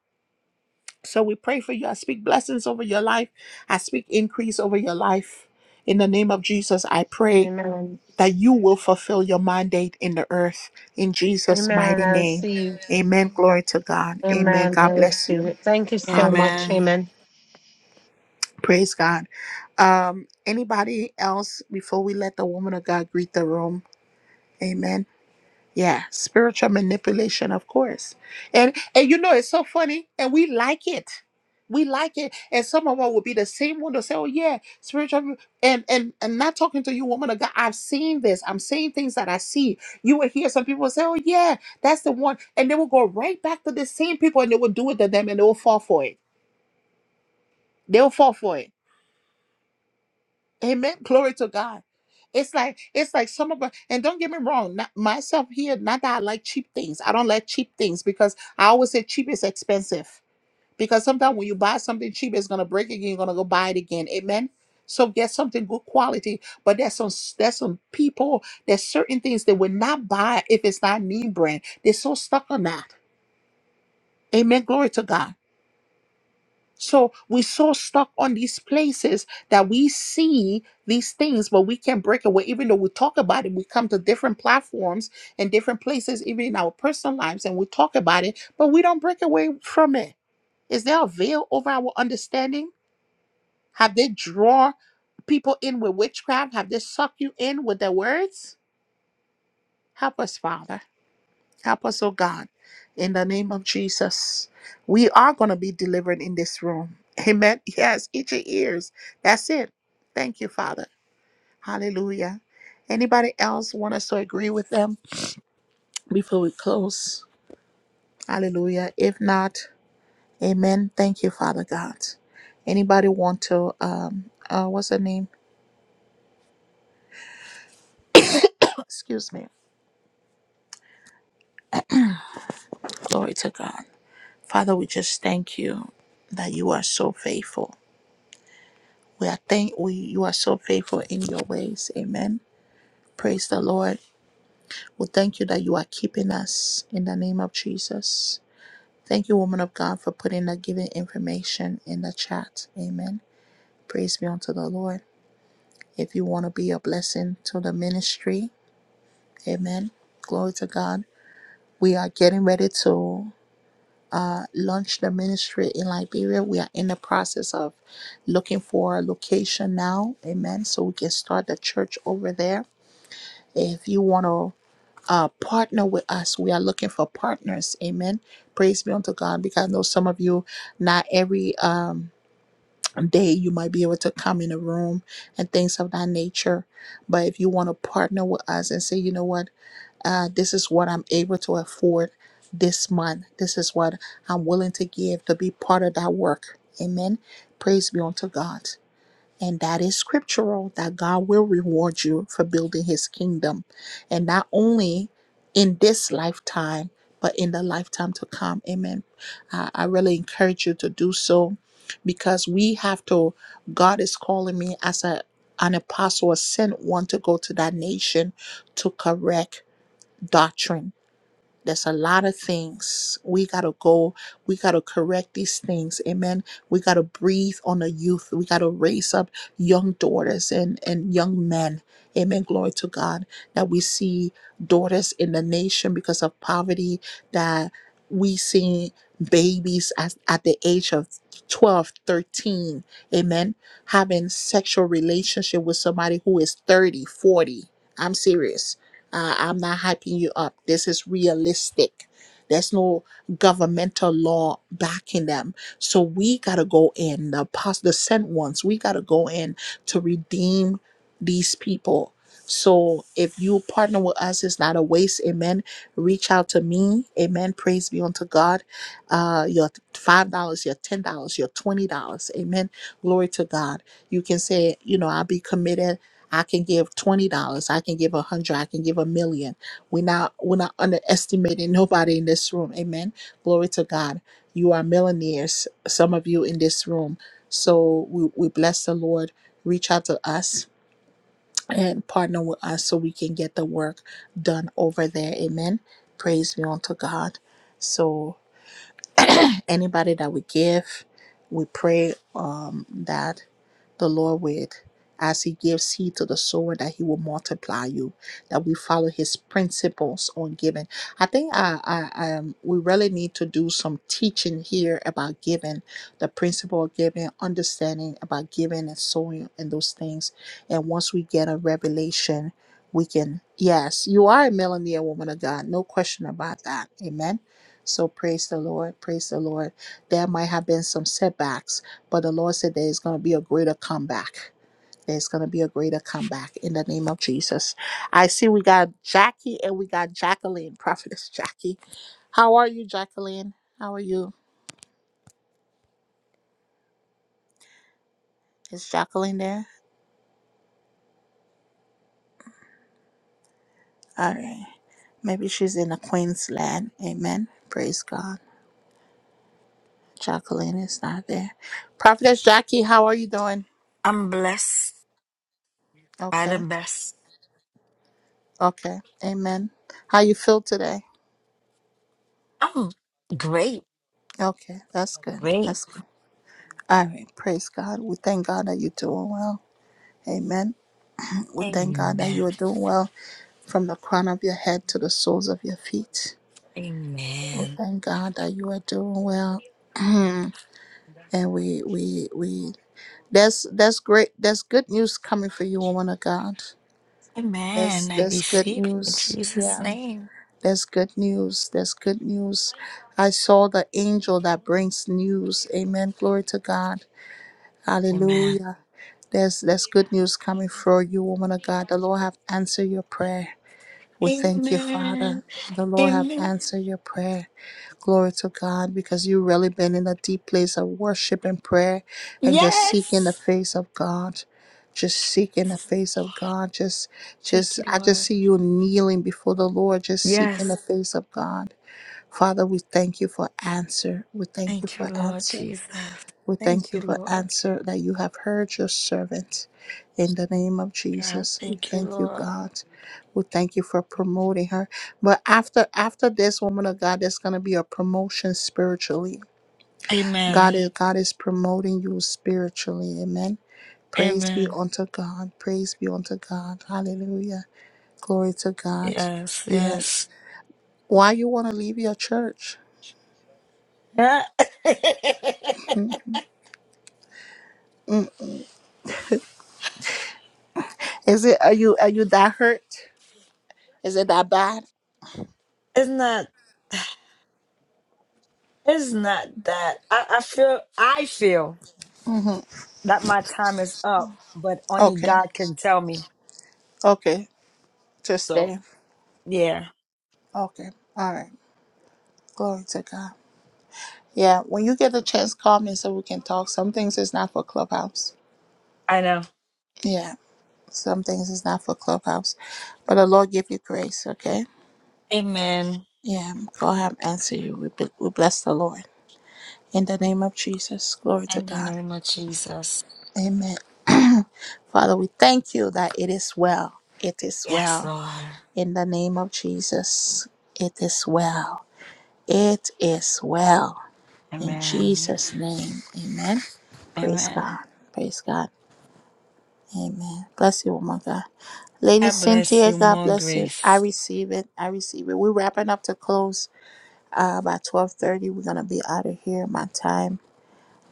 Speaker 1: So we pray for you. I speak blessings over your life. I speak increase over your life. In the name of Jesus, I pray.
Speaker 4: Amen.
Speaker 1: that you will fulfill your mandate in the earth. In Jesus'
Speaker 4: Amen.
Speaker 1: mighty
Speaker 4: I
Speaker 1: name.
Speaker 4: receive.
Speaker 1: Amen. Glory to God. Amen.
Speaker 4: Amen. I
Speaker 1: God bless
Speaker 4: receive
Speaker 1: you.
Speaker 4: it. Thank you so much.
Speaker 6: Amen.
Speaker 1: Hallelujah.
Speaker 4: Amen.
Speaker 1: Praise God. Um, anybody else before we let the woman of God greet the room? Amen. Yeah, spiritual manipulation, of course. And and you know it's so funny, and we like it. We like it. And some of us will be the same one to say, Oh yeah, spiritual mu-" and and and not talking to you, woman of God. I've seen this. I'm saying things that I see. You will hear some people say, Oh yeah, that's the one. And they will go right back to the same people and they will do it to them and they will fall for it. They'll fall for it. Amen. Glory to God. It's like it's like some of us, and don't get me wrong, not, myself here, not that I like cheap things. I don't like cheap things because I always say cheap is expensive. Because sometimes when you buy something cheap, it's gonna break again, you're gonna go buy it again. Amen. So get something good quality. But there's some there's some people, there's certain things they will not buy if it's not name brand. They're so stuck on that. Amen. Glory to God. So we so stuck on these places that we see these things, but we can't break away. Even though we talk about it, we come to different platforms and different places, even in our personal lives, and we talk about it, but we don't break away from it. Is there a veil over our understanding? Have they drawn people in with witchcraft? Have they sucked you in with their words? Help us, Father. Help us, oh God, in the name of Jesus. We are going to be delivered in this room. Amen. Yes, itch your ears. That's it. Thank you, Father. Hallelujah. Anybody else want us to agree with them before we close? Hallelujah. If not, amen. Thank you, Father God. Anybody want to, um, uh, what's her name? Excuse me. Glory to God. Father, we just thank you that you are so faithful. We are thank we you are so faithful in your ways. Amen. Praise the Lord. We thank you that you are keeping us in the name of Jesus. Thank you, woman of God, for putting the given information in the chat. Amen. Praise be unto the Lord. If you want to be a blessing to the ministry, amen. Glory to God. We are getting ready to uh, launch the ministry in Liberia. We are in the process of looking for a location now. Amen. So we can start the church over there If you want to uh, partner with us, we are looking for partners. Amen. Praise be unto God because I know some of you, not every um, day you might be able to come in a room and things of that nature. But if you want to partner with us and say, you know what, uh, this is what I'm able to afford this month, this is what I'm willing to give to be part of that work. Amen. Praise be unto God. And that is scriptural that God will reward you for building his kingdom. And not only in this lifetime, but in the lifetime to come. Amen. I, I really encourage you to do so because we have to, God is calling me as a, an apostle, a sent one to go to that nation to correct doctrine there's a lot of things we got to go. We got to correct these things. Amen. We got to breathe on the youth. We got to raise up young daughters and, and young men. Amen. Glory to God that we see daughters in the nation because of poverty, that we see babies at, at the age of 12, 13, Amen. Having sexual relationship with somebody who is is I'm serious uh, I'm not hyping you up. This is realistic. There's no governmental law backing them. So we got to go in, the, pos- the sent ones, we got to go in to redeem these people. So if you partner with us, it's not a waste. Amen. Reach out to me. Amen. Praise be unto God. Uh, your $5, your $10, your $20. Amen. Glory to God. You can say, you know, I'll be committed. I can give twenty dollars. I can give a hundred. I can give a million. We're not we're not underestimating nobody in this room. Amen. Glory to God. You are millionaires. Some of you in this room. So we, we bless the Lord. Reach out to us and partner with us so we can get the work done over there. Amen. Praise be unto God. So anybody that we give, we pray um, that the Lord with. As he gives seed to the sower, that he will multiply you, that we follow his principles on giving. I think I, I, um, we really need to do some teaching here about giving, the principle of giving, understanding about giving and sowing and those things. And once we get a revelation, we can, yes, you are a millionaire woman of God, no question about that. Amen. So praise the Lord, praise the Lord. There might have been some setbacks but the Lord said there's going to be a greater comeback. There's going to be a greater comeback in the name of Jesus. I see we got Jackie and we got Jacqueline, Prophetess Jackie. How are you, Jacqueline? How are you? Is Jacqueline there? All right. Maybe she's in the Queensland. Amen. Praise God. Jacqueline is not there. Prophetess Jackie, how are you doing?
Speaker 6: I'm blessed by the
Speaker 1: Okay.
Speaker 6: best.
Speaker 1: Okay. Amen. How you feel today?
Speaker 6: I'm great.
Speaker 1: Okay. That's good.
Speaker 6: Great.
Speaker 1: That's good. All right. Praise God. We thank God that you're doing well. Amen. We thank God that
Speaker 6: Amen.
Speaker 1: you are doing well from the crown of your head to the soles of your feet. We
Speaker 6: Amen.
Speaker 1: thank God that you are doing well. Mm. And we we we that's that's great. That's good news coming for you, woman of God. That's
Speaker 6: Amen. I
Speaker 1: that's good
Speaker 6: receive it in
Speaker 1: news.
Speaker 6: Jesus'
Speaker 1: Yeah.
Speaker 6: name.
Speaker 1: That's good news. That's good news. I saw the angel that brings news. Amen. Glory to God.
Speaker 6: Amen.
Speaker 1: Hallelujah. There's there's good news coming for you, woman of God. The Lord have answered your prayer. We thank you,
Speaker 6: Amen.
Speaker 1: Father. The Lord have
Speaker 6: Amen.
Speaker 1: answered your prayer. Glory to God, because you've really been in a deep place of worship and prayer and just seeking the
Speaker 6: Yes.
Speaker 1: face of God. Just seeking the face of God. Just
Speaker 6: Thank
Speaker 1: just
Speaker 6: you,
Speaker 1: I just
Speaker 6: Lord.
Speaker 1: see you kneeling before the Lord, just seeking
Speaker 6: Yes.
Speaker 1: the face of God. Father, we thank you for answer. We thank you
Speaker 6: Thank
Speaker 1: for
Speaker 6: you, Lord
Speaker 1: answer.
Speaker 6: Jesus.
Speaker 1: We thank
Speaker 6: Thank
Speaker 1: you
Speaker 6: you,
Speaker 1: for
Speaker 6: Lord.
Speaker 1: answer that you have heard your servant. In the name of
Speaker 6: God,
Speaker 1: Jesus, we
Speaker 6: thank you,
Speaker 1: thank you,
Speaker 6: Lord.
Speaker 1: God. We thank you for promoting her. But after after this woman of God, there's gonna be a promotion spiritually. God
Speaker 6: Amen.
Speaker 1: is God is promoting you spiritually. Amen. Praise be
Speaker 6: Amen.
Speaker 1: unto God. Praise be unto God. Hallelujah. Glory to God.
Speaker 6: Yes, yes.
Speaker 1: Yes. Why you want to leave your church?
Speaker 6: Yeah, it's
Speaker 1: Mm. Is it are you are you that hurt? Is it that bad?
Speaker 6: not it's not that I, I feel I feel that my time is up, but only
Speaker 1: Okay.
Speaker 6: God can tell me.
Speaker 1: Okay. to
Speaker 6: So
Speaker 1: stay.
Speaker 6: yeah,
Speaker 1: Okay. All right. Glory to God. Yeah. When you get a chance, call me so we can talk. Some things is not for Clubhouse.
Speaker 6: I know.
Speaker 1: Yeah. Some things is not for Clubhouse. But the Lord give you grace. Okay.
Speaker 6: Amen.
Speaker 1: Yeah. God have answer you. We, be- we bless the Lord. In the name of Jesus. Glory to
Speaker 6: In the
Speaker 1: God.
Speaker 6: name of Jesus.
Speaker 1: Amen. Father, we thank you that it is well. It is
Speaker 6: Yes,
Speaker 1: well.
Speaker 6: Lord.
Speaker 1: In the name of Jesus. It is well. It is well. In
Speaker 6: Amen.
Speaker 1: Jesus' name, amen. Praise
Speaker 6: Amen.
Speaker 1: God. Praise God. Amen. Bless you, woman of God. Lady
Speaker 6: I bless
Speaker 1: Cynthia,
Speaker 6: you.
Speaker 1: God
Speaker 6: More
Speaker 1: bless you. I
Speaker 6: grace.
Speaker 1: receive it. I receive it. We're wrapping up to close uh, by 1230. We're going to be out of here, my time.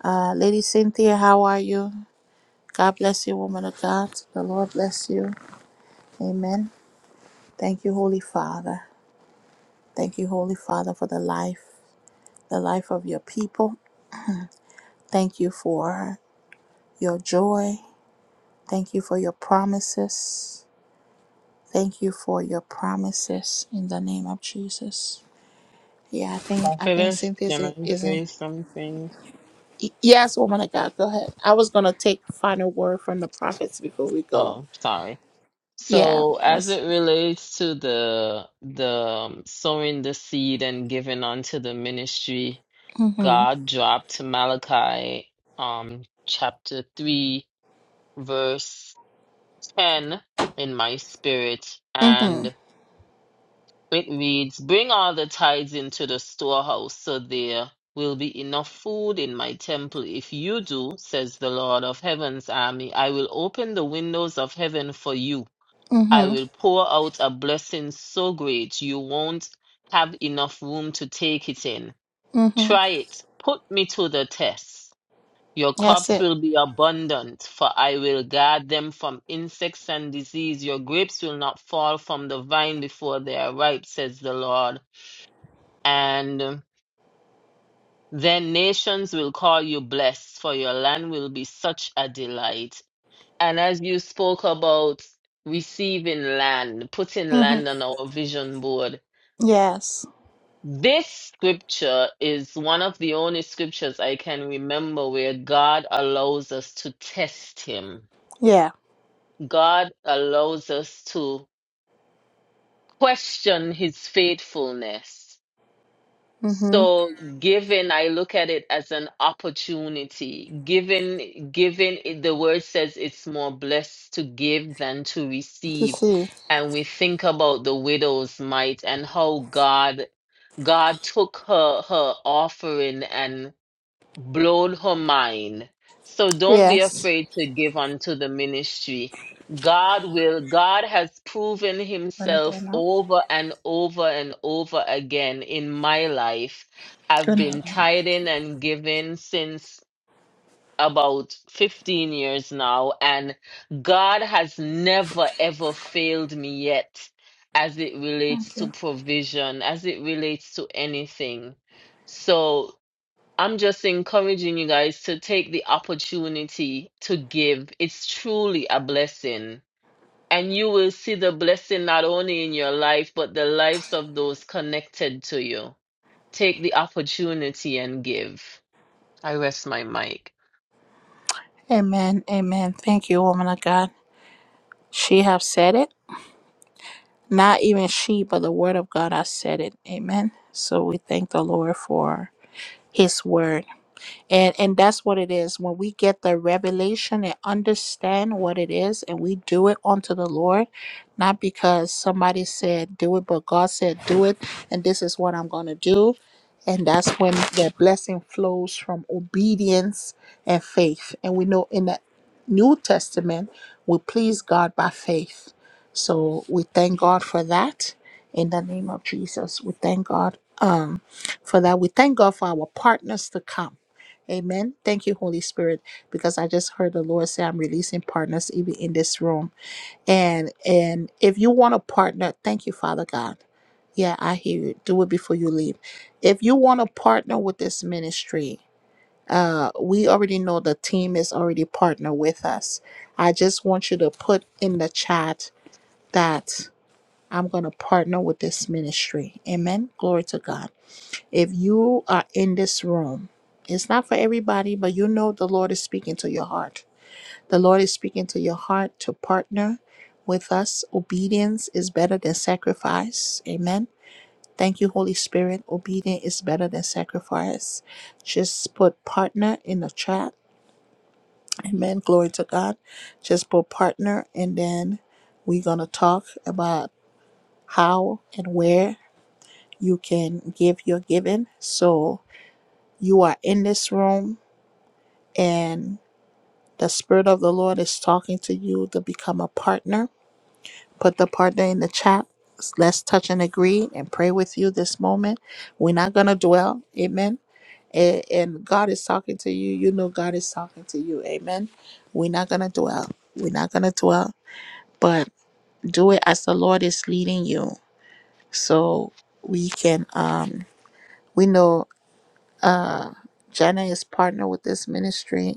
Speaker 1: Uh, Lady Cynthia, how are you? God bless you, woman of God. The Lord bless you. Amen. Thank you, Holy Father. Thank you, Holy Father, for the life, the life of your people. Thank you for your joy. Thank you for your promises. Thank you for your promises in the name of Jesus. Yeah, I think I think
Speaker 2: Prophetess,
Speaker 1: Cynthia
Speaker 2: can I
Speaker 1: isn't. isn't-
Speaker 2: say something?
Speaker 1: y- Yes, woman of God, go ahead. I was gonna take final word from the prophets before we go.
Speaker 2: Oh, sorry.
Speaker 1: Yeah,
Speaker 2: So, as
Speaker 1: that's.
Speaker 2: it relates to the the um, sowing the seed and giving onto the ministry,
Speaker 1: Mm-hmm.
Speaker 2: God dropped Malachi um chapter 3 verse 10 in my spirit
Speaker 1: Mm-hmm.
Speaker 2: and it reads, "Bring all the tithes into the storehouse, so there will be enough food in my temple. If you do, says the Lord of heaven's army, I will open the windows of heaven for you." I
Speaker 1: Mm-hmm.
Speaker 2: will pour out a blessing so great you won't have enough room to take it in.
Speaker 1: Mm-hmm.
Speaker 2: Try it. Put me to the test. Your
Speaker 1: That's
Speaker 2: crops
Speaker 1: it.
Speaker 2: will be abundant, for I will guard them from insects and disease. Your grapes will not fall from the vine before they are ripe, says the Lord. And then nations will call you blessed, for your land will be such a delight. And as you spoke about receiving land, putting
Speaker 1: Mm-hmm.
Speaker 2: land on our vision board,
Speaker 1: Yes.
Speaker 2: this scripture is one of the only scriptures I can remember where God allows us to test Him.
Speaker 1: Yeah.
Speaker 2: God allows us to question His faithfulness.
Speaker 1: Mm-hmm.
Speaker 2: So giving, I look at it as an opportunity. Given, given it- the word says it's more blessed to give than to
Speaker 1: To
Speaker 2: receive.
Speaker 1: see.
Speaker 2: And we think about the widow's mite and how God God took her her offering blown her mind. So don't be
Speaker 1: Yes.
Speaker 2: afraid to give unto the ministry. God will, God has proven
Speaker 1: Wanna be
Speaker 2: himself
Speaker 1: now?
Speaker 2: over and over and over again in my life. I've
Speaker 1: Good
Speaker 2: been
Speaker 1: night.
Speaker 2: tithing and giving since about 15 years now, and God has never ever failed me yet as it relates
Speaker 1: Thank
Speaker 2: to
Speaker 1: you.
Speaker 2: provision, as it relates to anything. So I'm just encouraging you guys to take the opportunity to give. It's truly a blessing. And you will see the blessing not only in your life, but the lives of those connected to you. Take the opportunity and give. I rest my mic.
Speaker 1: Amen. Amen. Thank you, woman of God. She have said it. Not even she, but the word of God has said it. Amen. So we thank the Lord for his word and and that's what it is when we get the revelation and understand what it is and we do it unto the lord not because somebody said do it but god said do it and this is what i'm going to do and that's when the blessing flows from obedience and faith and we know in the new testament we please god by faith so we thank god for that in the name of jesus we thank god um, for that we thank god for our partners to come Amen. Thank you, Holy Spirit, because I just heard the Lord say I'm releasing partners even in this room. And and if you want a partner, thank you, Father God. Yeah, I hear you. Do it before you leave. If you want to partner with this ministry, uh, we already know the team is already partner with us. I just want you to put in the chat that I'm going to partner with this ministry. Amen. Glory to God. If you are in this room, it's not for everybody, but you know the Lord is speaking to your heart. The Lord is speaking to your heart to partner with us. Obedience is better than sacrifice. Amen. Thank you, Holy Spirit. Obedience is better than sacrifice. Just put partner in the chat. Amen. Glory to God. Just put partner, and then we're going to talk about how and where you can give your giving. So you are in this room and the Spirit of the Lord is talking to you to become a partner, put the partner in the chat. Let's touch and agree and pray with you this moment. We're not going to dwell. Amen. A- And God is talking to you. You know God is talking to you. Amen. We're not going to dwell. We're not going to dwell, but do it as the Lord is leading you. So we can, um, we know Jenna is partner with this ministry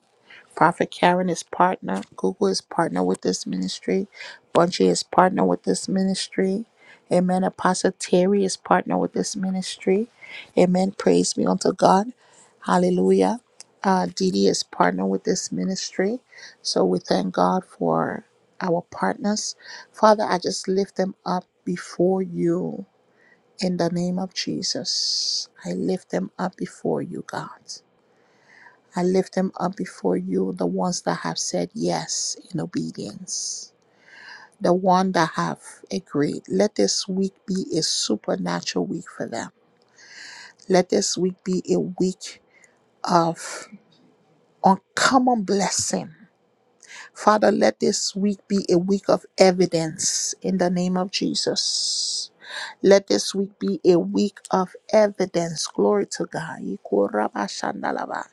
Speaker 1: Prophet Karen is partner. Google is partner with this ministry. Bunchy is partner with this ministry. Amen. Apostle Terry is partner with this ministry. Amen. Praise be unto God. Hallelujah. Uh, Didi is partner with this ministry. So we thank God for our partners. Father, I just lift them up before you in the name of Jesus. I lift them up before you, God. I lift them up before you, the ones that have said yes in obedience, the one that have agreed. Let this week be a supernatural week for them. Let this week be a week of uncommon blessing. Father, let this week be a week of evidence in the name of Jesus. Let this week be a week of evidence. Glory to God. Ikorabashandalaba.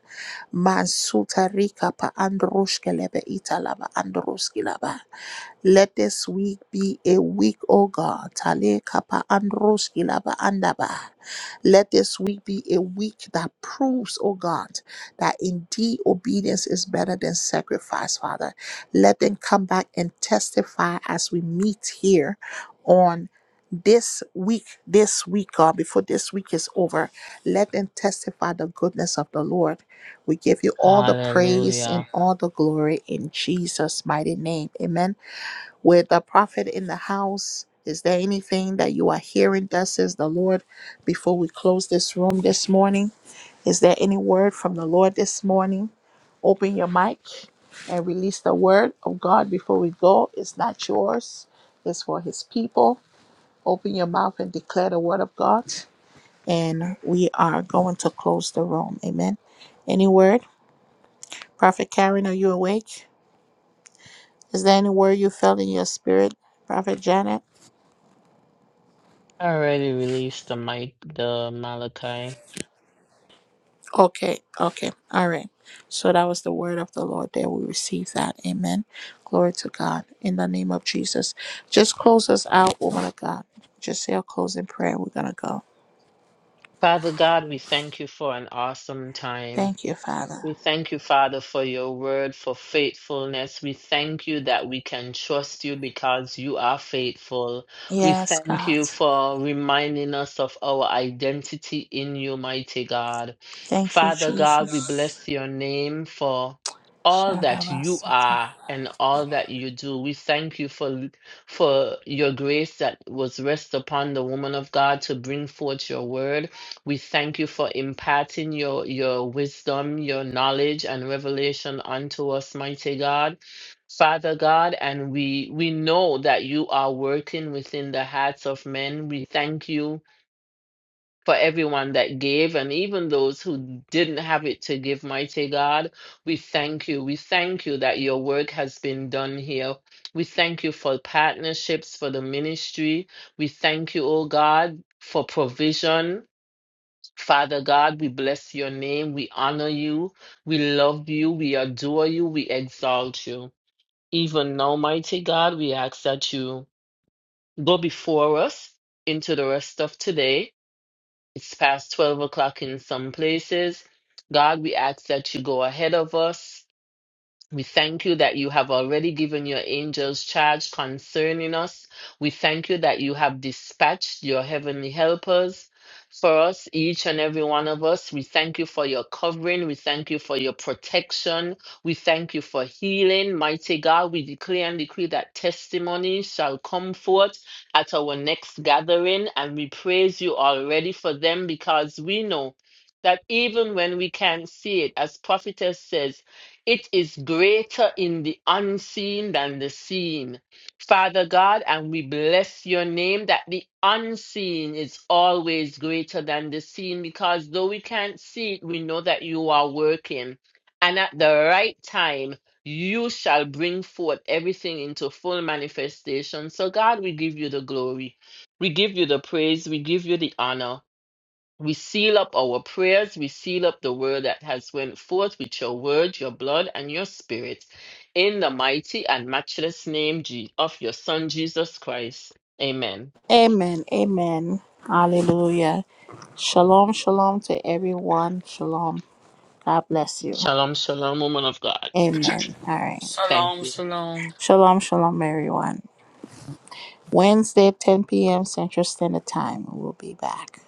Speaker 1: Mansuta pa androshkelebe italaba androskilaba. Let this week be a week, O God. Tale kapa androskilaba andaba. Let this week be a week that proves, O God, that indeed obedience is better than sacrifice, Father. Let them come back and testify as we meet here. On this week, this week, God, before this week is over, let them testify the goodness of the Lord. We give you all the praise and
Speaker 2: Hallelujah.
Speaker 1: all the glory in Jesus' mighty name. Amen. With the prophet in the house, is there anything that you are hearing? Thus says the Lord before we close this room this morning. Is there any word from the Lord this morning? Open your mic and release the word of God before we go. It's not yours, it's for his people. Open your mouth and declare the word of God. And we are going to close the room. Amen. Any word? Prophet Karen, are you awake? Is there any word you felt in your spirit, Prophet Janet?
Speaker 2: I already released the mic, the Malachi.
Speaker 1: Okay, okay, all right. So that was the word of the Lord there. We receive that. Amen. Glory to God. In the name of Jesus. Just close us out, woman of God. Just say a closing prayer. We're going to go.
Speaker 2: Father God, we thank you for an awesome time.
Speaker 1: Thank you, Father.
Speaker 2: We thank you, Father, for your word, for faithfulness. We thank you that we can trust you because you are faithful. We
Speaker 1: Yes,
Speaker 2: thank
Speaker 1: God.
Speaker 2: you for reminding us of our identity in you, mighty God.
Speaker 1: Thank you,
Speaker 2: Father God, we
Speaker 1: Jesus.
Speaker 2: bless your name for all that you are and all that you do. We thank you for for your grace that was rest upon the woman of God to bring forth your word. We thank you for imparting your, your wisdom, your knowledge, and revelation unto us, mighty God. Father God, and we, we know that you are working within the hearts of men. We thank you for everyone that gave and even those who didn't have it to give, mighty God. We thank you. We thank you that your work has been done here. We thank you for partnerships, for the ministry. We thank you, oh God, for provision. Father God, we bless your name. We honor you. We love you. We adore you. We exalt you. Even now, mighty God, we ask that you go before us into the rest of today. It's past 12 o'clock in some places. God, we ask that you go ahead of us. We thank you that you have already given your angels charge concerning us. We thank you that you have dispatched your heavenly helpers for us, each and every one of us. We thank you for your covering. We thank you for your protection. We thank you for healing. Mighty God, we declare and decree that testimony shall come forth at our next gathering. And we praise you already for them because we know that even when we can't see it, as prophetess says, it is greater in the unseen than the seen. Father God, and we bless your name that the unseen is always greater than the seen because though we can't see it, we know that you are working. And at the right time, you shall bring forth everything into full manifestation. So, God, we give you the glory. We give you the praise. We give you the honor. We seal up our prayers. We seal up the word that has went forth with your word, your blood, and your spirit. In the mighty and matchless name Je- of your Son, Jesus Christ. Amen.
Speaker 1: Amen. Amen. Hallelujah. Shalom, shalom to everyone. Shalom. God bless you.
Speaker 2: Shalom, shalom, woman of God.
Speaker 1: Amen. All right.
Speaker 2: Thank
Speaker 6: Shalom,
Speaker 2: you.
Speaker 6: shalom.
Speaker 1: Shalom, shalom, everyone. Wednesday, 10 p.m. Central Standard Time. We'll be back.